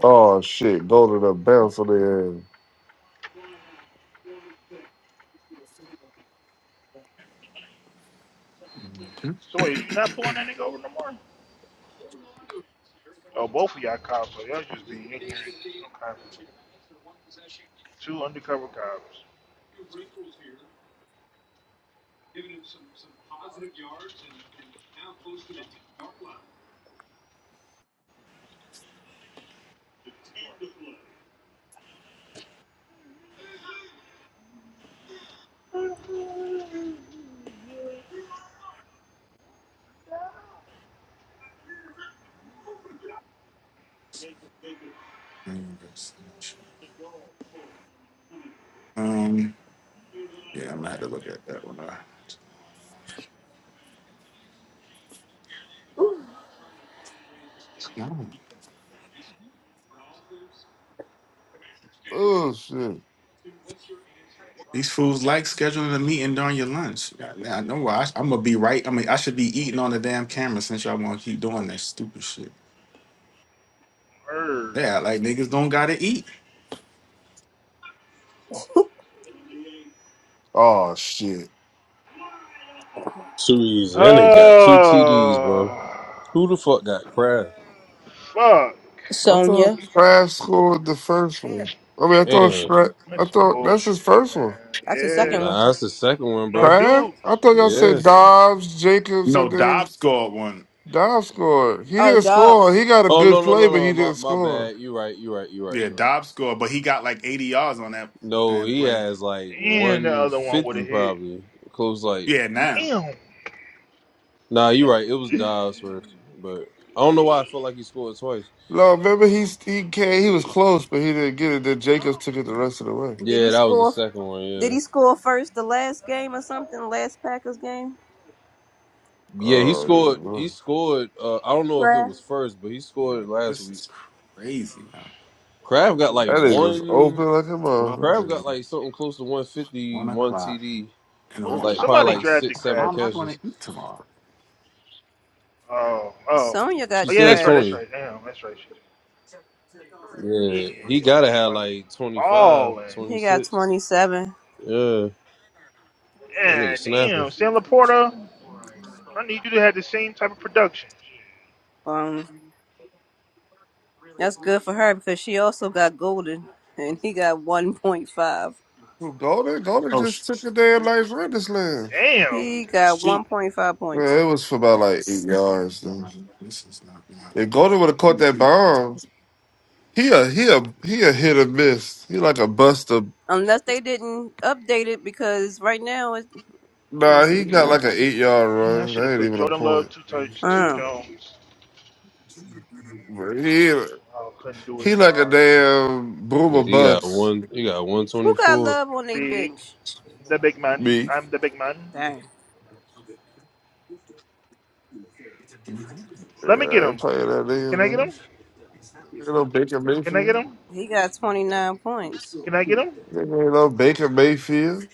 S5: Oh shit! Go to the bounce on the
S8: Um, yeah, I'm gonna have to look at that one. Uh, come on.
S5: ass. Oh shit!
S8: These fools like scheduling a meeting during your lunch. Yeah, now I know why. I, am gonna be right. I mean, I should be eating on the damn camera since y'all want to keep doing that stupid shit. Yeah, like niggas don't gotta eat.
S5: Oh shit!
S2: Too easy. And they got two TDs, bro. Who the fuck got Crab?
S5: I thought
S4: Sonya.
S5: Crab scored the first one. I mean, I thought
S2: Damn.
S5: Shra- I thought that's his first one.
S4: That's the second one.
S2: Nah, that's the second one, bro.
S5: Crab? I thought y'all
S2: Yeah.
S5: said Dobbs, Jacobs,
S8: No,
S5: and then
S8: Dobbs scored one.
S5: Dobbs scored. He
S4: Oh,
S5: didn't
S4: dog.
S5: score. He got a
S2: Oh,
S5: good
S2: no, no,
S5: play,
S2: no,
S5: but he
S2: no. My,
S5: didn't
S2: my
S5: score.
S2: bad. You right. You right. You right.
S8: Yeah,
S2: You right.
S8: Dobbs scored, but he got like 80 yards on that
S2: No,
S8: damn
S2: he
S8: play.
S2: has like 150 probably. Close like
S8: Yeah, now.
S2: Nah, you're right. It was Dobbs first, but I don't know why I felt like he scored twice.
S5: No, remember he he came, he was close, but he didn't get it. Then Jacobs took it the rest of the way.
S4: Did
S2: Yeah,
S4: he
S2: that was the
S4: score?
S2: second one.
S4: Did
S2: Yeah,
S4: he score first the last game or something? Last Packers game?
S2: yeah, he scored.
S5: Oh, yeah.
S2: He scored. Uh, I don't know if it
S4: Craft.
S2: was first, but he
S8: You know,
S2: scored last
S8: this
S2: week.
S8: is crazy. Now.
S2: Crab got like
S5: That nigga was
S2: one.
S5: open like a
S8: 12
S5: mother.
S2: Crab
S8: thirty,
S2: got like something close to one fifty
S8: 1
S2: one
S8: o'clock.
S2: TD,
S8: And I,
S5: That
S8: wa-
S5: nigga
S2: like
S8: I,
S5: was
S2: probably
S8: I,
S2: like
S5: open.
S2: six,
S8: how
S2: seven
S8: am I going
S2: catches.
S8: to eat tomorrow?
S4: Sonya
S2: She
S4: got
S2: said
S4: Craft.
S2: Sonya. Yeah, he gotta have like 25, twenty
S4: He got
S2: six.
S4: 27.
S2: Yeah, that nigga snapping.
S4: Um, That's good for her because she also got Golden and he got 1.5.
S5: Golden, Golden
S8: Oh, sh-
S5: just took a damn nice run this land.
S4: He got
S8: sheep.
S4: 1.5 points.
S5: Yeah, it was for about like eight yards though.
S8: This is not. not
S5: If Golden would have caught that bomb, he a he a he a hit or miss. He like a buster.
S4: Unless they didn't update it because right now it's. Let me
S5: Nah, he
S4: see.
S5: got like an eight yard run. That ain't even a point.
S4: Uh,
S5: But he he like a damn boomer
S2: Yeah, he got
S5: bust.
S2: one. He got one twenty
S4: who got
S2: four.
S4: love on their bench?
S5: Me,
S4: Dang.
S8: Mhm.
S5: yeah, I ain't playing that nigga man. Ain't no Baker Mayfield.
S4: He got 29 points.
S5: Nigga ain't no Baker Mayfield.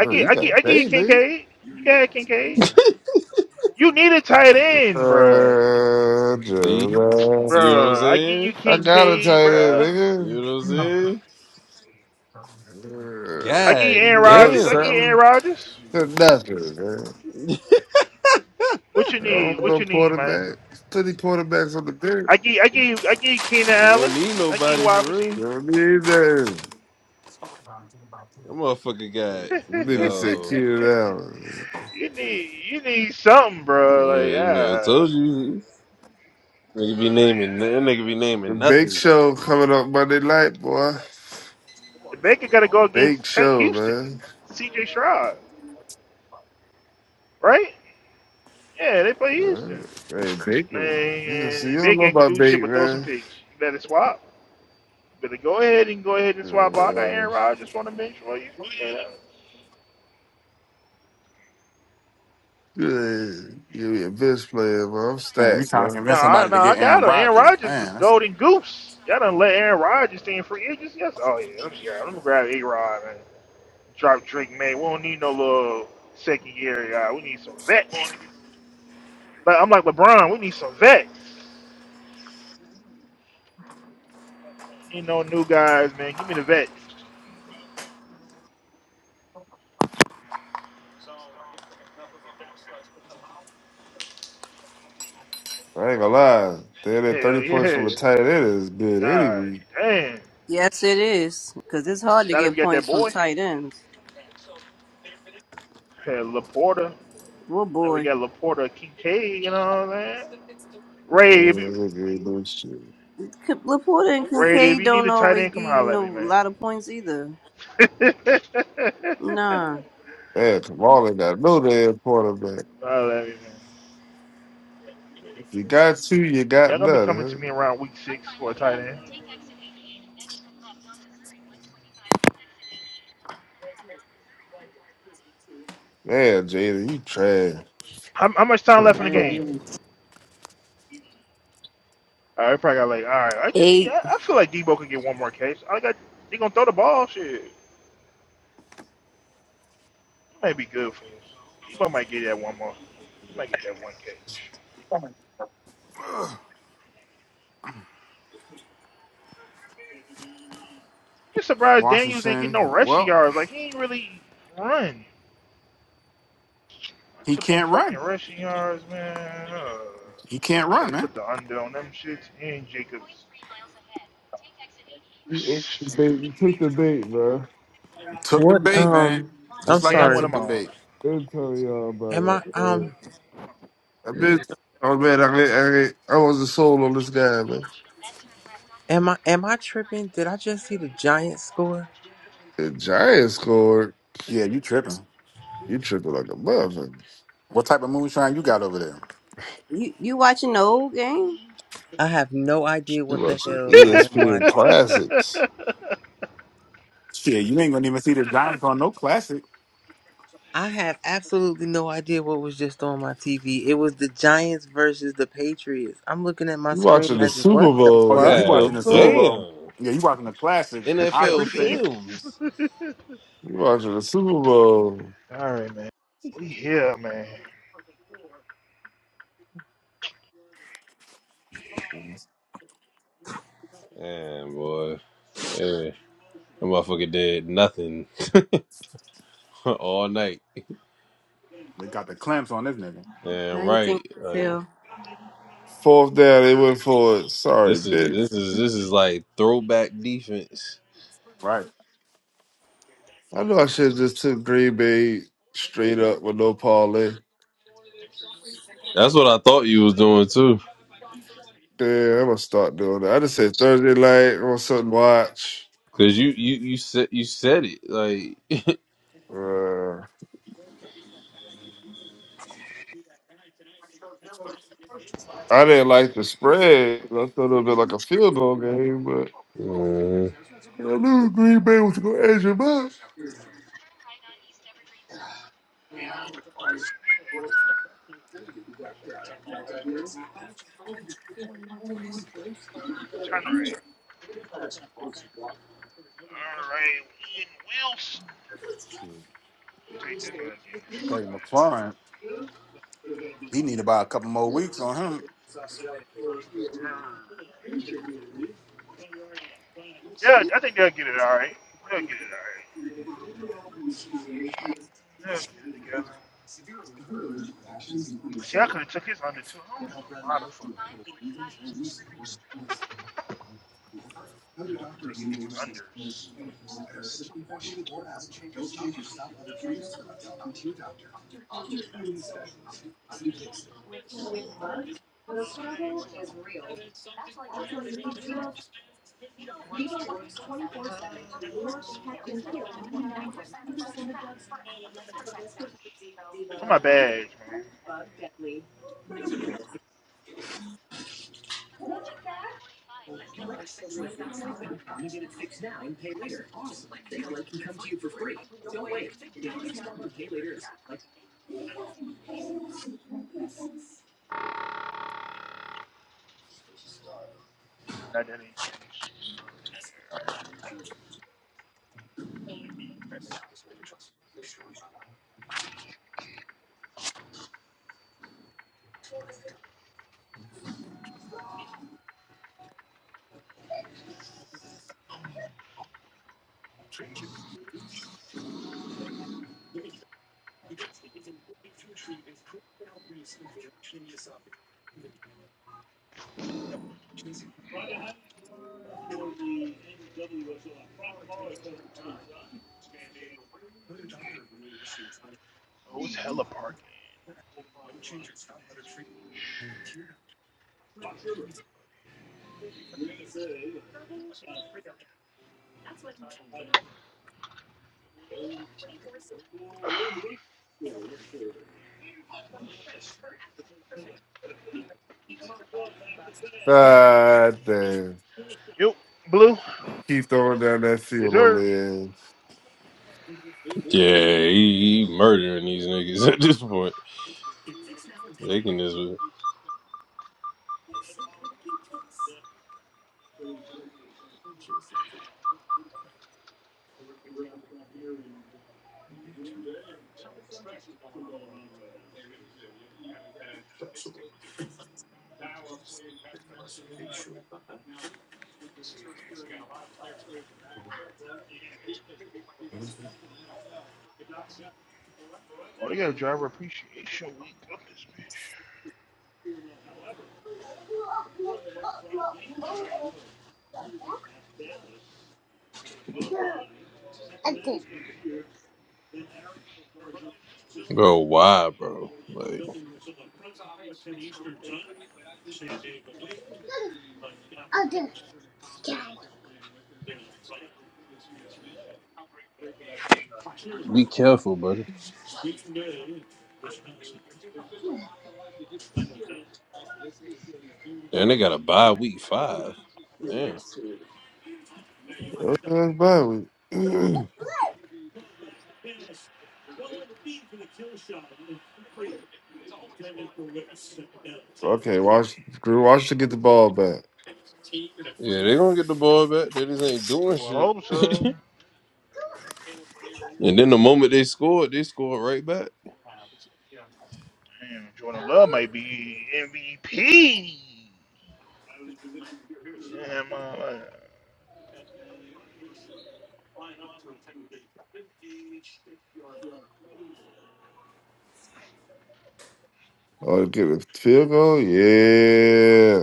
S5: Oh, you gotta pay, nigga. Uh,
S2: See,
S5: Jerome.
S2: see what I'm saying?
S5: I gotta tell you, this,
S2: You
S5: nigga.
S2: know what I'm saying?
S5: Uh, you
S2: God
S5: want
S2: damn.
S5: something to nothing, man.
S2: You
S5: I don't want no quarterback. Plenty quarterbacks on the bench.
S2: don't need nobody for real.
S5: You don't need that.
S2: That motherfucker got
S5: Nigga said
S2: yo
S5: Keenan Allen.
S2: man, I told you. Nigga be naming that nigga be
S5: The
S2: naming
S5: bake
S2: nothing.
S5: show coming up Monday night, boy. Bake show, man. Yeah. Hey, bake them. You can see you don't know about bake, man. Uh, Good. Give me a bench player, bro. I'm
S8: Man, you
S5: stacked,
S8: trying to
S5: bro.
S8: convince somebody to get Aaron Rodgers. Man, that's
S5: I ain't gonna lie. Damn, that 30 points from a tight end is good anyway.
S4: Yes, it is. Because it's hard to get points from tight ends. Well, boy.
S5: Uh, nigga ain't doing shit.
S4: K- Laporta and Kincaid don't always give you no a lot of points either. Nah.
S5: Man, Kamala got no damn quarterback. If you got two, you got none, huh? Man, Jada, you trash. What the fuck?
S4: Dang.
S5: You
S4: Eight.
S8: Washington. Well, he can't run. He can't run, man.
S5: ate the bait. You took the bait, bro.
S8: Took the bait, man. Just like I took the bait.
S5: Been telling y'all about that, man. I've been telling y'all, man, I, I, I was the soul on this guy, man. The Giants scored.
S8: Yeah, you tripping.
S5: You tripping like a motherfucker.
S8: What type of moonshine you got over there?
S4: You you watching the old game?
S5: You watching ESPN classics.
S8: Shit, you ain't gonna even see the Giants on no classic.
S5: You watching the Super
S8: Oh
S5: Bowl.
S8: yeah, you
S5: What
S8: watching
S2: God
S5: the
S8: the Super
S5: fuck?
S8: Bowl?
S2: damn.
S8: Yeah, you watching the classic. I
S2: NFL
S8: appreciate it.
S2: films.
S5: You watching the Super Bowl.
S2: And boy, yeah, that motherfucker did nothing all night.
S8: They got the clamps on this nigga,
S4: How
S2: And
S4: you
S2: right,
S4: think I
S2: like,
S4: feel?
S5: Fourth down, they went for it. Sorry,
S2: this is this
S5: bitch.
S2: is this is like throwback defense.
S8: right?
S5: I know I should just took Green Bay straight up with no parlay.
S2: That's what I thought you was doing too.
S5: Damn, I'm gonna start doing that. I just said Thursday night I want something to watch.
S2: Cause you you you said you said it like
S5: Uh, I didn't like the spread. I thought it would be like a field goal game, but
S2: Mm,
S5: I knew Green Bay was gonna edge him up.
S8: Shoot. Terry McLaurin, he need about a couple more weeks on him.
S5: Ah damn. Keep throwing down that field on the
S2: yeah he, he murdering these niggas at this point taking this bro why bro like and they got a bye week five damn
S5: edge. That's bad. We- okay, watch Drew Washington get the ball back.
S2: yeah they gonna get the ball back they just ain't doing shit and then the moment they scored they scored right back
S5: Oh, get the field goal? Yeah.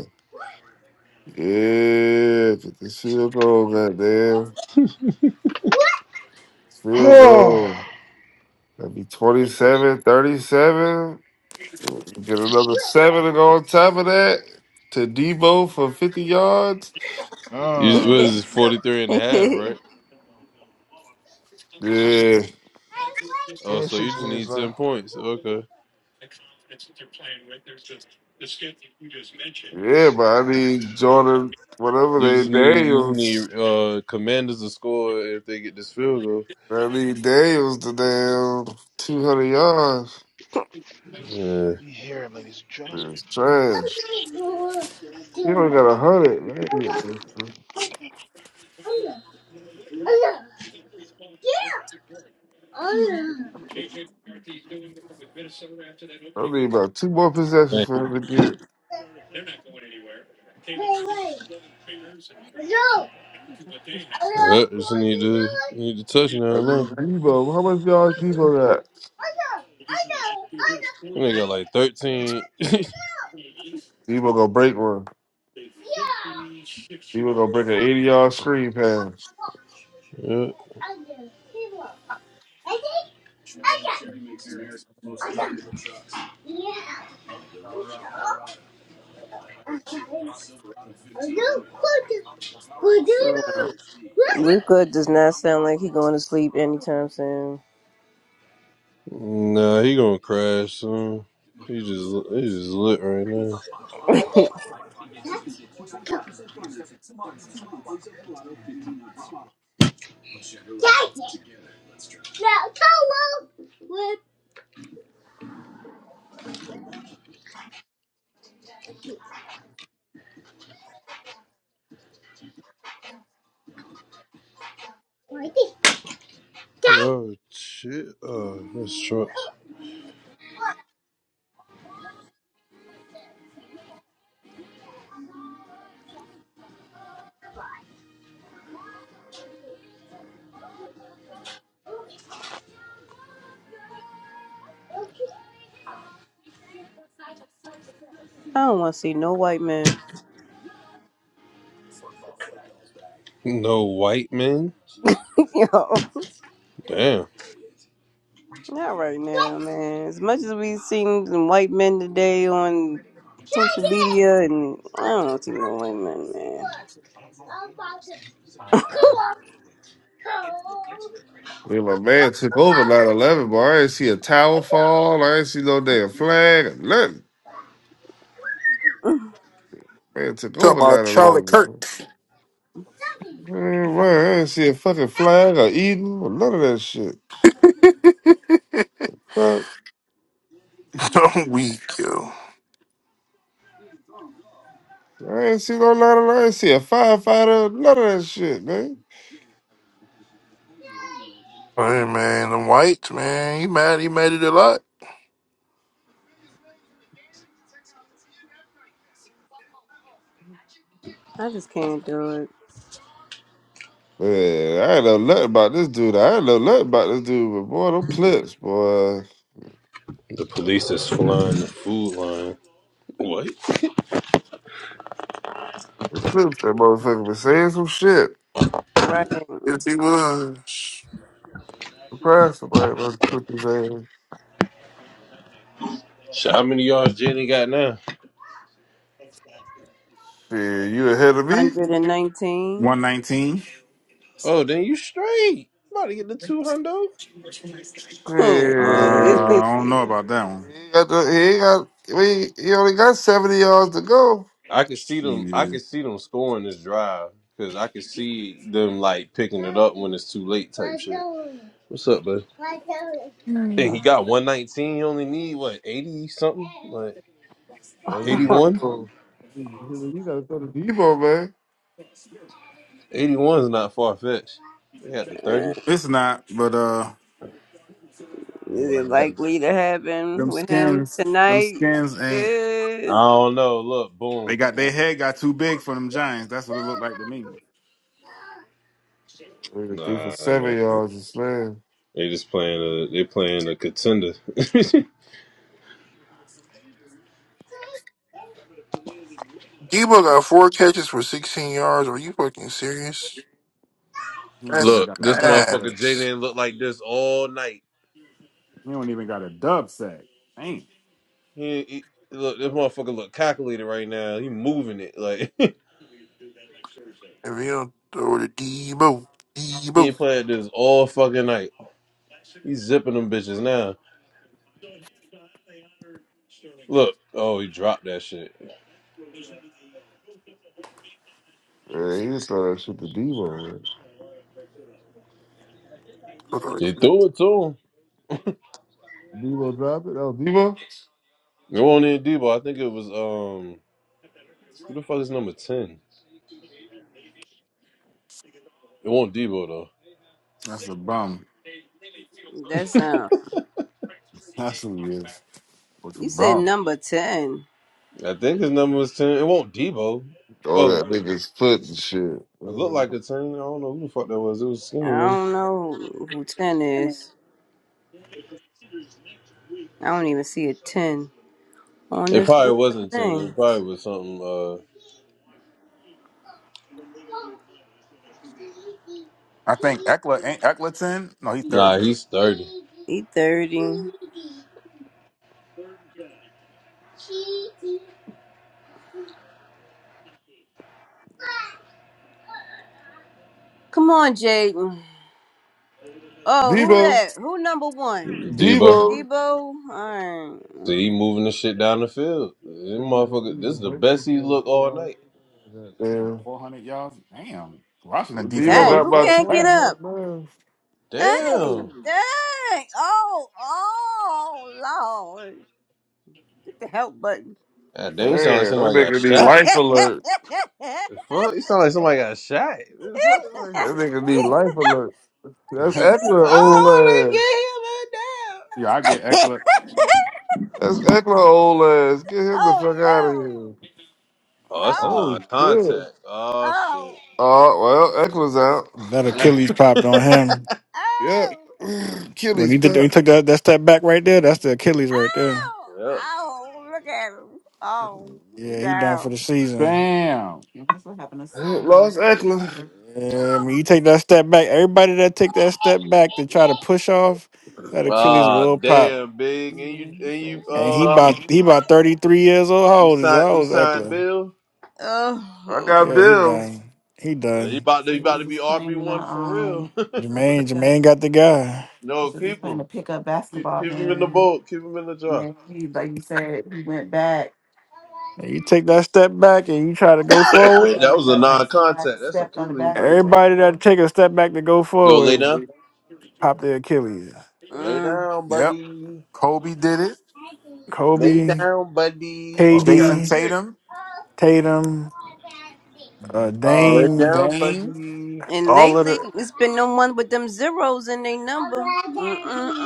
S5: Yeah. Get the field goal, goddamn. Field goal. That'd be 27, thirty-seven. Get another seven to go on top of that. To Debo for 50 yards.
S2: you, it
S4: no.
S2: was 43 and a half, right
S5: Yeah.
S2: oh so you just need 10 points okay
S5: Yeah, but I need Jordan, whatever
S2: you just
S5: they
S2: need you just
S5: Daniels.
S2: need uh commanders to score if they get this field
S5: I need Daniels to damn 200 yards.
S2: goal
S5: It's trash. He only got 100. I need about two more
S2: yeah
S5: possessions for him to get.
S2: Yeah, just need to need to touch
S5: I
S2: now. now.
S5: need Debo. How much yards Debo got?
S2: That nigga got like thirteen.
S5: Debo gonna break one. Debo gonna break an 80 yard screen pass.
S2: yeah.
S4: Luca does not sound like he going to sleep anytime soon.
S2: Nah, he gonna crash soon. He just he just lit right now. Oh shit! Oh, this truck.
S4: I don't want to see no white man.
S2: No white man. Damn.
S4: Not right now, man. As much as we seen some white men today on social media, and I don't see no white men, man.
S5: I mean, my man took over nine eleven, 11, but I ain't see a towel fall. I ain't see no damn flag or nothing. Man took
S7: Talking
S5: over
S7: about
S5: nine
S7: Charlie
S5: eleven, 11.
S7: Kirk.
S5: Man, man, I ain't see a fucking flag or Eden or none of that shit. Fuck.
S7: I'm weak, yo.
S5: I ain't see no lot of I ain't see a firefighter, none of that shit, man.
S7: Hey, man, the whites, man. He mad. He made it a lot.
S4: I just can't do it.
S5: Man, I ain't know nothing about this dude. I ain't know nothing about this dude, but boy, them clips, boy.
S2: The police is flying the food line. What?
S5: Them clips, that motherfucker been saying some shit.
S4: Right,
S7: Yes, he was.
S5: Surprise somebody done took his ass.
S2: Shit, How many yards Jenny got now?
S5: Shit, you ahead of me?
S4: hundred and nineteen.
S8: One nineteen.
S2: Oh, then you straight. About to get the two hundo.
S4: Is
S8: Uh,
S5: Shit.
S8: I don't know about that one.
S5: He ain't got, the, he ain't got, I mean, he only got 70 yards to go.
S2: I could see them. I could
S8: Shit,
S2: see them scoring this drive because I could see them like picking it up when it's too late type shit. What's up, bud? And he got one nineteen. You only need what eighty something, like
S5: I mean,
S2: 81?
S5: Debo, you gotta throw the Debo, man.
S2: 81 is not far fetched. They had the thirty.
S8: it's not. But uh,
S4: it
S5: Yeah,
S4: likely to
S8: them
S4: happen with him
S8: skins, them
S4: tonight?
S8: skins ain't.
S2: I
S4: Eh,
S2: don't know. Look,
S8: They
S2: boom.
S8: got their head got too big for them Giants. That's what it looked like to me.
S5: Nigga threw for
S2: Nah, man.
S5: seven yards and slammed.
S2: They just playing a. They playing a contender.
S7: Debo got four catches for 16 yards. Are you fucking serious?
S8: He don't
S7: That's
S8: even
S2: look,
S8: got a
S2: this
S8: dub sack.
S2: motherfucker
S7: ass.
S2: Jaden looked like this all night.
S8: He don't even got a dub sack. Ain't.
S2: He, he look, this motherfucker look calculated right now. He moving it like he
S7: If you don't throw to Debo, Debo.
S2: ain't playing this all fucking night. He's zipping them bitches now. Look, oh, he dropped that shit.
S5: Man, you just throw that shit to Devo. Man.
S2: They threw it to him.
S5: Devo drop it? Oh, Devo?
S2: It won't in Debo. I think it was um, who the fuck is number ten? It won't Debo though.
S8: That's a bum.
S4: That's um.
S8: That's who he is. What's a
S4: You said
S8: bum?
S4: number ten.
S2: I think his number was ten. It won't Debo.
S5: All
S2: Oh, it
S5: that nigga's foot and shit.
S2: looked
S5: Man.
S2: like a ten. I don't know who the fuck that was. It was skinny
S4: I
S2: nigga.
S4: don't know who ten is. I don't even see a ten on
S2: It
S4: this
S2: probably
S4: list of
S2: wasn't ten. It
S4: names.
S2: probably was something. Uh,
S8: I think Eckler ain't Eckleton. No, he's
S2: nah,
S8: thirty.
S2: he's thirty.
S4: Eight thirty. Come on, Jaden. Oh, who
S5: Devo!
S4: that? Who number one?
S2: Debo.
S5: Devo!
S4: Debo. All right.
S2: See he moving the shit down the field. This
S5: Hey, Devo, you
S2: motherfucker,
S5: need
S2: this
S5: to
S2: is the
S5: break this
S2: best he
S5: one and
S2: look
S5: put it
S2: all
S5: all
S2: night.
S5: the way
S8: Damn,
S5: down.
S8: four hundred yards. Damn, Washington
S5: Damn.
S8: defense
S5: Devo
S2: Damn,
S8: look
S4: Dang,
S5: got
S2: the
S4: who
S5: about
S2: fuck?
S4: can't
S5: 20
S4: get
S8: trash.
S4: up?
S5: jump man.
S2: Damn.
S4: Dang, dang. Oh, oh, Lord. Hit the help button.
S2: God damn,
S5: Damn,
S2: you sound like
S5: that
S2: somebody got
S5: nigga need
S4: you
S2: shot.
S5: life alert.
S2: The fuck? You sound like somebody got shot. The fuck? Like,
S5: That nigga need life alert. That's Eckler,
S4: see?
S5: old
S2: oh,
S5: ass.
S2: they get him a
S8: yeah, I get Eckler.
S5: That's Eckler, old ass. Get him the
S4: Oh
S5: fuck out of
S4: no!
S5: here.
S2: down. Oh, that's a
S4: Oh!
S5: Oh, shit.
S2: non-contact. Oh shit.
S4: Oh!
S5: Oh, well, Eckler's out.
S6: That Achilles popped on
S2: yeah.
S6: him
S5: Yep.
S4: Oh!
S6: when
S5: Achilles,
S6: he did. When
S5: back.
S6: he took that that step back right there. That's the Achilles right there.
S4: Oh! Oh! Look at him! Oh! he's
S6: Yeah, he done
S4: down.
S6: for the season.
S8: Damn.
S5: Yep, lost Eckler.
S6: Yeah, when you take that step back, everybody that take that step back to try to push off, that Achilles
S2: Ah,
S6: will pop.
S2: damn, big. And you and you
S6: He
S2: um
S6: about he about thirty three years old. How
S2: you
S6: old is how
S2: signed you
S6: old is
S2: signed
S6: Eckler?
S2: Bill.
S5: I
S4: Oh,
S5: got
S6: Yeah, he
S5: Bill.
S6: done. He
S2: You
S6: done.
S2: about to you about to be RB one for real.
S6: Jermaine, got the guy.
S2: no, keep him. Keep, keep him in the boat. Keep him in the jar.
S6: When you take that step back and you try to go forward.
S2: that was a non-contact. That's Achilles. Like, what?
S6: that take a step back to go
S2: Go lay
S6: forward,
S2: down.
S6: pop their Achilles.
S2: Lay
S4: mm.
S2: down,
S8: Yep.
S2: buddy.
S8: Kobe did it.
S2: Lay
S6: Kobe,
S2: down, buddy.
S8: Jason
S6: KD,
S8: Tatum.
S6: Tatum, uh,
S8: Uh,
S2: Lay
S6: Dame,
S2: down,
S8: Dane.
S2: buddy.
S4: and
S6: all of
S4: lately
S6: the
S4: it's been no one with them zeros in their number.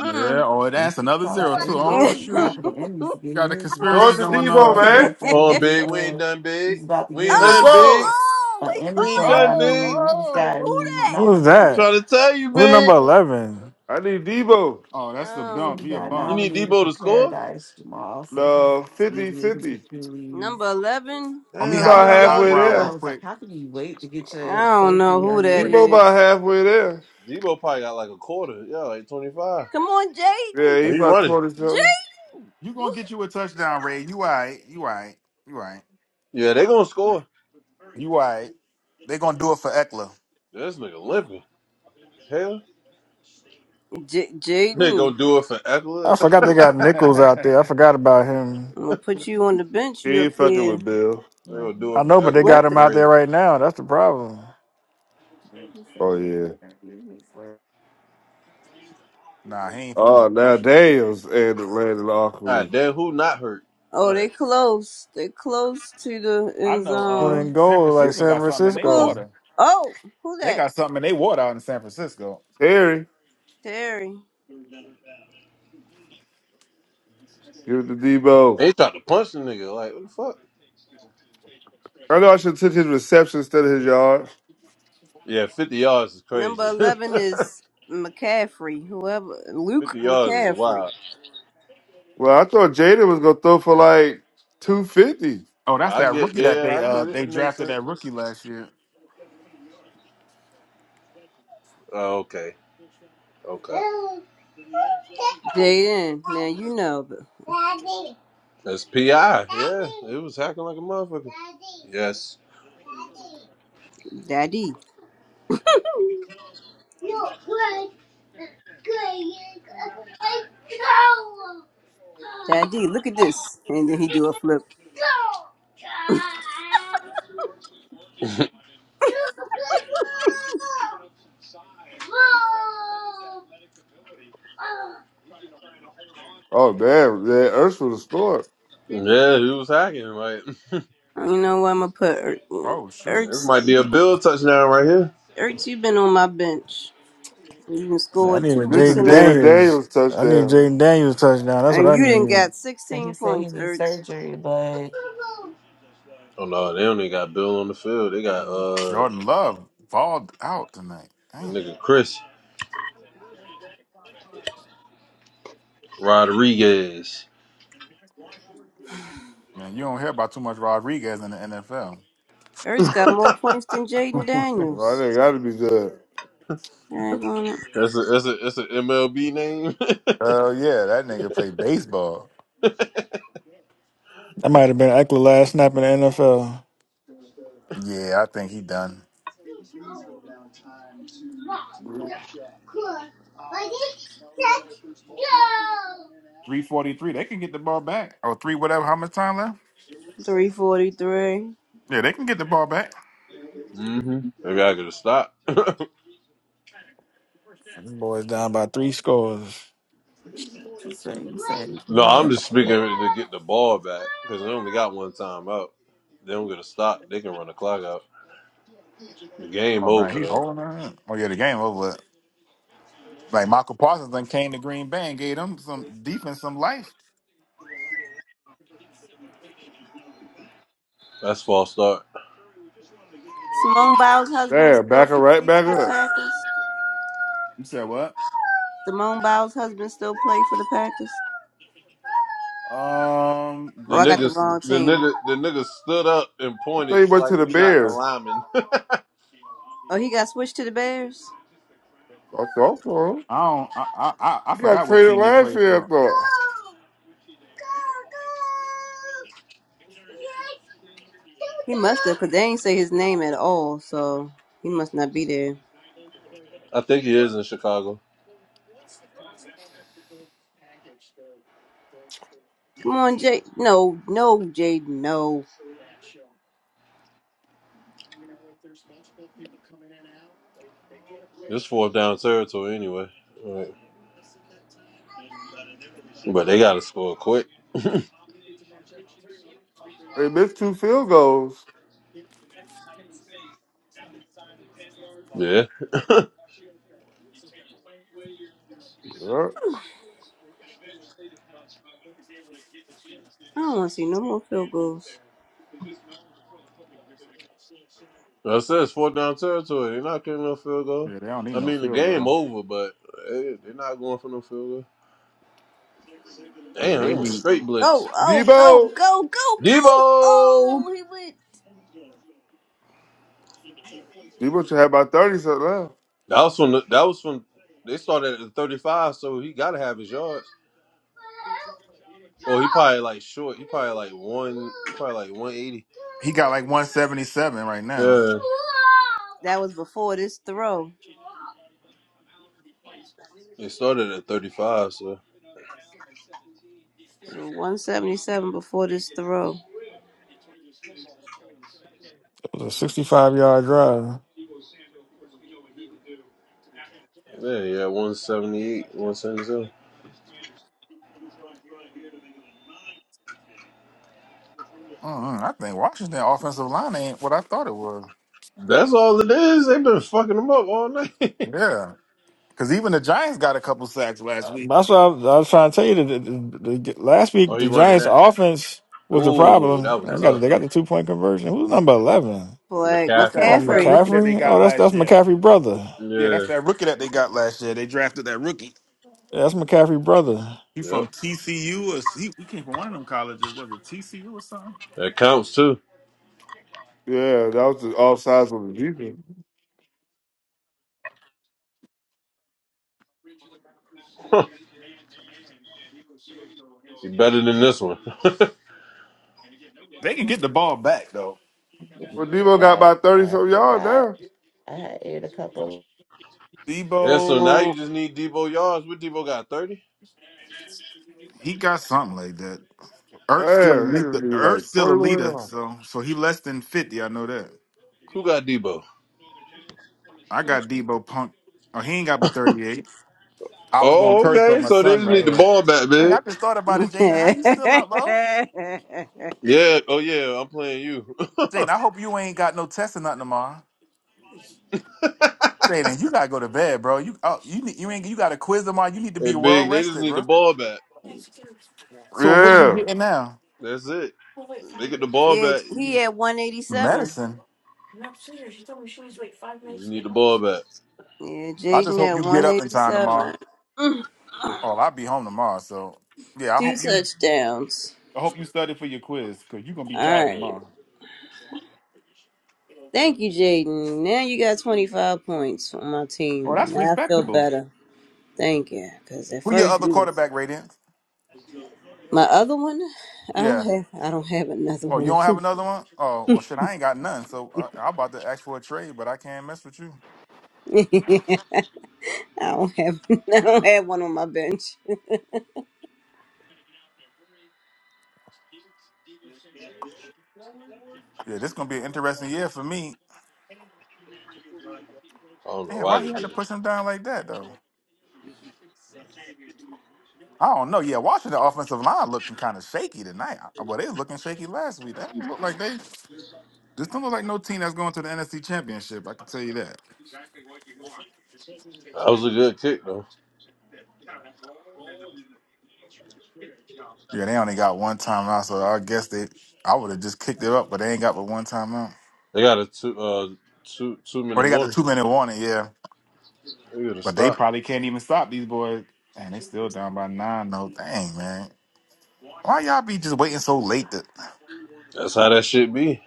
S8: Yeah. Oh,
S6: an
S8: that's another zero too. Oh shoot,
S4: oh,
S8: got a
S5: North
S8: conspiracy
S5: to
S8: going on.
S5: Debo,
S8: Okay.
S5: man.
S2: Hold on, big. We ain't done, big. We ain't
S5: Let's
S2: done, big.
S5: go.
S4: oh, we
S2: We ain't
S4: caught it.
S2: done,
S8: Oh,
S2: big.
S8: oh, what
S4: Who
S8: the fuck?
S6: Who's
S2: I'm
S6: that?
S2: trying to tell you,
S6: Who's number
S2: big.
S6: eleven?
S5: I need Debo.
S8: Oh,
S4: that?
S8: that's the
S4: Um,
S8: bump. He a
S2: You
S8: bum.
S2: need Debo to score.
S5: No, fifty-fifty.
S4: number 11?
S2: Damn,
S8: Let
S5: He
S8: me
S2: how
S8: holler
S5: about
S2: many
S8: at Hot
S2: yards
S5: halfway
S2: he
S8: Rod
S5: there.
S8: real
S2: got?
S8: quick.
S4: I don't know who that
S5: Debo
S4: is.
S5: about halfway there.
S2: Debo probably got like a quarter. Yeah, like twenty-five.
S4: Come on, Jaden.
S5: Yeah, he
S2: Well, he
S5: about
S2: running.
S5: 20 something.
S4: Jaden.
S8: You gonna get you a touchdown, Ray? You all right? You all right? You all right?
S2: Yeah, they gonna score.
S8: You right. They gonna do it for Eckler.
S2: This nigga limping. Hell.
S4: J-
S2: They
S4: Jaden.
S2: gonna do it for
S6: I
S2: Eckler.
S6: forgot
S4: I'm
S6: they got
S2: they
S6: Nichols out there. I forgot about him.
S4: I'm gonna put you on the bench.
S5: He
S4: You up
S5: ain't fucking
S4: here.
S5: with Bill.
S2: gonna do
S6: I
S2: it for
S6: know, but they
S2: Eckler.
S6: got
S2: It's
S4: 11.
S6: him out there
S2: crazy.
S6: right now. That's the problem.
S5: Oh, yeah.
S8: Nah, he ain't putting
S5: Oh,
S8: no
S5: now
S8: pressure.
S5: Daniels and Landon
S2: All right,
S5: Awkwardly.
S2: damn, who not hurt? All
S4: Oh, they
S2: right.
S4: close. They close to the
S8: I
S4: end
S8: know
S6: When
S8: uh
S4: zone.
S6: in
S8: San
S6: goal, like
S8: Francisco
S6: San
S8: got something in their
S6: Francisco,
S4: Well,
S8: water.
S4: oh, who
S8: They
S4: that?
S8: got something in their water out in San Francisco.
S5: Terry,
S4: Terry.
S5: give it to Debo.
S2: They tried to punch the nigga. Like what the fuck?
S5: I know I should have took his reception instead of his yard.
S2: Yeah, fifty yards is crazy.
S4: Number 11 is McCaffrey, whoever. Luke
S2: fifty yards is
S4: McCaffrey.
S2: wild.
S5: Well, I thought Jaden was going to throw for like 250.
S8: Oh, that's
S2: I
S8: that
S2: get.
S8: rookie that
S2: Yeah,
S8: they
S2: I
S8: uh
S2: get it.
S8: they
S2: It makes
S8: drafted
S2: sense.
S8: that rookie last year.
S2: Oh, okay. Okay.
S4: Jaden, now you know, but
S2: That's PI. Yeah, it was hacking like a motherfucker. Yes.
S4: Daddy, Daddy, look at this. And then he do a flip.
S5: Oh damn, yeah, Ernst would have scored.
S2: yeah, he was hacking. Like
S4: You know what? I'm going to put Er-
S8: Oh shoot.
S2: this might be a
S4: Ertz.
S2: Bill touchdown right here.
S4: Ertz, you've been on my bench. You can
S6: I
S4: score
S6: need a
S4: two
S5: This is
S4: weeks
S6: Jaden
S4: in a row.
S5: Data
S6: Daniels.
S5: Daniels
S6: I need
S5: touchdown.
S6: Jaden Daniels touchdown. That's what
S4: And
S6: I
S4: you didn't
S6: need.
S4: got 16 points, Ertz.
S2: Oh no, they only got Bill on the field. They got
S8: And
S2: uh
S8: Jordan Love balled out tonight.
S2: the
S8: Damn.
S2: nigga Chris. Rodriguez.
S8: Man, you don't hear about too much Rodriguez in the NFL.
S4: Ertz got more points than Jaden
S5: Well, I
S4: Daniels.
S5: think gotta be good.
S4: Dang on it.
S2: That's a that's a that's an MLB name.
S8: Oh yeah, that nigga play baseball.
S6: That might have been Eckler last snap in the NFL.
S8: Yeah, I think he done. 343. They can get the ball back. Or three whatever. How much time left?
S4: 343.
S8: Yeah, they can get the ball back.
S2: hmm Maybe I could have stopped.
S6: Them boys down by three scores.
S2: no, I'm just speaking to get the ball back because they only got one time out. They don't get a stop. They can run the clock out. The game
S8: Oh man,
S2: over
S8: he
S2: though.
S8: holding her. up. Oh yeah, the game over. with. Like Michael Parsons then came to Green Bay and gave them some defense, some life.
S2: That's false start.
S4: Simone Biles' husband
S5: Damn, back
S4: still
S5: her right
S4: play
S5: back
S4: for the
S5: up.
S4: Packers.
S8: You said what?
S4: Simone Biles' husband still play for the Packers.
S8: Um,
S2: The
S4: Oh, I
S8: great
S4: got the
S2: niggas,
S8: question.
S4: wrong
S2: the
S4: team.
S2: nigga, the nigga stood up and
S5: I thought
S2: pointed
S5: he went
S2: like
S5: to the
S2: you not a
S5: Bears.
S2: lineman.
S4: Oh, he got switched to the Bears.
S5: I thought so.
S8: I don't. I I I I
S5: He got
S8: forgot what
S5: traded
S8: team he
S5: last
S8: played
S5: year, I
S8: for.
S5: thought.
S4: He must have, cause they ain't say his name at all, so he must not be there.
S2: I think he is in Chicago.
S4: Come on, Jay. No, no, Jade. No,
S2: This fourth down territory anyway. Right. But they got to score quick.
S5: They missed two field goals.
S2: Yeah.
S5: Yeah.
S4: I don't want to see no more field goals.
S2: That's it. It's fourth down territory. They're not getting no field goal.
S8: Yeah, they don't need
S2: I
S8: no
S2: mean, the
S8: field
S2: game
S8: goal.
S2: over, but they, they're not going for no field goal.
S8: Yeah,
S2: Damn,
S8: they
S2: they went
S8: need.
S2: straight blitz.
S4: Go, oh, go,
S5: Debo.
S4: go, go, go!
S2: Debo.
S4: Oh, he went.
S5: Debo should have about thirty something left.
S2: That was from. The, that was from. They started at the thirty-five, so he got to have his yards. Or he probably like short. He probably like one. he Probably like one eighty.
S8: He got like one seventy seven right now.
S2: Yeah.
S4: That was before this throw.
S2: They started at thirty-five, so
S4: So 177 before this throw.
S6: It was a sixty-five yard drive.
S2: yeah, yeah, one seventy-eight, one seventy-seven.
S8: mm I think Washington offensive line ain't what I thought it was.
S2: That's all it is. They've been fucking him up all night.
S8: Yeah, because even the Giants got a couple sacks last week.
S6: That's what I was, I was trying to tell you. The, the, the, last week,
S2: oh, he
S6: the
S2: running
S6: Giants'
S2: that.
S6: offense was the
S2: Ooh,
S6: problem.
S2: that was
S6: They got
S2: tough.
S6: they got the two point conversion. Who's number eleven?
S4: Flag
S8: That's that.
S2: McCaffrey.
S6: Oh,
S8: That's that
S4: McCaffrey.
S8: rookie that they
S6: McCaffrey. Oh,
S8: got
S6: that's
S8: last
S6: that's
S8: year.
S6: McCaffrey's brother.
S8: Yeah,
S2: Yeah.
S8: that's that rookie that they got last year. They drafted that rookie.
S6: Yeah, that's McCaffrey's brother.
S8: He
S2: Yep.
S8: from TCU or he, he came from one of them colleges. Was it TCU or something?
S2: That counts too.
S5: Yeah, that was the offsides on the defense.
S2: He better than this one.
S8: They can get the ball back though.
S5: Well Debo got about thirty something yards now.
S2: Yeah, so now
S8: Debo,
S2: you just need Debo yards. What Debo got? 30?
S8: he got something like that. Ertz still a
S5: Damn, he
S8: leader.
S5: just need like
S8: Ertz still a
S5: twenty more
S8: leader, so so he less than fifty. I know that.
S2: Who got Debo?
S8: I got Debo Punk. Oh, he ain't got but thirty eight. I was gonna
S2: Oh,
S8: curse, but
S2: okay.
S8: my
S2: So they
S8: son
S2: just
S8: right
S2: need the
S8: here.
S2: ball back,
S8: Dang,
S2: man.
S8: I just thought about it, Jaden. How
S4: yeah,
S8: you still up, bro?
S2: Yeah. Oh, yeah. I'm playing you.
S8: Jaden, I hope you ain't got no test or nothing tomorrow.
S2: hey,
S8: Jaden, you gotta go to bed, bro. You oh, you need, you ain't you got a quiz tomorrow. You need to be well
S2: big. They just
S8: rested,
S2: need
S8: bro.
S2: the ball back.
S5: yards.
S8: So what are you
S5: Yeah.
S8: getting now?
S2: That's it. They get the ball back.
S4: he
S2: You
S4: at 187.
S8: Medicine.
S2: just need the ball back.
S4: Yeah,
S8: I just
S4: Jaden
S8: hope
S4: at
S8: you get up in time tomorrow.
S4: 187.
S8: Oh, I'll be home tomorrow. So yeah, I
S4: Two
S8: hope you.
S4: touchdowns.
S8: I hope you study for your quiz because you're gonna be
S4: All
S8: tired
S4: right.
S8: tomorrow.
S4: Thank you, Jaden. Now you got 25 points on my
S8: Oh,
S4: team,
S8: that's
S4: and I feel
S8: respectable.
S4: better. Thank you, because at
S8: Who your
S4: first
S8: other
S4: you was
S8: quarterback ratings?
S4: my other one. I don't
S8: Yeah.
S4: have. I don't have another
S8: Oh, you
S4: one.
S8: don't have another one? Oh, well, shit, I ain't got none. So uh, I, I'm about to ask for a trade, but I can't mess with you.
S4: I don't have. I don't have one on my bench.
S8: Yeah, this gonna be an interesting year for me.
S2: I don't know
S8: Man,
S2: why
S8: why
S2: they
S8: he had to
S2: did it.
S8: push him down like that though? I don't know. Yeah, Washington offensive line looking kind of shaky tonight. I- Well, they was looking shaky last week. That look like they. This don't look like no team that's going to the NFC Championship. I can tell you that.
S2: That was a good kick, though.
S8: Yeah, they only got one timeout, so I guess they. I would have just kicked it up, but they ain't got but one timeout.
S2: They got a two, uh, two, two
S8: Or
S2: minute
S8: they got the
S2: warning.
S8: two minute warning, yeah.
S2: They got to
S8: But they
S2: stop.
S8: probably can't even stop these boys, and they still down by nine. No, dang man, why y'all be just waiting so late? To,
S2: That's how that shit be.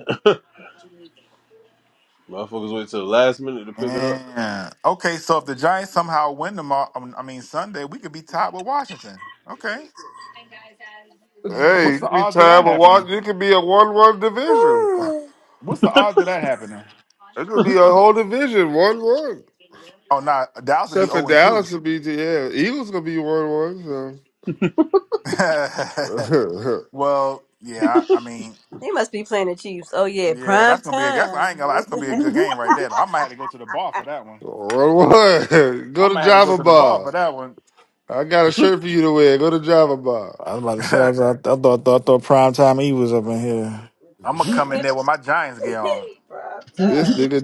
S2: Motherfuckers wait till the last minute to pick it up.
S8: man. Okay, so if the Giants somehow win tomorrow, um, I mean Sunday, we could be tied with Washington. Okay,
S5: Hey,
S8: what's
S5: it
S8: the
S5: could be
S8: odds of that
S5: time of
S8: happening?
S5: watch. It could be a one-one division.
S8: What's the odds of that happening?
S5: It could be a whole division one-one.
S8: Oh, nah, Dallas would be
S5: Except for
S8: zero and two.
S5: Dallas would be, yeah, Eagles gonna be one-one. So.
S8: Well, yeah, I I mean,
S4: They must be playing the Chiefs. Oh yeah,
S8: yeah,
S4: prime
S8: that's gonna be a guess.
S4: time.
S8: I ain't gonna lie, that's gonna be a good game right there. I might have to go to the bar for that one.
S5: one-one.
S8: I
S5: Go to
S8: might have to go
S5: Java
S8: to the bar
S5: Bar.
S8: for that one.
S5: I got a shirt for you to wear. Go to Java Bar.
S6: I was about to say I,
S8: I'm
S6: I, I thought thought thought prime time E was up in here.
S8: gonna come in there with my Giants gear on.
S5: This nigga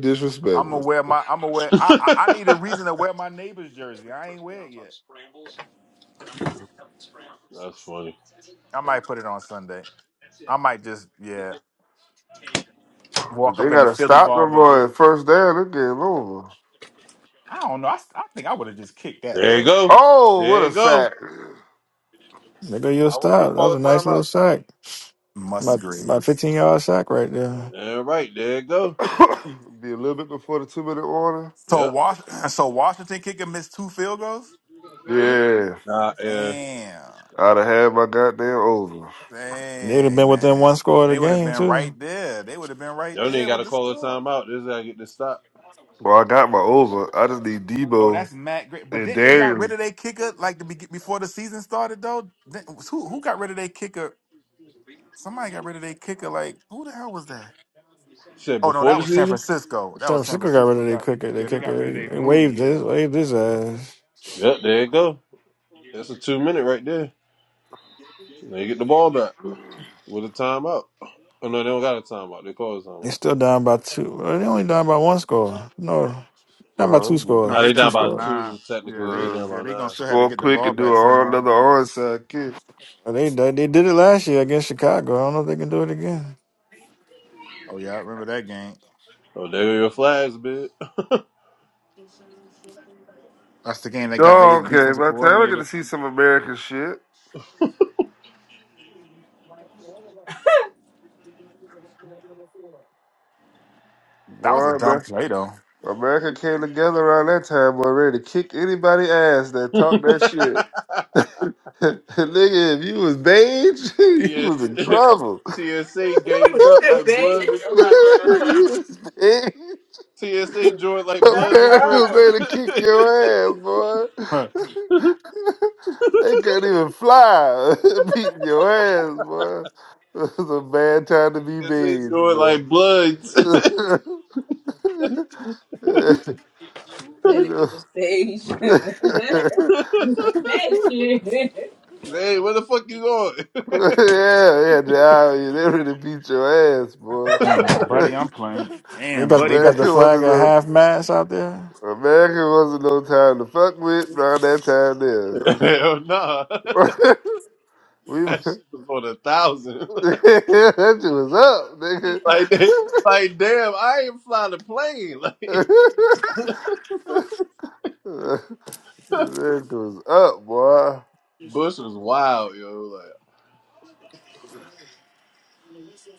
S8: I'm gonna
S5: disrespectful.
S8: wear my. I'm gonna wear. I, I I need a reason to wear my neighbor's jersey. I ain't wear it yet.
S2: That's funny.
S8: I might put it on Sunday. I might just yeah walk
S5: They
S8: up in the
S5: gotta
S8: Philly
S5: stop
S8: bar,
S5: the
S8: but jer-
S5: boy at first down. This game over.
S8: I don't know. I, I think I would have just kicked that
S2: There you
S8: though.
S2: go.
S5: Oh, what
S2: There you
S5: a
S2: go.
S5: sack!
S6: Nigga, you
S2: I wouldn't even
S6: stop. That was
S2: call
S6: a
S2: a
S6: nice
S2: timeout.
S6: little sack. About about
S8: Musgrave.
S6: fifteen yard sack right there.
S2: Yeah, right. There you go.
S5: be a little bit before the two-minute warning.
S8: So
S2: Yep.
S8: Wash. So Washington kicker missed two field goals.
S4: Mhm.
S5: Yeah,
S2: Nah, yeah.
S8: Damn.
S5: I'd have had my goddamn over.
S6: They'd have
S8: Dang,
S6: been within
S8: man.
S6: one score of the
S8: They would have
S6: game
S8: been
S6: too.
S8: right there. They would have been right
S2: Don't even
S8: there
S2: got
S8: with
S2: to
S8: the
S2: call a
S8: score.
S2: timeout. This is how I get this stop.
S5: Well, I got my over. I just need
S8: Oh,
S5: Debo
S8: that's Matt Great. But
S5: and
S8: then they got
S5: Darius,
S8: rid of their kicker like the beg- before the season started though. Then- Who who got rid of their kicker? Somebody got rid of their kicker. Like who the hell was that?
S2: Shit,
S8: Oh no,
S2: before
S8: that
S2: the
S8: was San
S2: season?
S8: Francisco.
S6: San
S8: That was San
S6: Francisco got rid
S8: Francisco.
S6: of their
S8: Got
S6: kicker. They
S8: yeah, they got rid
S6: kicker.
S8: of
S6: They,
S8: their
S6: they
S8: Moody.
S6: waved this
S8: Yeah,
S6: waved his ass.
S2: Yep, there you go. That's a two minute right there. They get the ball back with a timeout. Oh, no, they don't got a timeout. They call a
S6: They
S2: timeout.
S6: still down by two. Well, they only down by one score. No, down by two
S5: bro.
S8: no,
S2: Now
S8: they
S6: scores.
S2: they
S6: Two
S8: down
S2: down
S8: by
S2: by
S6: scores.
S8: nine.
S2: two,
S8: Yeah,
S2: technically. They
S8: they
S5: bro.
S2: down
S8: yeah
S2: by
S8: they gonna
S2: nine.
S8: still have to
S5: Score
S8: get the
S5: quick
S8: ball
S5: and do
S8: back
S5: a, hard-
S8: somehow.
S5: another onside kick.
S6: Well, They they they did it last year against Chicago. I don't know if they can do it again.
S8: Oh yeah, I remember that game.
S2: Oh, there go your flags, bitch.
S8: That's the game they got their
S5: Oh, okay.
S8: defensive
S5: By the time I get
S8: coordinator.
S5: to see some American shit,
S8: That was a
S5: boy,
S8: dumb
S5: man,
S8: play though.
S5: America came together around that time, boy, ready to kick anybody ass that talk that shit. Nigga, if you was beige, you was in
S2: TS-
S5: trouble.
S2: TSA
S4: You was
S2: gained up
S4: there,
S2: like Bloods
S4: beige.
S2: and
S4: Oh my
S2: Crips.
S4: god.
S5: you was beige.
S2: TSA joined like Bloods and
S5: Perry was
S2: Crips.
S5: ready to kick your ass, boy. they couldn't even fly, beating your ass, boy. It was a bad time to be
S2: TSA
S5: beans,
S2: joined
S5: boy.
S2: like Bloods.
S4: Who said
S5: you
S4: if you
S5: know.
S4: was beige?
S5: yeah,
S4: Imagine.
S2: hey, where the fuck you going?
S5: yeah, the Iowa, they ready to beat your ass, boy.
S8: And buddy, I'm playing.
S6: They
S8: And
S6: got they
S8: buddy,
S6: got the
S5: America
S6: flag
S5: wasn't
S6: at
S5: no
S6: half mast out there.
S5: America wasn't no time to fuck with around that time there.
S2: Hell nah.
S5: we
S2: That shit was on a thousand.
S5: that shit was up, nigga.
S2: like, they- like damn, I ain't flying a plane. Like,
S5: that shit was up, boy.
S2: Bush was wild, yo. Like,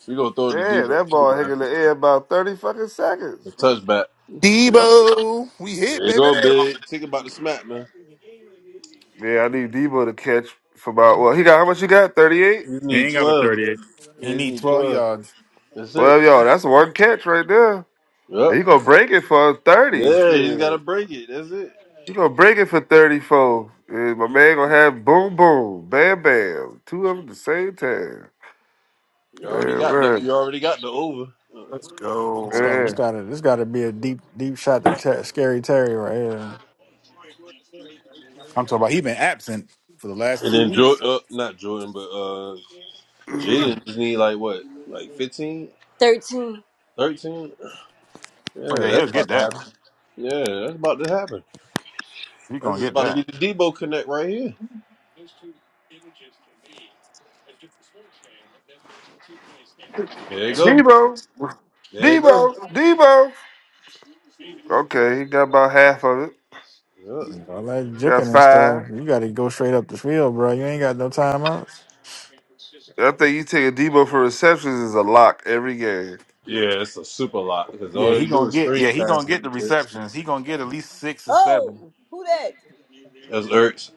S2: you gonna throw the
S5: Damn,
S2: Debo
S5: that
S2: too,
S5: ball hit
S2: man.
S5: in the air about thirty fucking
S2: The
S5: seconds.
S2: touchback. Yep.
S7: Debo, we hit,
S2: There you
S7: baby.
S2: go, big. Think about the smack, man.
S5: Yeah, I need Debo to catch for about well, he got how much you got? Thirty eight?
S2: You
S8: he
S2: need
S8: ain't got a
S2: twelve.
S8: 38. He
S2: Yeah, he
S8: need
S2: need
S8: 12
S2: twelve.
S8: yards.
S2: That's it.
S5: Twelve y'all. that's one catch right there. And
S2: Yep.
S5: He gonna break it for thirty.
S2: Yeah, he's got to
S5: Shit.
S2: break it. That's it.
S5: He gonna break it for thirty four. And my man gonna have boom boom, bam bam. Two of them at the same time.
S2: You already
S5: Yeah,
S2: got the
S5: man.
S2: you already got the over.
S7: Let's
S6: It's
S7: go.
S6: got it's
S5: Man.
S6: got it's got to be a deep deep shot to ter- scary Terry right here.
S8: I'm talking about he been absent for the last
S2: And
S8: two
S2: then
S8: weeks.
S2: Jordan, uh, not Jordan, but uh, Jaden just need like what, like 15,
S4: Thirteen.
S2: 13.
S8: Oh
S2: Yeah,
S8: yeah, he'll
S2: that's
S8: get
S2: about to
S8: that.
S2: happen. Yeah, that's about to happen.
S8: He
S2: That's
S8: gonna
S2: just
S8: get
S2: about to be
S8: that.
S2: the Debo connect right here. There you go.
S5: Debo.
S2: There you go.
S5: Debo. Debo. Okay, he got about half of it.
S2: Yeah,
S6: You know, like
S5: He got
S6: juking and stuff.
S5: five.
S6: You got to go straight up the field, bro. You ain't got no timeouts.
S5: I think you take a Debo for receptions is a lock every game.
S2: yeah it's a super lot because
S8: Yeah,
S2: all
S8: he
S2: they do
S8: gonna
S2: is
S8: get.
S2: screen
S8: Yeah, he
S2: passes.
S8: gonna
S2: and
S8: get the
S2: shit.
S8: receptions. He gonna get at least six or seven.
S4: Oh, who that?
S2: That's Ertz.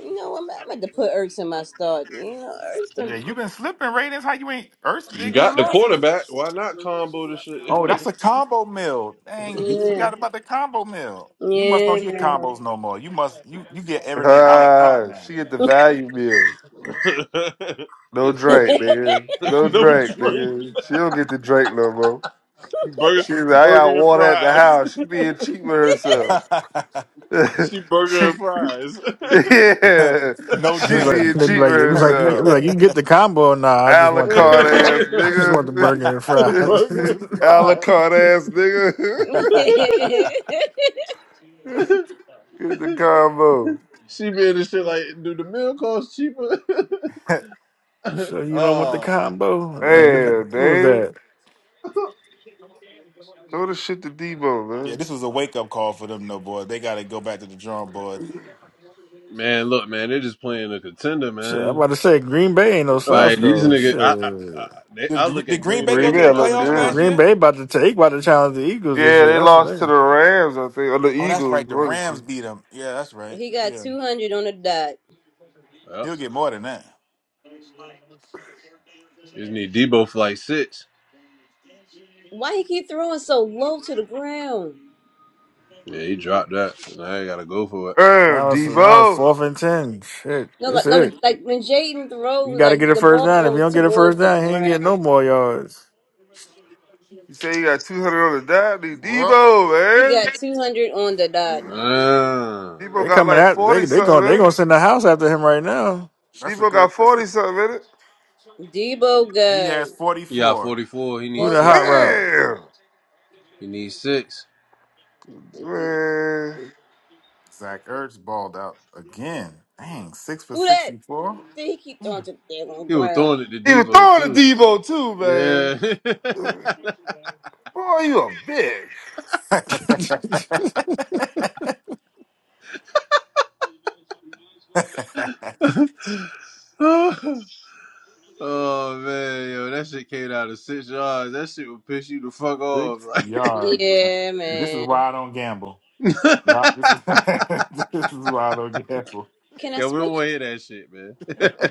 S4: You know, I'm, I'm about to put Ertz in my start. You know, Ertz.
S8: Yeah,
S4: done-
S8: you been slipping, Ravens. How you ain't Earth
S2: You
S8: did good
S2: got the
S8: last week?
S2: quarterback. Why not combo the shit?
S8: Oh, that's a combo meal. Dang, you forgot
S4: Yeah,
S8: about the combo meal. You must not
S4: yeah,
S8: get
S4: man.
S8: combos no more. You must you you get everything a la carte
S5: Ah, she get the value meal. No drink, nigga. No
S2: no
S5: drink,
S2: drink.
S5: nigga. She don't get the drink no more.
S2: Burger,
S5: She's like, I got
S2: burger and
S5: water at the
S2: fries.
S5: house. She being cheap with herself.
S2: She burger
S5: she,
S2: and fries.
S8: now.
S5: yeah,
S8: no
S6: It
S5: she
S6: was
S8: drink.
S6: like
S5: being
S6: they be
S5: cheap
S6: like it was
S5: with
S6: like you, it
S5: herself.
S6: was like you can get the combo. Nah, I just want
S5: Alucard
S6: the
S5: ass
S6: I just want the
S8: yeah,
S5: nigga.
S6: burger and
S2: burger
S6: fries.
S2: and fries.
S5: Alucard ass nigga. Get the combo.
S2: She made this shit like, do the meal cost cheaper?
S6: So you don't want the
S2: oh
S6: combo? Damn,
S5: man.
S6: who was that?
S5: Dave. Throw the shit to Debo, man.
S8: this was a wake up call for them, no boy. They got to go back to the drawing board.
S2: man, look, man, they are just playing a contender,
S6: Shit, I'm about
S2: man.
S6: to say Green Bay ain't no slouch
S2: Like these
S6: though.
S2: niggas, I I,
S6: Shit,
S2: I, they, I
S8: Did,
S2: look
S8: did
S2: at
S8: Green
S2: Green
S8: Bay
S2: Bay
S8: go
S5: Green
S8: to
S2: more
S5: Bay
S8: the
S2: than I
S5: look
S2: look
S8: playoffs
S2: at
S8: last
S5: good.
S6: Green
S2: Washington.
S8: year?
S6: Bay about to take about to challenge the Eagles this
S5: Yeah,
S6: year.
S5: they
S6: That's the
S5: lost to
S6: thing.
S5: the Rams, I think, or the
S8: Oh, that's
S5: Eagles.
S8: right. The
S5: One of the
S8: Rams
S5: two.
S8: beat them. Yeah, that's right.
S4: he got
S8: Yeah,
S4: two hundred on the dot.
S2: Well,
S8: he'll get more than that.
S2: just need Debo for like six.
S4: Why he keep throwing so low to the ground?
S2: Yeah, he dropped that. So Now I gotta go for it.
S5: Uh,
S6: Now it's now it's
S5: Debo.
S6: fourth and ten. Shit,
S4: No,
S6: that's
S4: like no,
S6: it.
S4: like when Jaden
S6: You
S4: throws,
S6: got to get
S4: like
S6: a
S4: the
S6: first
S4: ball
S6: down. If you
S4: goes
S6: don't get a first
S4: towards the
S6: down, he ain't
S4: ground.
S6: getting no more yards.
S5: You say you got 200 on the dot? Dude,
S8: Well,
S5: Debo,
S4: He
S5: man.
S4: got 200 on the dot.
S2: Ah.
S5: Debo
S6: They
S5: got
S6: coming
S5: like
S6: out. They
S5: 40
S6: they
S5: something
S6: going they
S5: in it.
S6: gonna send the house after him right now.
S8: that's a
S5: Debo got
S8: good. That's
S5: 40
S8: a.
S5: something in it.
S4: Debo
S8: He
S4: got
S8: has forty
S2: Yeah,
S8: four.
S2: 44. He
S6: Who
S2: needs
S6: the hot
S2: six.
S4: 44.
S6: route?
S5: Damn.
S2: He needs six.
S4: D-
S5: Man.
S8: Zach Ertz balled out again. Dang, six for
S4: Who that?
S8: sixty
S4: See, he keep
S8: Yeah.
S4: throwing to the damn on
S2: He was
S4: ground.
S2: throwing it to
S5: He was
S2: Debo,
S5: throwing to
S2: too.
S5: Debo too, man.
S2: Yeah.
S5: Boy, you a bitch.
S8: four.
S2: oh, man. Yo, that shit came out of six yards. That shit would piss you the fuck off.
S8: Six
S2: Like,
S8: yards. Man.
S4: Yeah,
S8: See, this is
S4: man.
S8: why I don't gamble. Yeah, this is this is why I don't gamble.
S4: Can I
S2: yeah, we don't
S4: switch?
S2: want to hear that shit, man.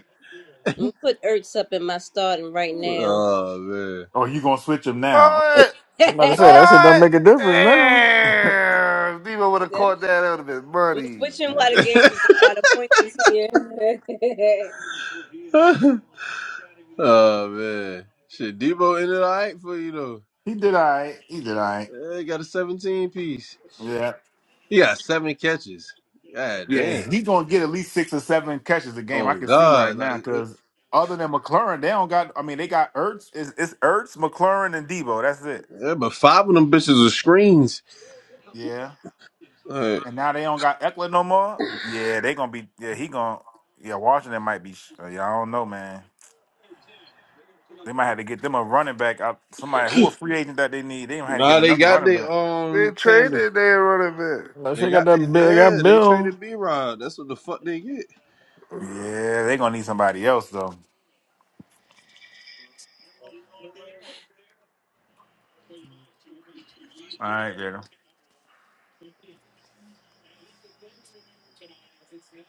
S4: I'm gonna put Ertz up in my starting right now.
S2: oh, man.
S8: oh, you gonna switch him now? Okay.
S5: Alright,
S6: I'm
S4: I'm
S6: about to say
S4: gonna
S6: that shit don't
S5: alright.
S6: make a difference now.
S5: Damn. Debo would have caught that. That would have been money.
S4: switch him while the game is on, while the points is here.
S2: oh, man. Shit, Debo ended all right for you, though.
S8: he did all right. He did all right.
S2: Yeah, he got a 17 piece.
S8: Yeah,
S2: He got seven catches. God
S8: yeah.
S2: damn.
S8: He gonna get at least six or seven catches a game. I
S2: Oh
S8: can see right
S2: God, like
S8: now
S2: it,
S8: because other than McLaurin, they don't got. I mean, they got Ertz. It's, it's Ertz, McLaurin, and Debo. That's it.
S2: yeah, but five of them bitches are screens.
S8: Yeah.
S2: Like,
S8: And now they don't got Eckler no more. Yeah, they gonna be. Yeah, he gonna. Yeah, Washington might be. sh- Yeah, I don't know, man. They might have to get them a running back. Out, somebody who a free agent that they need. They might have to get
S2: nah, they
S8: another
S2: got
S8: running back.
S2: their
S5: They
S2: um tandem.
S5: traded their running
S6: That
S2: They
S6: shit got
S2: got
S6: that
S2: they
S6: big. They
S2: yeah,
S6: got
S2: they
S6: Bill.
S2: traded B Rod. That's what the fuck they get.
S5: back.
S8: Yeah, they gonna need somebody else though. All right, yeah.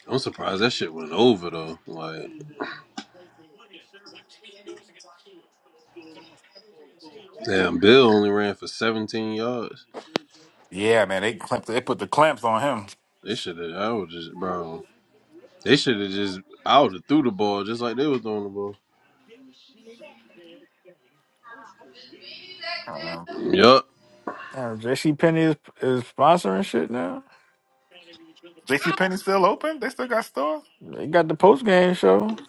S2: I'm surprised that shit went over though. Like damn, Bill only ran for 17 yards.
S8: Yeah, man, they clamped, they put the clamps on him.
S2: They should have. I would just bro. They should have just. I would have threw the ball just like they was throwing the ball.
S8: I don't know.
S2: Yup.
S6: Damn, J.C. Penney is is sponsoring shit now.
S8: JC Penney still open? They still got stores?
S6: They got the post game show.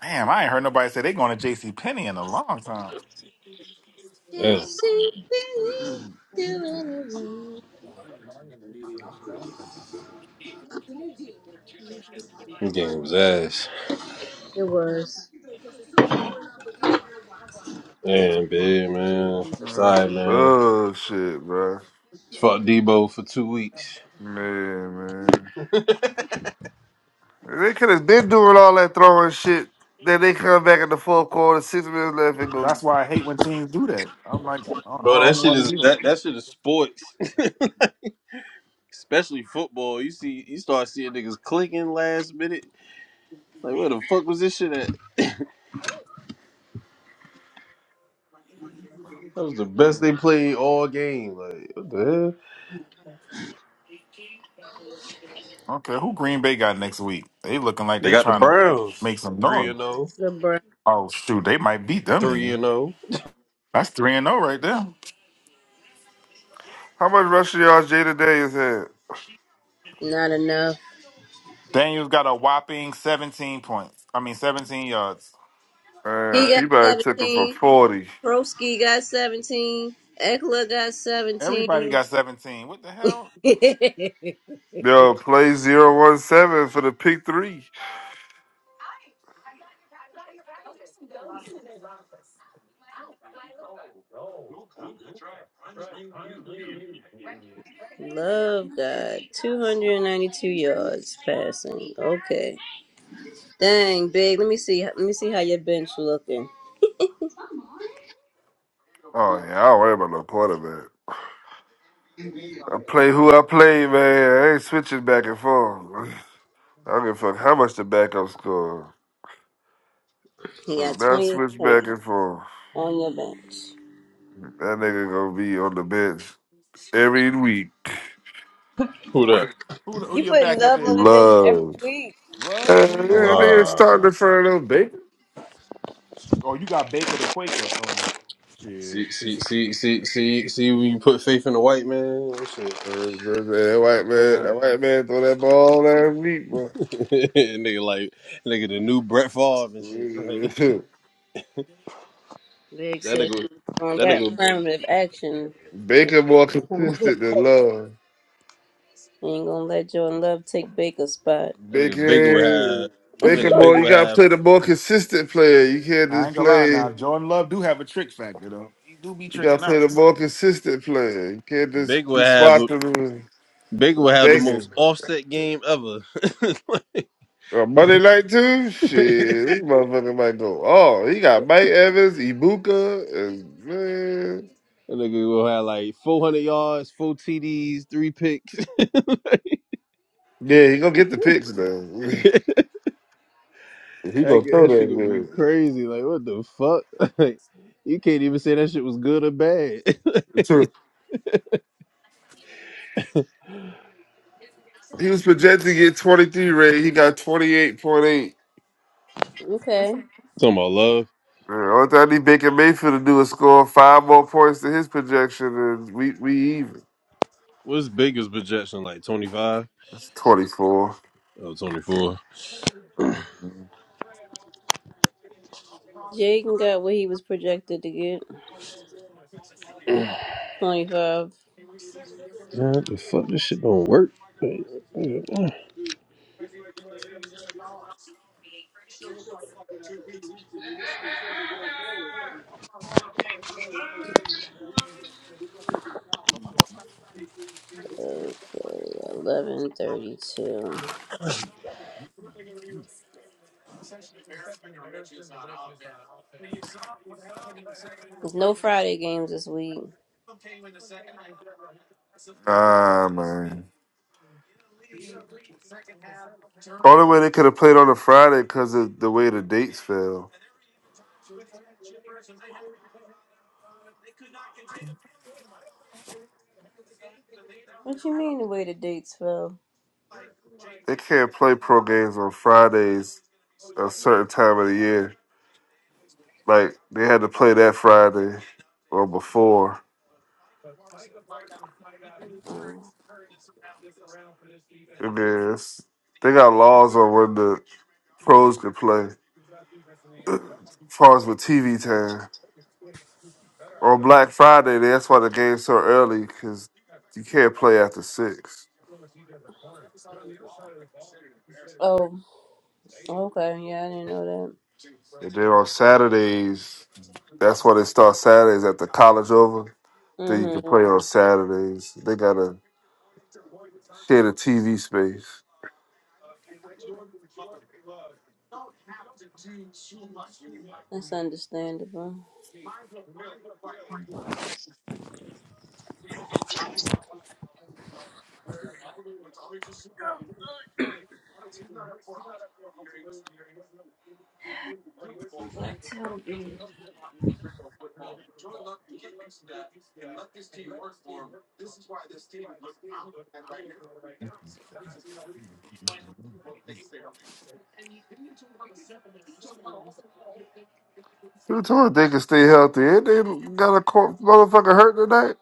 S8: Damn, I ain't heard nobody say they going to JC Penney in a long time.
S2: Yeah.
S4: JCP, do anyway.
S2: This game was ass.
S4: It was
S2: Damn, big man. Sorry, man.
S5: Oh shit, bro.
S2: Fuck Debo for two weeks.
S5: Man, man. They could have been doing all that throwing shit. Then they come back in the fourth quarter, six minutes left, and go.
S8: That's why I hate when teams do that. I'm like, I I
S2: Bro,
S8: don't
S2: that shit
S8: want to
S2: is
S8: do
S2: that
S8: that.
S2: that shit is sports, especially football. You see, you start seeing niggas clicking last minute. Like, where the fuck was this shit at? That was the best
S5: "Mm,
S2: they played all game. Like, what the hell?
S8: Okay, who Green Bay got next week? They looking like
S2: They
S8: they
S2: got the
S8: trying to
S2: Browns
S8: make some
S2: three
S8: noise.
S2: and zero,
S4: the bro.
S8: Oh shoot, they might beat them
S2: three
S8: nigga.
S2: and zero.
S8: That's three and zero right there.
S5: How much rushing yards Jada Daniels had?
S4: Not enough.
S8: Daniels got a whopping seventeen points. I mean, seventeen yards.
S5: Man,
S4: He got
S5: Peabody took him for
S4: 17.
S5: forty.
S4: Broski got 17. Eckler got
S8: Everybody
S4: 17.
S8: got seventeen. What the hell?
S5: Yo, play zero one seven for the pick three.
S4: Love got 292 yards passing. Okay. Dang, big. Let me see. Let me see how your bench looking.
S5: Oh yeah, I don't worry about no quarterback. I play who I play, man. I ain't switching back and forth. I don't give a fuck how much the backup score.
S4: He
S5: Do
S4: got
S5: Not
S4: 20
S5: switch back
S4: points
S5: and forth.
S4: on your bench.
S5: That nigga gonna be on the bench every week.
S2: Who that?
S8: Who, the, who
S4: You
S8: your
S4: putting
S8: backup
S4: love
S8: is?
S4: on the bench every
S5: Love.
S4: week.
S5: Uh,
S8: What? You
S5: yeah,
S8: ain't gonna start
S5: nigga
S8: love?
S2: Ah,
S5: starting to front of bacon.
S8: Oh, you got Baker the Quaker. Um, shit.
S2: see, see, see, see, see, see. When you put faith in the white man, that shit.
S5: Uh, That white man,
S8: Yeah,
S5: that white man throw that ball last week, bro.
S2: nigga, like, nigga, the new Brett Favre and shit. Like,
S4: Big
S2: that
S4: said
S2: nigga,
S4: on
S2: that
S4: that
S2: nigga,
S4: affirmative action. You
S5: Baker
S4: know.
S5: more consistent than Love.
S4: ain't gonna let Jordan Love take Baker's spot.
S2: that nigga Baker would
S5: Baker,
S2: have. That
S5: Baker
S2: nigga
S5: boy,
S2: Baker
S5: you
S2: would
S5: gotta
S2: have
S5: play the more consistent player. You can't
S8: I
S5: just
S8: ain't gonna lie. Now
S5: play.
S8: Jordan Love do have a trick factor though. He do be
S5: You gotta
S8: tricking
S5: play
S8: out.
S5: the more consistent player. You can't just
S2: Big would
S5: be
S2: have
S5: swapping
S2: Big would
S5: and
S2: have the most
S5: thinking.
S2: offset game ever.
S5: Uh, Monday night too. Shit,
S2: Like,
S5: this motherfucker might go. Oh, he got Mike Evans, Ibuka, and man,
S2: that nigga will have like 400 yards, four TDs, three picks.
S5: yeah, he gonna get the picks though. he
S2: That
S5: gonna
S2: g-
S5: throw
S2: that shit
S5: that
S2: gonna be
S5: man.
S2: crazy. Like, what the fuck? Like, you can't even say that shit was good or bad.
S5: So,
S2: Talking
S5: He was projected to get twenty three rate. He got twenty eight point eight.
S4: Okay.
S2: about love.
S5: Man, only thing I need Baker Mayfield to do is score five more points than his projection, and we we even.
S2: What's biggest projection? Like 25
S5: That's twenty four.
S2: or 24?
S4: Jaden got what he was projected to get. 25.
S2: Yeah, what the fuck? This shit don't work.
S4: Okay, 11:32. There's no Friday games this week.
S5: Ah man. Only way they could have played on a Friday because of the way the dates fell.
S4: What you mean the way the dates fell?
S5: They can't play pro games on Fridays a certain time of the year. Like they had to play that Friday or before.
S4: Um,
S5: I mean, it's, they got laws on when the pros can play. As far as with TV time. Or Black Friday. That's why the game's so early because you can't play after six.
S4: oh, okay. Yeah, I didn't know that.
S5: And then on Saturdays, that's why they start Saturdays at the college over. Then you can play
S4: Mm-hmm.
S5: on Saturdays. They got a share the TV space.
S4: That's understandable.
S5: Who told they can stay healthy? Ain't they got a cor- motherfucker hurt tonight?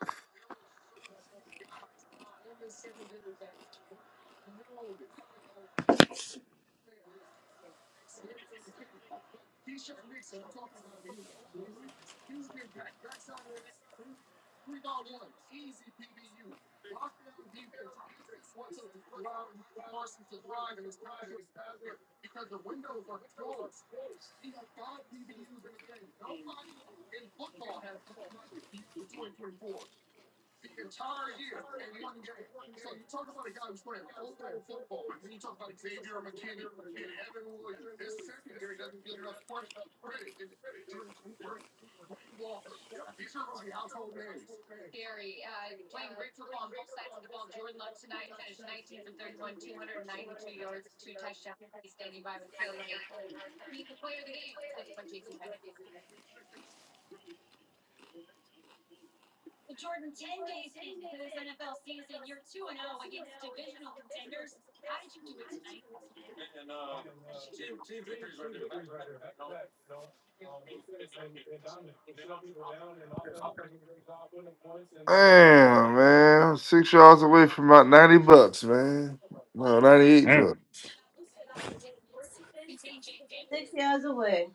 S5: Damn, man. I'm Six yards away from about 90 bucks, man. No, 98 bucks.
S8: Damn.
S4: Six yards away.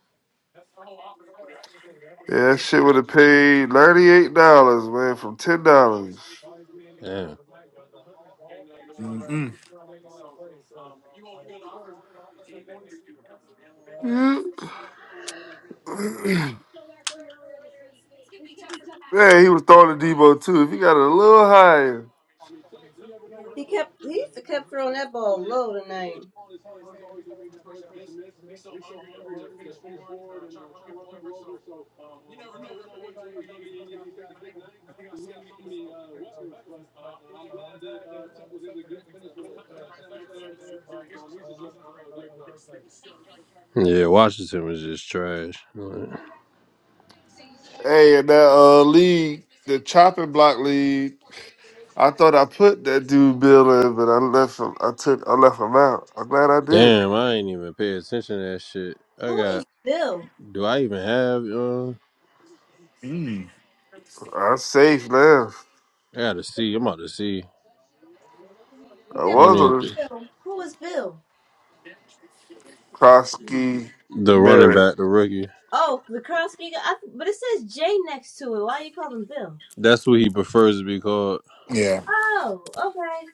S5: Yeah, that shit would have paid $98, man, from $10.
S2: Damn.
S8: Mm-mm.
S5: yeah, he was throwing the Debo too. If he got it a little higher.
S4: He kept he kept throwing that ball low tonight.
S2: Yeah, Washington was just trash.
S5: Hey, and that uh league, the chopping block league, I thought I put that dude Bill in, but I left him. I took. I left him out. I'm glad I did.
S2: Damn, I ain't even pay attention to that shit. I
S4: Who is
S2: got.
S4: Bill?
S2: Do I even have? Uh,
S8: Mm.
S5: I'm safe now.
S2: I got to see. I'm about to see.
S4: He
S5: I
S2: I
S4: kept
S2: don't
S5: was
S2: even
S5: on this
S2: think
S4: Bill. Who is Bill?
S5: Krosky
S2: the running
S5: Barrett.
S2: back, the rookie.
S4: Oh, the current speaker. I, but it says Jay next to it. Why you call him Bill?
S2: That's what he prefers to be called.
S8: Yeah.
S4: Oh, okay.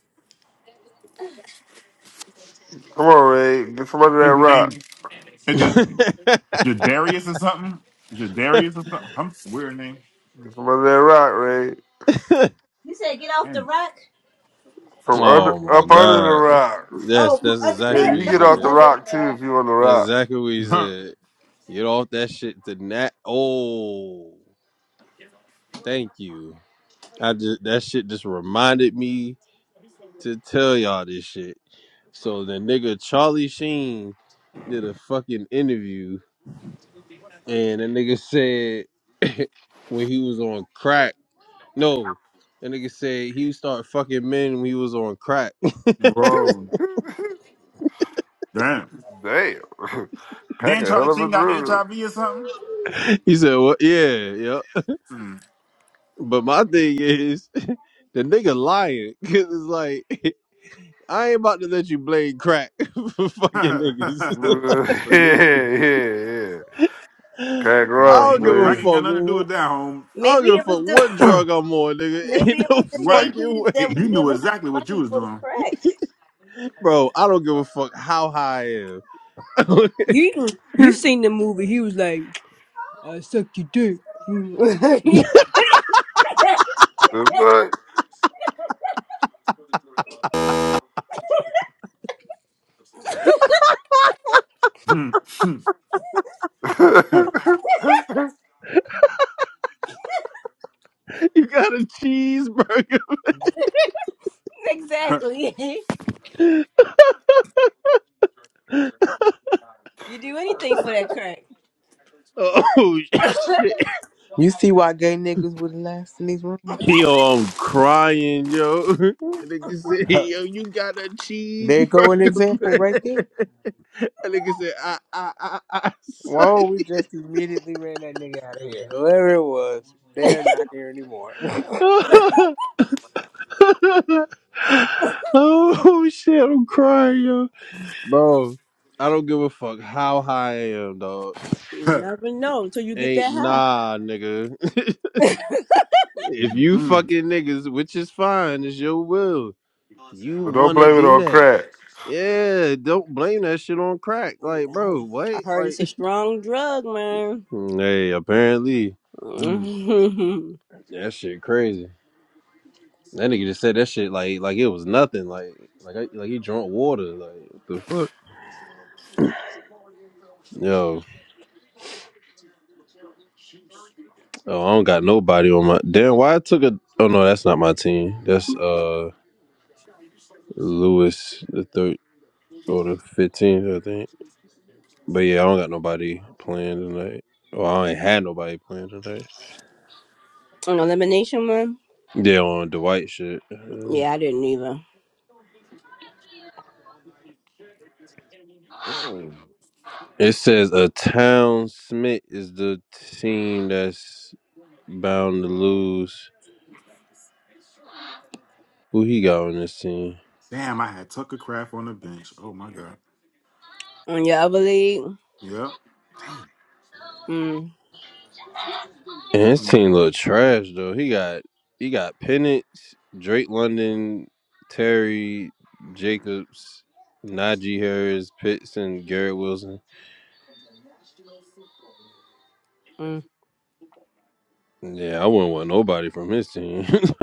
S5: Come on, Ray. Get from under that
S8: His name
S5: rock.
S8: is it Jadarius or something? Jadarius or something? I'm weird name.
S5: Get from under that rock, Ray.
S4: You said get off the
S8: Damn.
S4: rock.
S5: From under
S2: oh my
S5: up under the
S2: god,
S5: rock.
S2: that's
S4: Oh,
S2: that's
S5: Yeah,
S2: exactly
S5: you
S2: what he
S5: get off the
S2: said.
S5: rock too if you on the
S2: That's
S5: rock.
S2: exactly what he
S8: Huh.
S2: said. Get off that shit to nat. Oh, thank you. I just that shit just reminded me to tell y'all this shit. So the nigga Charlie Sheen did a fucking interview, and the nigga said when he was on crack. No, the nigga said he started fucking men when he was on crack.
S8: Whoa. Damn.
S5: Damn. Pack
S8: Then
S5: a
S8: Charlie
S5: hell of a
S8: Chin got
S5: drug.
S8: HIV or something?
S2: he said, "Well, yeah, yeah."
S8: Hmm.
S2: But my thing is, the nigga lying because it's like. I ain't about to let you blame crack for fucking niggas.
S8: so you
S5: yeah, yeah, yeah.
S2: I
S5: Pack
S8: nah
S5: rough,
S8: ain't
S2: don't
S8: no
S2: give a
S8: crack
S5: man.
S8: ain't got
S2: fuck.
S8: nothing to do with that home.
S2: I don't
S4: maybe
S2: give a
S4: it was
S2: fuck
S4: the
S2: what drug I'm on, nigga.
S4: maybe
S2: Ain't
S4: it
S2: no
S4: was the gay
S8: Right.
S2: fucking
S4: dudes that
S2: way.
S4: was
S8: You knew
S4: giving him
S8: exactly what you
S4: money
S8: was
S4: for the
S8: doing.
S4: crack.
S2: Bro, I don't give a fuck how high I am.
S4: You do
S5: The fuck?
S8: Hmm. Hmm. Huh.
S2: you got a cheeseburger.
S8: Huh.
S4: exactly. You do anything for that crack.
S2: oh, shit.
S1: Our gay niggas would last in these rooms.
S2: Yo, I'm crying, yo. And nigga said,
S8: Huh.
S2: yo, you got a
S1: There
S2: cheeseburger,
S1: go an example
S2: man.
S1: right there.
S2: And nigga said, I, I, I,
S1: Whoa, we just immediately ran that nigga out of here. Whoever it was, they're not here anymore.
S2: I. oh, shit, I'm crying, yo. Bro, I don't give a fuck how high I am, dog.
S4: You
S8: Huh.
S4: never know until you get
S2: Ain't
S4: that high.
S2: nah, nigga. if you
S8: Mm,
S2: fucking niggas, which is fine, it's your will. You
S5: but don't
S2: wanna
S5: blame it
S2: do
S5: on
S2: that.
S5: crack.
S2: Yeah, don't blame that shit on crack.
S4: Um,
S2: Like,
S4: I
S2: bro,
S4: heard
S2: what?
S4: I heard it's a
S2: Like
S4: strong drug, man.
S2: Hey, apparently.
S4: On
S2: That shit crazy. That nigga just said that shit like like it was nothing. Like like I, like he drunk water. Like what the fuck? Yo. Oh, I don't got nobody on my damn why I took a oh no, that's not my team. That's uh Lewis the third or the fifteenth, I think. But yeah, I don't got nobody playing tonight. Well, I ain't had nobody playing tonight.
S4: elimination one,
S2: Yeah, on Dwight shit. Uh,
S4: yeah, I didn't either.
S8: Whoa.
S2: It says a town Smith is the team that's bound to lose. Who he got on this team?
S8: Damn, I had Tucker Craft on the bench. Oh my god.
S4: On your other league,
S8: Yep. Damn.
S4: mm,
S2: And his
S8: Mm.
S2: team look trash though. He got he got Penix, Drake London, Terry Jacobs, Najee Harris, Pitts, and Garrett Wilson.
S4: mm.
S2: Yeah, I wouldn't want nobody from his team.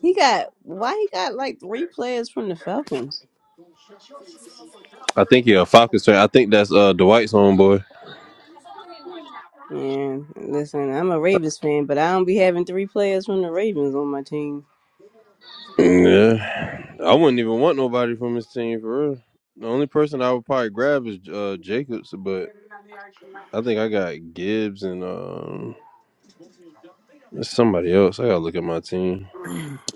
S4: he got why he got like three players from the Falcons.
S2: I think yeah, Falcons fan. I think that's uh Dwight's homeboy.
S4: Yeah, listen, I'm a Ravens fan, but I don't be having three players from the Ravens on my team.
S2: Yeah, I wouldn't even want nobody from his team for real. The only person I would probably grab is uh Jacobs, but I think I got Gibbs and um somebody else. I gotta look at my team.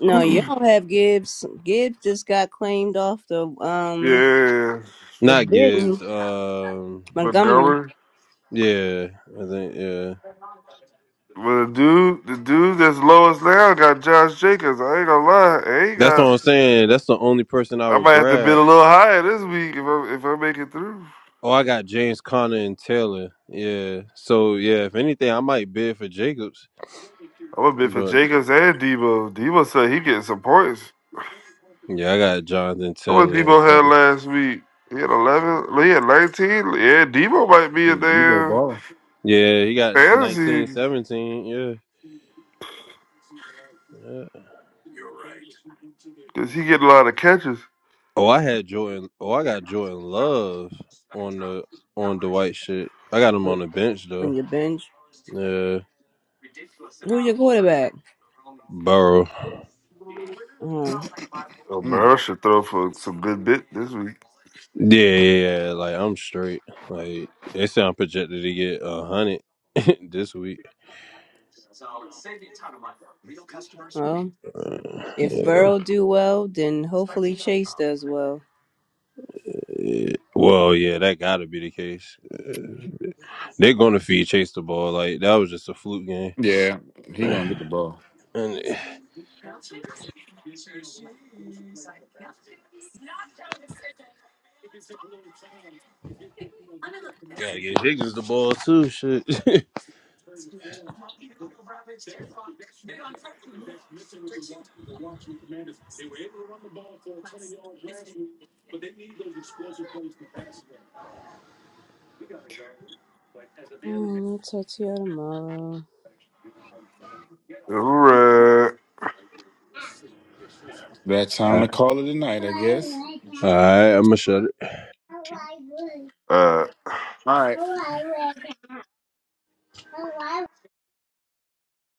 S4: No, you don't have Gibbs. Gibbs just got claimed off the um
S5: yeah.
S4: the
S2: Not Gibbs.
S4: bitten
S2: Um,
S4: Montgomery
S5: Montgomery.
S2: yeah, I think yeah.
S5: But the dude, the dude that's lowest now got Josh Jacobs. I ain't gonna lie. I ain't
S2: That's what
S5: got.
S2: I'm saying. That's the only person I
S5: I
S2: would
S5: might have to bid a
S2: grab.
S5: little higher this week if I if I make it through.
S2: Oh, I got James Conner and Taylor. Yeah. So yeah, if anything, I might bid for Jacobs,
S5: I'm gonna bid for
S2: but.
S5: Jacobs and Debo. Debo said he getting some points.
S2: Yeah, I got Jonathan
S5: How much
S2: Taylor in
S5: Debo
S2: front.
S5: had
S2: of me.
S5: last week? He had 11. no, He had 19. Yeah, Debo might be a
S8: Yeah, You play
S5: damn
S8: ball.
S2: Yeah, he got 19,
S5: fantasy
S2: 17. Yeah, yeah.
S5: because he get a lot of catches.
S2: Oh, I had Jordan. Oh, I got Jordan Love on the on the white shit. I got him on
S4: on
S2: the bench
S4: on
S2: though.
S4: your bench.
S2: Yeah,
S4: Who's your quarterback?
S2: Burrow.
S4: Um,
S5: Oh,
S8: Mm.
S5: Burrow should throw for some good bit this week.
S2: Yeah, yeah, yeah. Like I'm straight. Like they say I'm projected to get a hundred this week.
S4: well,
S2: Uh,
S4: if
S2: yeah,
S4: Burrow do well, then hopefully Chase does well.
S2: yeah. Well, yeah, that gotta be the case. Uh, They're gonna feed chase the ball. Like that was just a fluke game.
S8: Yeah, he gonna get the ball.
S2: And Gotta get Higgins the ball too. Shit.
S4: Mm, I'll talk to you tomorrow.
S5: All right.
S8: That time
S2: All
S8: to call it a night, I guess.
S2: right, I'm gonna shut it.
S5: Uh,
S8: All right.